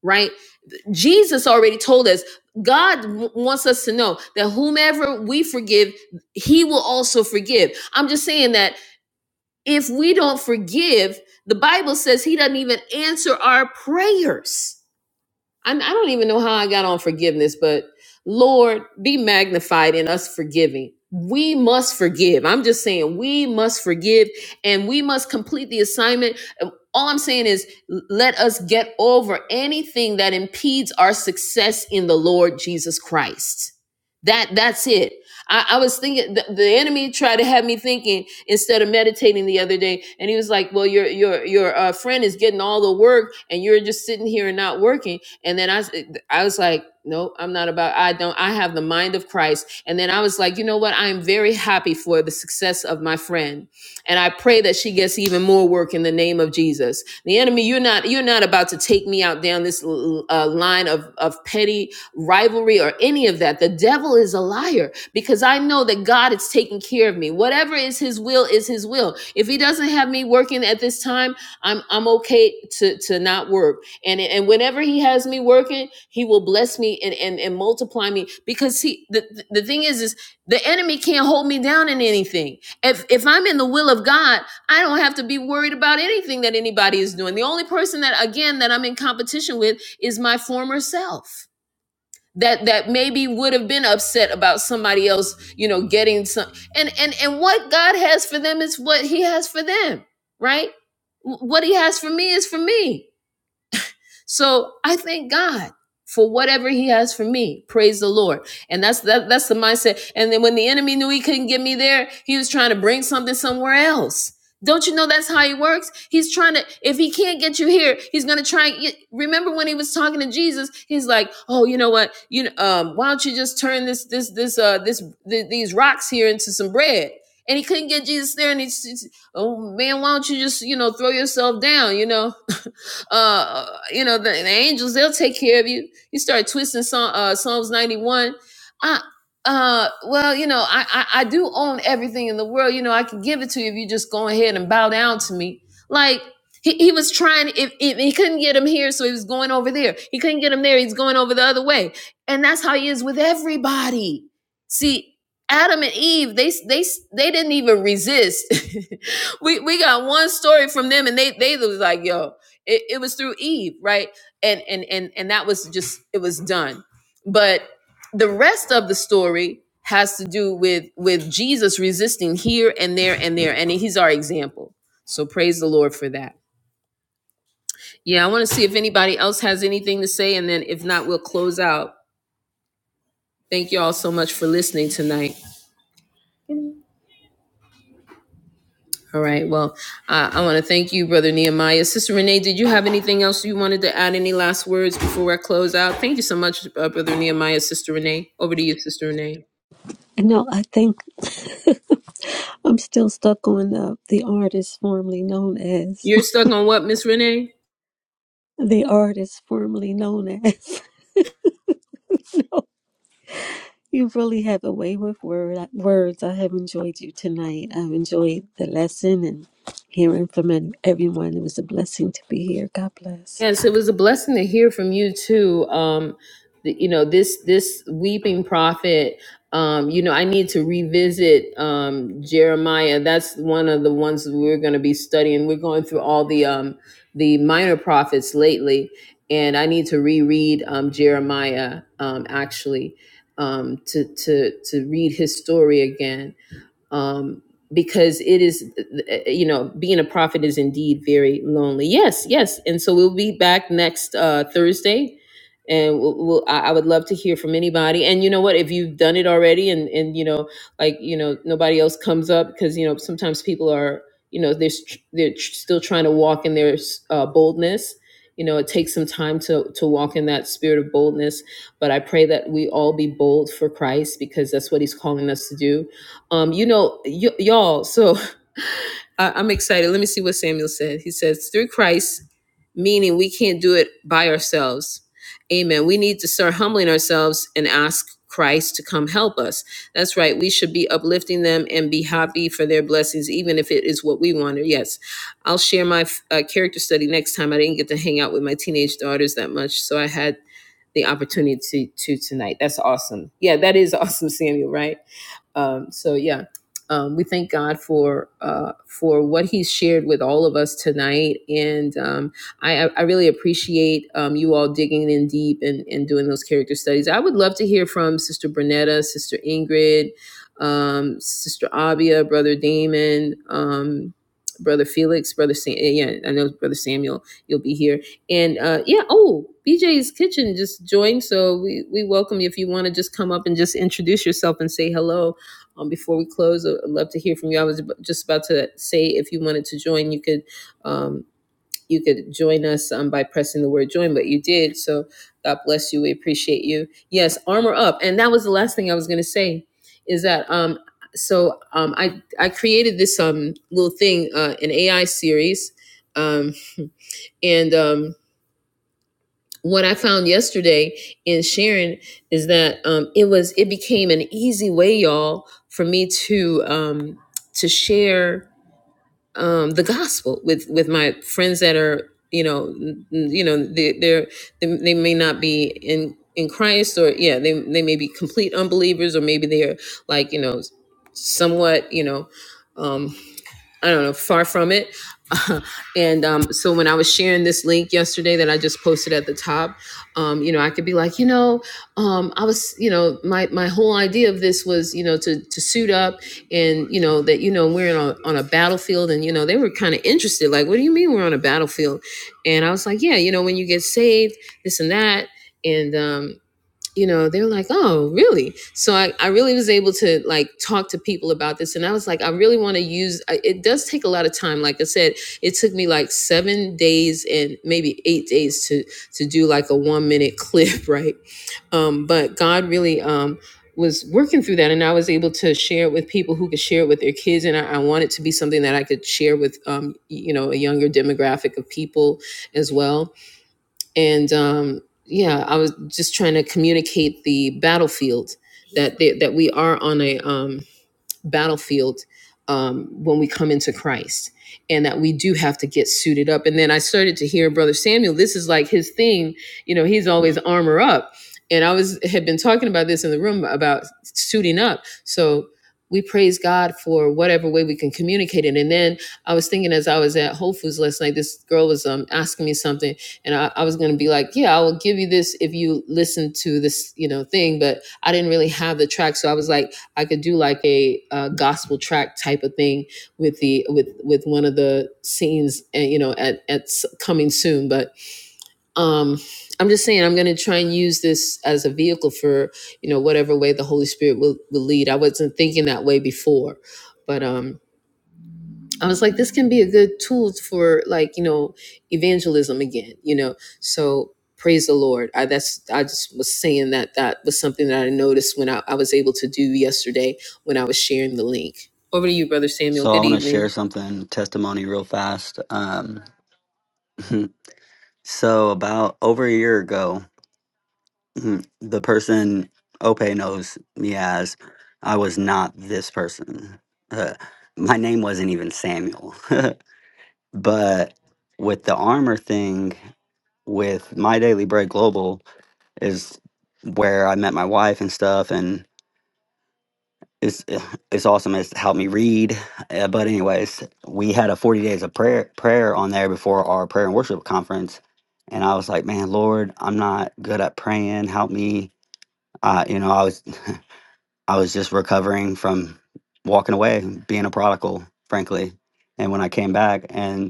[SPEAKER 1] right Jesus already told us God w- wants us to know that whomever we forgive he will also forgive i'm just saying that if we don't forgive the bible says he doesn't even answer our prayers I, I don't even know how I got on forgiveness, but Lord, be magnified in us forgiving. We must forgive. I'm just saying, we must forgive and we must complete the assignment. All I'm saying is, let us get over anything that impedes our success in the Lord Jesus Christ. That that's it. I, I was thinking the, the enemy tried to have me thinking instead of meditating the other day, and he was like, "Well, your your your uh, friend is getting all the work, and you're just sitting here and not working." And then I, I was like, no, I'm not about, I don't, I have the mind of Christ. And then I was like, you know what? I'm very happy for the success of my friend. And I pray that she gets even more work in the name of Jesus. The enemy, you're not, you're not about to take me out down this uh, line of, of petty rivalry or any of that. The devil is a liar because I know that God is taking care of me. Whatever is his will is his will. If he doesn't have me working at this time, I'm, I'm okay to, to not work and and whenever he has me working he will bless me and and, and multiply me because he the, the thing is is the enemy can't hold me down in anything if if i'm in the will of god i don't have to be worried about anything that anybody is doing the only person that again that i'm in competition with is my former self that that maybe would have been upset about somebody else you know getting some and and and what god has for them is what he has for them right what he has for me is for me so I thank God for whatever he has for me. Praise the Lord. And that's that that's the mindset. And then when the enemy knew he couldn't get me there, he was trying to bring something somewhere else. Don't you know that's how he works? He's trying to, if he can't get you here, he's going to try. And get, remember when he was talking to Jesus, he's like, oh, you know what? You, know, um, why don't you just turn this, this, this, uh, this, th- these rocks here into some bread? And he couldn't get Jesus there. And he's, oh man, why don't you just, you know, throw yourself down, you know? <laughs> Uh, you know, the, the angels, they'll take care of you. You start twisting Psalm, uh, Psalms 91. I, uh, well, you know, I, I, I do own everything in the world. You know, I can give it to you if you just go ahead and bow down to me. Like, he, he was trying, if, if he couldn't get him here, so he was going over there. He couldn't get him there, he's going over the other way. And that's how he is with everybody. See, Adam and Eve, they they they didn't even resist. <laughs> we we got one story from them, and they they was like, "Yo, it, it was through Eve, right? And and and and that was just it was done. But the rest of the story has to do with with Jesus resisting here and there and there, and he's our example. So praise the Lord for that. Yeah, I want to see if anybody else has anything to say, and then if not, we'll close out. Thank you all so much for listening tonight. All right. Well, I, I want to thank you, Brother Nehemiah. Sister Renee, did you have anything else you wanted to add? Any last words before I close out? Thank you so much, uh, Brother Nehemiah, Sister Renee. Over to you, Sister Renee.
[SPEAKER 4] No, I think <laughs> I'm still stuck on uh, the artist formerly known as
[SPEAKER 1] You're stuck on what, Miss Renee?
[SPEAKER 4] <laughs> the artist formerly known as. You really have a way with word, words. I have enjoyed you tonight. I've enjoyed the lesson and hearing from ev- everyone. It was a blessing to be here. God bless.
[SPEAKER 1] Yes, it was a blessing to hear from you too. Um, the, you know this this weeping prophet. Um, you know, I need to revisit um, Jeremiah. That's one of the ones that we're going to be studying. We're going through all the um, the minor prophets lately, and I need to reread um, Jeremiah um, actually um, to to to read his story again um, because it is, uh, you know, being a prophet is indeed very lonely. Yes, yes. And so we'll be back next uh, Thursday. And we'll, we'll, I I would love to hear from anybody. And you know what? If you've done it already, and and you know, like you know, nobody else comes up because you know sometimes people are, you know, they're s- they're tr- still trying to walk in their uh, boldness. You know, it takes some time to to walk in that spirit of boldness. But I pray that we all be bold for Christ because that's what He's calling us to do um, you know, y- y'all, so <laughs> I- I'm excited. Let me see what Samuel said. He says, through Christ, meaning we can't do it by ourselves. Amen. We need to start humbling ourselves and ask Christ to come help us. That's right. We should be uplifting them and be happy for their blessings, even if it is what we wanted. Yes. I'll share my uh, character study next time. I didn't get to hang out with my teenage daughters that much, so I had the opportunity to, to tonight. That's awesome. Yeah, that is <laughs> awesome, Samuel, right? Um, so yeah, um, we thank God for uh, for what He's shared with all of us tonight, and um, I, I really appreciate um, you all digging in deep and, and doing those character studies. I would love to hear from Sister Bernetta, Sister Ingrid, um, Sister Abia, Brother Damon. Um, Brother Felix, Brother Sam, yeah, I know Brother Samuel, you'll be here, and uh, yeah, oh, BJ's Kitchen just joined, so we we welcome you if you want to just come up and just introduce yourself and say hello um, before we close, I- would love to hear from you. I was just about to say if you wanted to join, you could um, you could join us um, by pressing the word join, but you did. So God bless you. We appreciate you. Yes, armor up. And that was the last thing I was going to say is that um, so um, I I created this um little thing uh, an AI series um, and um, what I found yesterday in sharing is that um, it was it became an easy way, y'all, for me to um, to share um, the gospel with with my friends that are you know n- you know they they're, they they may not be in in Christ or yeah they they may be complete unbelievers or maybe they're like you know somewhat you know um, I don't know, far from it. <laughs> and um, so when I was sharing this link yesterday that I just posted at the top, um, you know, I could be like, you know, um, I was, you know, my my whole idea of this was, you know, to to suit up and you know that you know we're in a, on a battlefield, and you know they were kind of interested, like, what do you mean we're on a battlefield? And I was like, yeah, you know, when you get saved, this and that, and um, you know, they're like, oh, really? So I, I really was able to like talk to people about this. And I was like, I really want to use I- it, does take a lot of time. Like I said, it took me like seven days and maybe eight days to, to do like a one minute clip, <laughs> right? Um, but God really, um, was working through that and I was able to share it with people who could share it with their kids. And I, I wanted to be something that I could share with, um, y- you know, a younger demographic of people as well and um, yeah, I was just trying to communicate the battlefield that they, that we are on a um, battlefield um, when we come into Christ, and that we do have to get suited up. And then I started to hear Brother Samuel. This is like his thing. You know, he's always armor up. And I was had been talking about this in the room about suiting up. So we praise God for whatever way we can communicate it. And then I was thinking as I was at Whole Foods last night, this girl was um, asking me something, and I, I was going to be like, "Yeah, I will give you this if you listen to this, you know, thing." But I didn't really have the track, so I was like, I could do like a, uh gospel track type of thing with the with with one of the scenes, and you know, at at coming soon. But um, I'm just saying, I'm going to try and use this as a vehicle for you know whatever way the Holy Spirit will, will lead. I wasn't thinking that way before, but um, I was like, this can be a good tool for like, you know, evangelism again, you know. So praise the Lord. I that's I just was saying that that was something that I noticed when I, I was able to do yesterday when I was sharing the link. Over to you, Brother Samuel.
[SPEAKER 5] So I
[SPEAKER 1] Good
[SPEAKER 5] want to share
[SPEAKER 1] evening.
[SPEAKER 5] something testimony real fast. Um, <laughs> so about over a year ago, <clears throat> the person Ope knows me as, I was not this person. Uh, my name wasn't even Samuel, <laughs> but with the armor thing, with my Daily Bread Global is where I met my wife and stuff, and. it's it's awesome. It's helped me read. Uh, but anyways, we had a forty days of prayer prayer on there before our prayer and worship conference, and I was like, man, Lord, I'm not good at praying. Help me. Uh, you know, I was I was just recovering from walking away, being a prodigal, frankly. And when I came back, and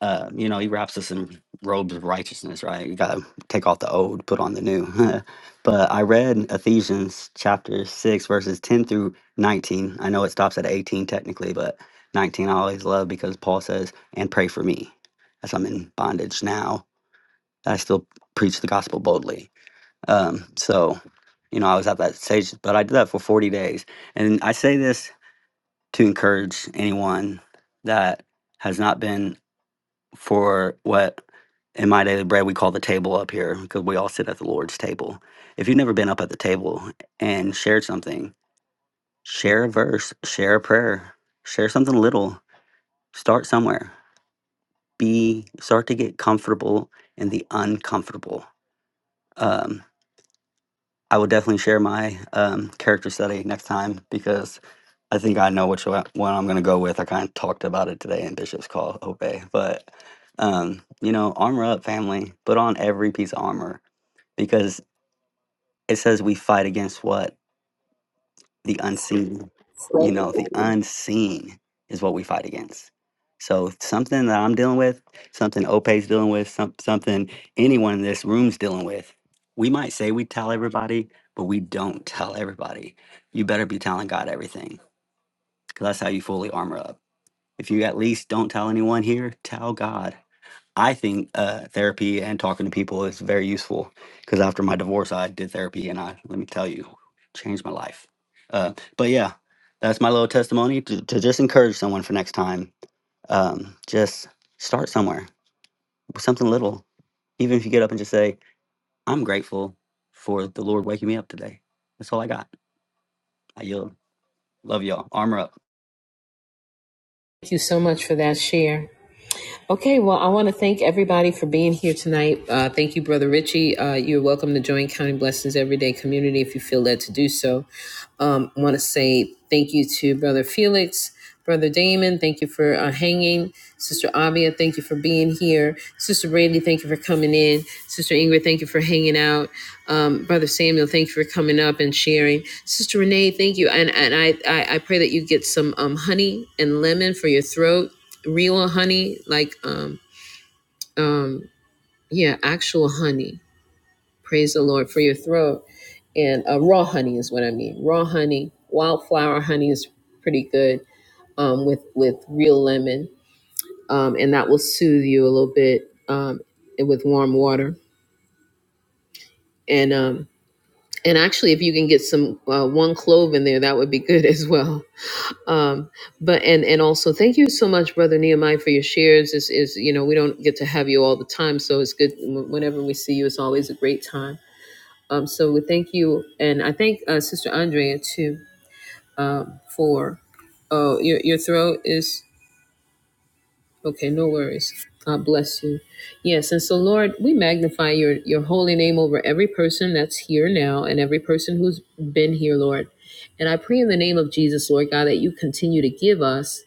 [SPEAKER 5] uh, you know, he wraps us in robes of righteousness, right? You got to take off the old, put on the new. <laughs> but I read Ephesians chapter 6, verses 10 through 19. I know it stops at 18 technically, but 19 I always love because Paul says, and pray for me as I'm in bondage now. that I still preach the gospel boldly. Um, so, you know, I was at that stage, but I did that for 40 days. And I say this to encourage anyone that has not been for what in my daily bread, we call the table up here because we all sit at the Lord's table. If you've never been up at the table and shared something, share a verse, share a prayer, share something little. Start somewhere. Be start to get comfortable in the uncomfortable. Um, I will definitely share my um, character study next time because I think I know which one one I'm going to go with. I kind of talked about it today in Bishop's Call, Obey. But, um, you know, armor up, family. Put on every piece of armor because It says we fight against what? The unseen. You know, the unseen is what we fight against. So something that I'm dealing with, something Ope's dealing with, some, something anyone in this room's dealing with, we might say we tell everybody, but we don't tell everybody. You better be telling God everything because that's how you fully armor up. If you at least don't tell anyone here, tell God I think uh, therapy and talking to people is very useful because after my divorce, I did therapy and I, let me tell you, changed my life. Uh, but yeah, that's my little testimony to, to just encourage someone for next time. Um, just start somewhere with something little. Even if you get up and just say, I'm grateful for the Lord waking me up today. That's all I got. I yield. Love y'all. Armor up.
[SPEAKER 1] Thank you so much for that share. Okay, well, I want to thank everybody for being here tonight. Uh, thank you, Brother Richie. Uh, you're welcome to join Counting Blessings Everyday Community if you feel led to do so. Um, I want to say thank you to Brother Felix, Brother Damon. Thank you for uh, hanging. Sister Abia, thank you for being here. Sister Brandy, thank you for coming in. Sister Ingrid, thank you for hanging out. Um, Brother Samuel, thank you for coming up and sharing. Sister Renee, thank you. And, and I, I, I pray that you get some um, honey and lemon for your throat real honey, like um um yeah, actual honey. Praise the Lord for your throat. And uh, raw honey is what I mean. Raw honey, wildflower honey is pretty good um, with with real lemon, um, and that will soothe you a little bit um, with warm water. And um, and actually, if you can get some uh, one clove in there, that would be good as well. um but and and also thank you so much brother nehemiah for your shares is is you know we don't get to have you all the time so it's good wh- whenever we see you it's always a great time um so we thank you and i thank uh sister andrea too um for oh your, your throat is okay no worries god bless you yes and so lord we magnify your your holy name over every person that's here now and every person who's been here lord and i pray in the name of jesus lord god that you continue to give us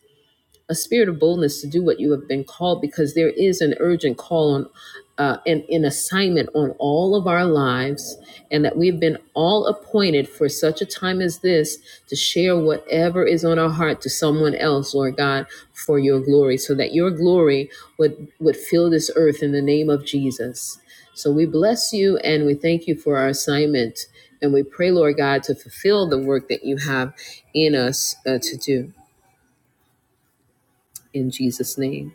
[SPEAKER 1] a spirit of boldness to do what you have been called because there is an urgent call on uh, and an assignment on all of our lives, and that we've been all appointed for such a time as this to share whatever is on our heart to someone else, Lord God, for your glory, so that your glory would, would fill this earth in the name of Jesus. So we bless you and we thank you for our assignment. And we pray, Lord God, to fulfill the work that you have in us uh, to do. In Jesus' name.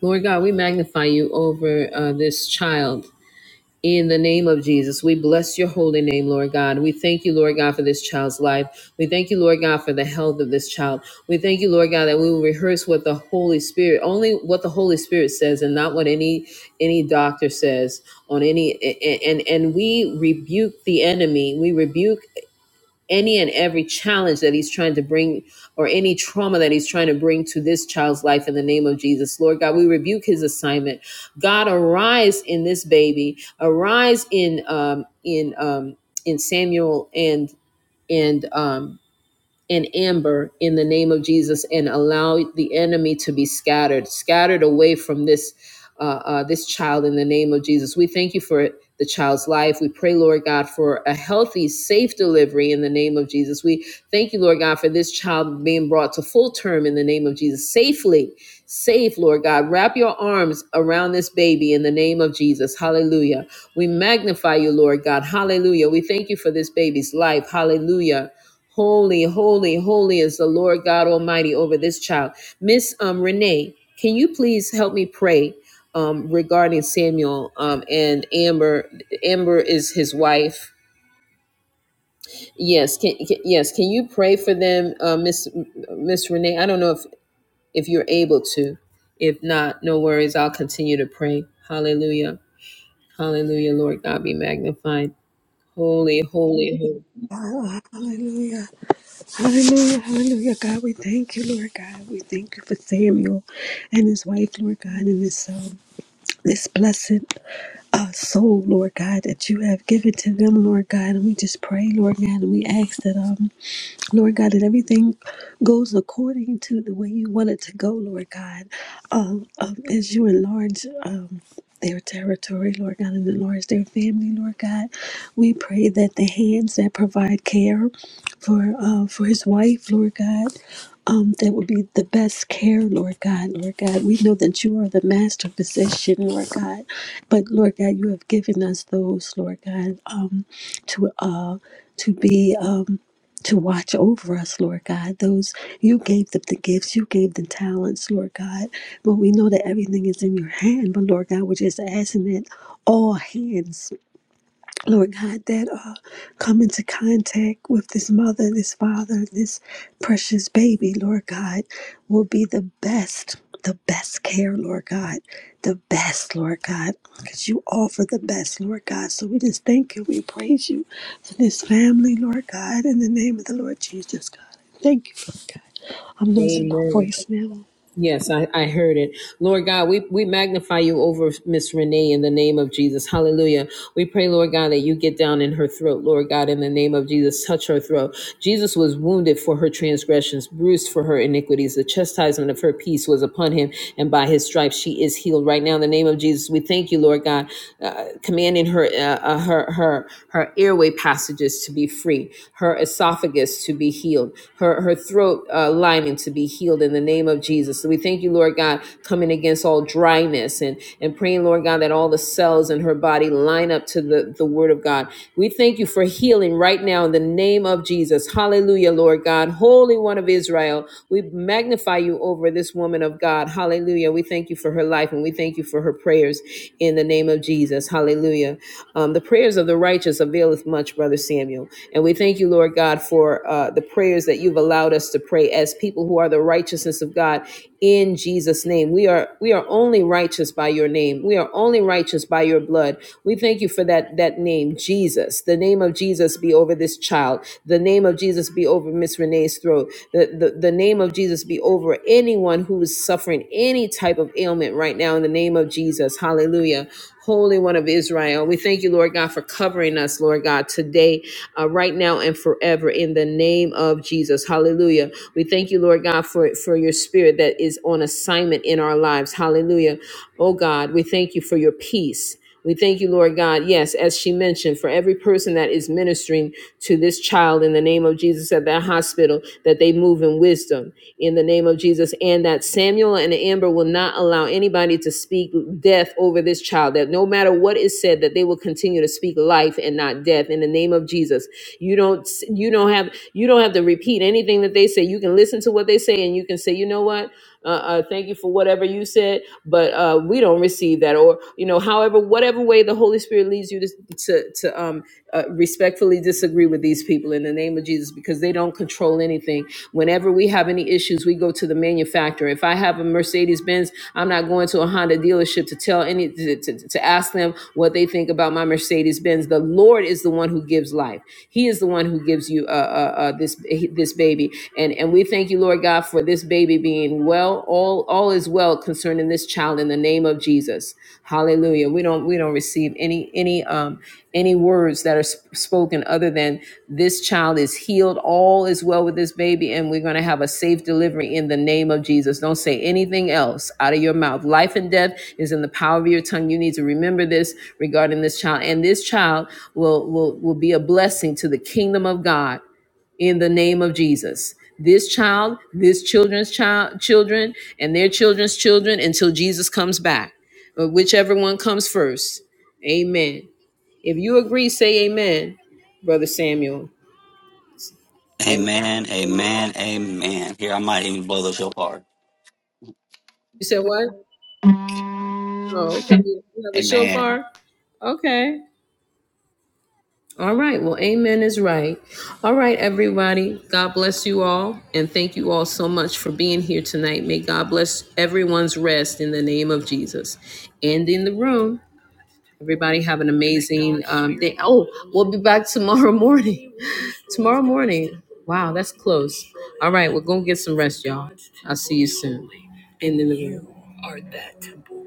[SPEAKER 1] Lord God, we magnify you over uh, this child. In the name of Jesus, we bless your holy name, Lord God. We thank you, Lord God, for this child's life. We thank you, Lord God, for the health of this child. We thank you, Lord God, that we will rehearse what the Holy Spirit, only what the Holy Spirit says, and not what any any doctor says on any. And and we rebuke the enemy. We rebuke any and every challenge that he's trying to bring or any trauma that he's trying to bring to this child's life in the name of Jesus. Lord God, we rebuke his assignment. God, arise in this baby, arise in um in um in Samuel and and um and Amber in the name of Jesus and allow the enemy to be scattered, scattered away from this uh, uh, this child in the name of Jesus. We thank you for the child's life. We pray, Lord God, for a healthy, safe delivery in the name of Jesus. We thank you, Lord God, for this child being brought to full term in the name of Jesus safely, safe, Lord God. Wrap your arms around this baby in the name of Jesus. Hallelujah. We magnify you, Lord God. Hallelujah. We thank you for this baby's life. Hallelujah Holy, holy, holy is the Lord God Almighty over this child. Miss um, Renee, can you please help me pray um, regarding Samuel um, and Amber? Amber is his wife. Yes, can, can yes, can you pray for them, uh, Miss Miss Renee? I don't know if if you're able to. If not, no worries. I'll continue to pray. Hallelujah, Hallelujah. Lord God, be magnified. Holy, holy, holy.
[SPEAKER 4] Oh, hallelujah. Hallelujah. Hallelujah. God, we thank you, Lord God. We thank you for Samuel and his wife, Lord God, and this um this blessed uh, soul, Lord God, that you have given to them, Lord God. And we just pray, Lord God, and we ask that um Lord God, that everything goes according to the way you want it to go, Lord God. Um, um, as you enlarge um, their territory, Lord God, and enlarge their family, Lord God, we pray that the hands that provide care for uh, for his wife, Lord God, um, that would be the best care, Lord God, Lord God. We know that you are the master physician, Lord God, but Lord God, you have given us those, Lord God, um, to uh, to be. Um, to watch over us, Lord God. Those you gave them the gifts, you gave them talents, Lord God. But we know that everything is in your hand. But Lord God, we're just asking that all hands Lord God, that uh, come into contact with this mother, this father, this precious baby, Lord God, will be the best, the best care, Lord God, the best, Lord God, because you offer the best, Lord God. So we just thank you, we praise you for this family, Lord God, in the name of the Lord Jesus, God. Thank you. I'm losing my
[SPEAKER 1] Amen.
[SPEAKER 4] voice now.
[SPEAKER 1] Yes, I, I heard it. Lord God, we, we magnify you over Miss Renee in the name of Jesus. Hallelujah. We pray, Lord God, that you get down in her throat, Lord God, in the name of Jesus. Touch her throat. Jesus was wounded for her transgressions, bruised for her iniquities. The chastisement of her peace was upon him, and by his stripes she is healed. Right now, in the name of Jesus, we thank you, Lord God, uh, commanding her, uh, uh, her, her, her airway passages to be free, her esophagus esophagus to be healed, her, her throat uh, lining to be healed in the name of Jesus. So we thank you, Lord God, coming against all dryness and, and praying, Lord God, that all the cells in her body line up to the, the word of God. We thank you for healing right now in the name of Jesus. Hallelujah, Lord God. Holy One of Israel, we magnify you over this woman of God. Hallelujah. We thank you for her life and we thank you for her prayers in the name of Jesus. Hallelujah. Um, the prayers of the righteous availeth much, Brother Samuel. And we thank you, Lord God, for uh, the prayers that you've allowed us to pray as people who are the righteousness of God in Jesus' name. We are we are only righteous by your name. We are only righteous by your blood. We thank you for that that name, Jesus. The name of Jesus be over this child. The name of Jesus be over Miss Renee's throat. The, the the name of Jesus be over anyone who is suffering any type of ailment right now in the name of Jesus. Hallelujah. Holy One of Israel. We thank you, Lord God, for covering us, Lord God, today, uh, right now, and forever in the name of Jesus. Hallelujah. We thank you, Lord God, for, for your spirit that is on assignment in our lives. Hallelujah. Oh God, we thank you for your peace. We thank you, Lord God. Yes, as she mentioned, for every person that is ministering to this child in the name of Jesus at that hospital, that they move in wisdom in the name of Jesus, and that Samuel and Amber will not allow anybody to speak death over this child, that no matter what is said, that they will continue to speak life and not death in the name of Jesus. You don't you don't have you don't have to repeat anything that they say. You can listen to what they say and you can say, you know what? uh, uh, thank you for whatever you said, but uh, we don't receive that. Or, you know, however, whatever way the Holy Spirit leads you to, to, to um, uh, respectfully disagree with these people in the name of Jesus because they don't control anything. Whenever we have any issues, we go to the manufacturer. If I have a Mercedes Benz, I'm not going to a Honda dealership to tell any, to, to, to ask them what they think about my Mercedes Benz. The Lord is the one who gives life. He is the one who gives you uh, uh, uh, this, this baby. And, and and we thank you, Lord God, for this baby being well. All all is well concerning this child in the name of Jesus. Hallelujah. We don't we don't receive any any um any words that are sp- spoken other than this child is healed. All is well with this baby, and we're going to have a safe delivery in the name of Jesus. Don't say anything else out of your mouth. Life and death is in the power of your tongue. You need to remember this regarding this child, and this child will will will be a blessing to the kingdom of God in the name of Jesus. This child, this children's child, children, and their children's children until Jesus comes back, but whichever one comes first. Amen. If you agree, say amen, Brother Samuel. And
[SPEAKER 5] Amen.
[SPEAKER 1] amen.
[SPEAKER 5] Amen. Amen. Here, I might even blow this up hard.
[SPEAKER 1] You said what? Oh, okay. You have a
[SPEAKER 5] Amen.
[SPEAKER 1] shofar? Okay. All right. Well, amen is right. All right, everybody. God bless you all. And thank you all so much for being here tonight. May God bless everyone's rest in the name of Jesus. And in the room, everybody have an amazing um, day. Oh, we'll be back tomorrow morning. <laughs> Tomorrow morning. Wow, that's close. All right. We're going to get some rest, y'all. I'll see you soon. And in the room.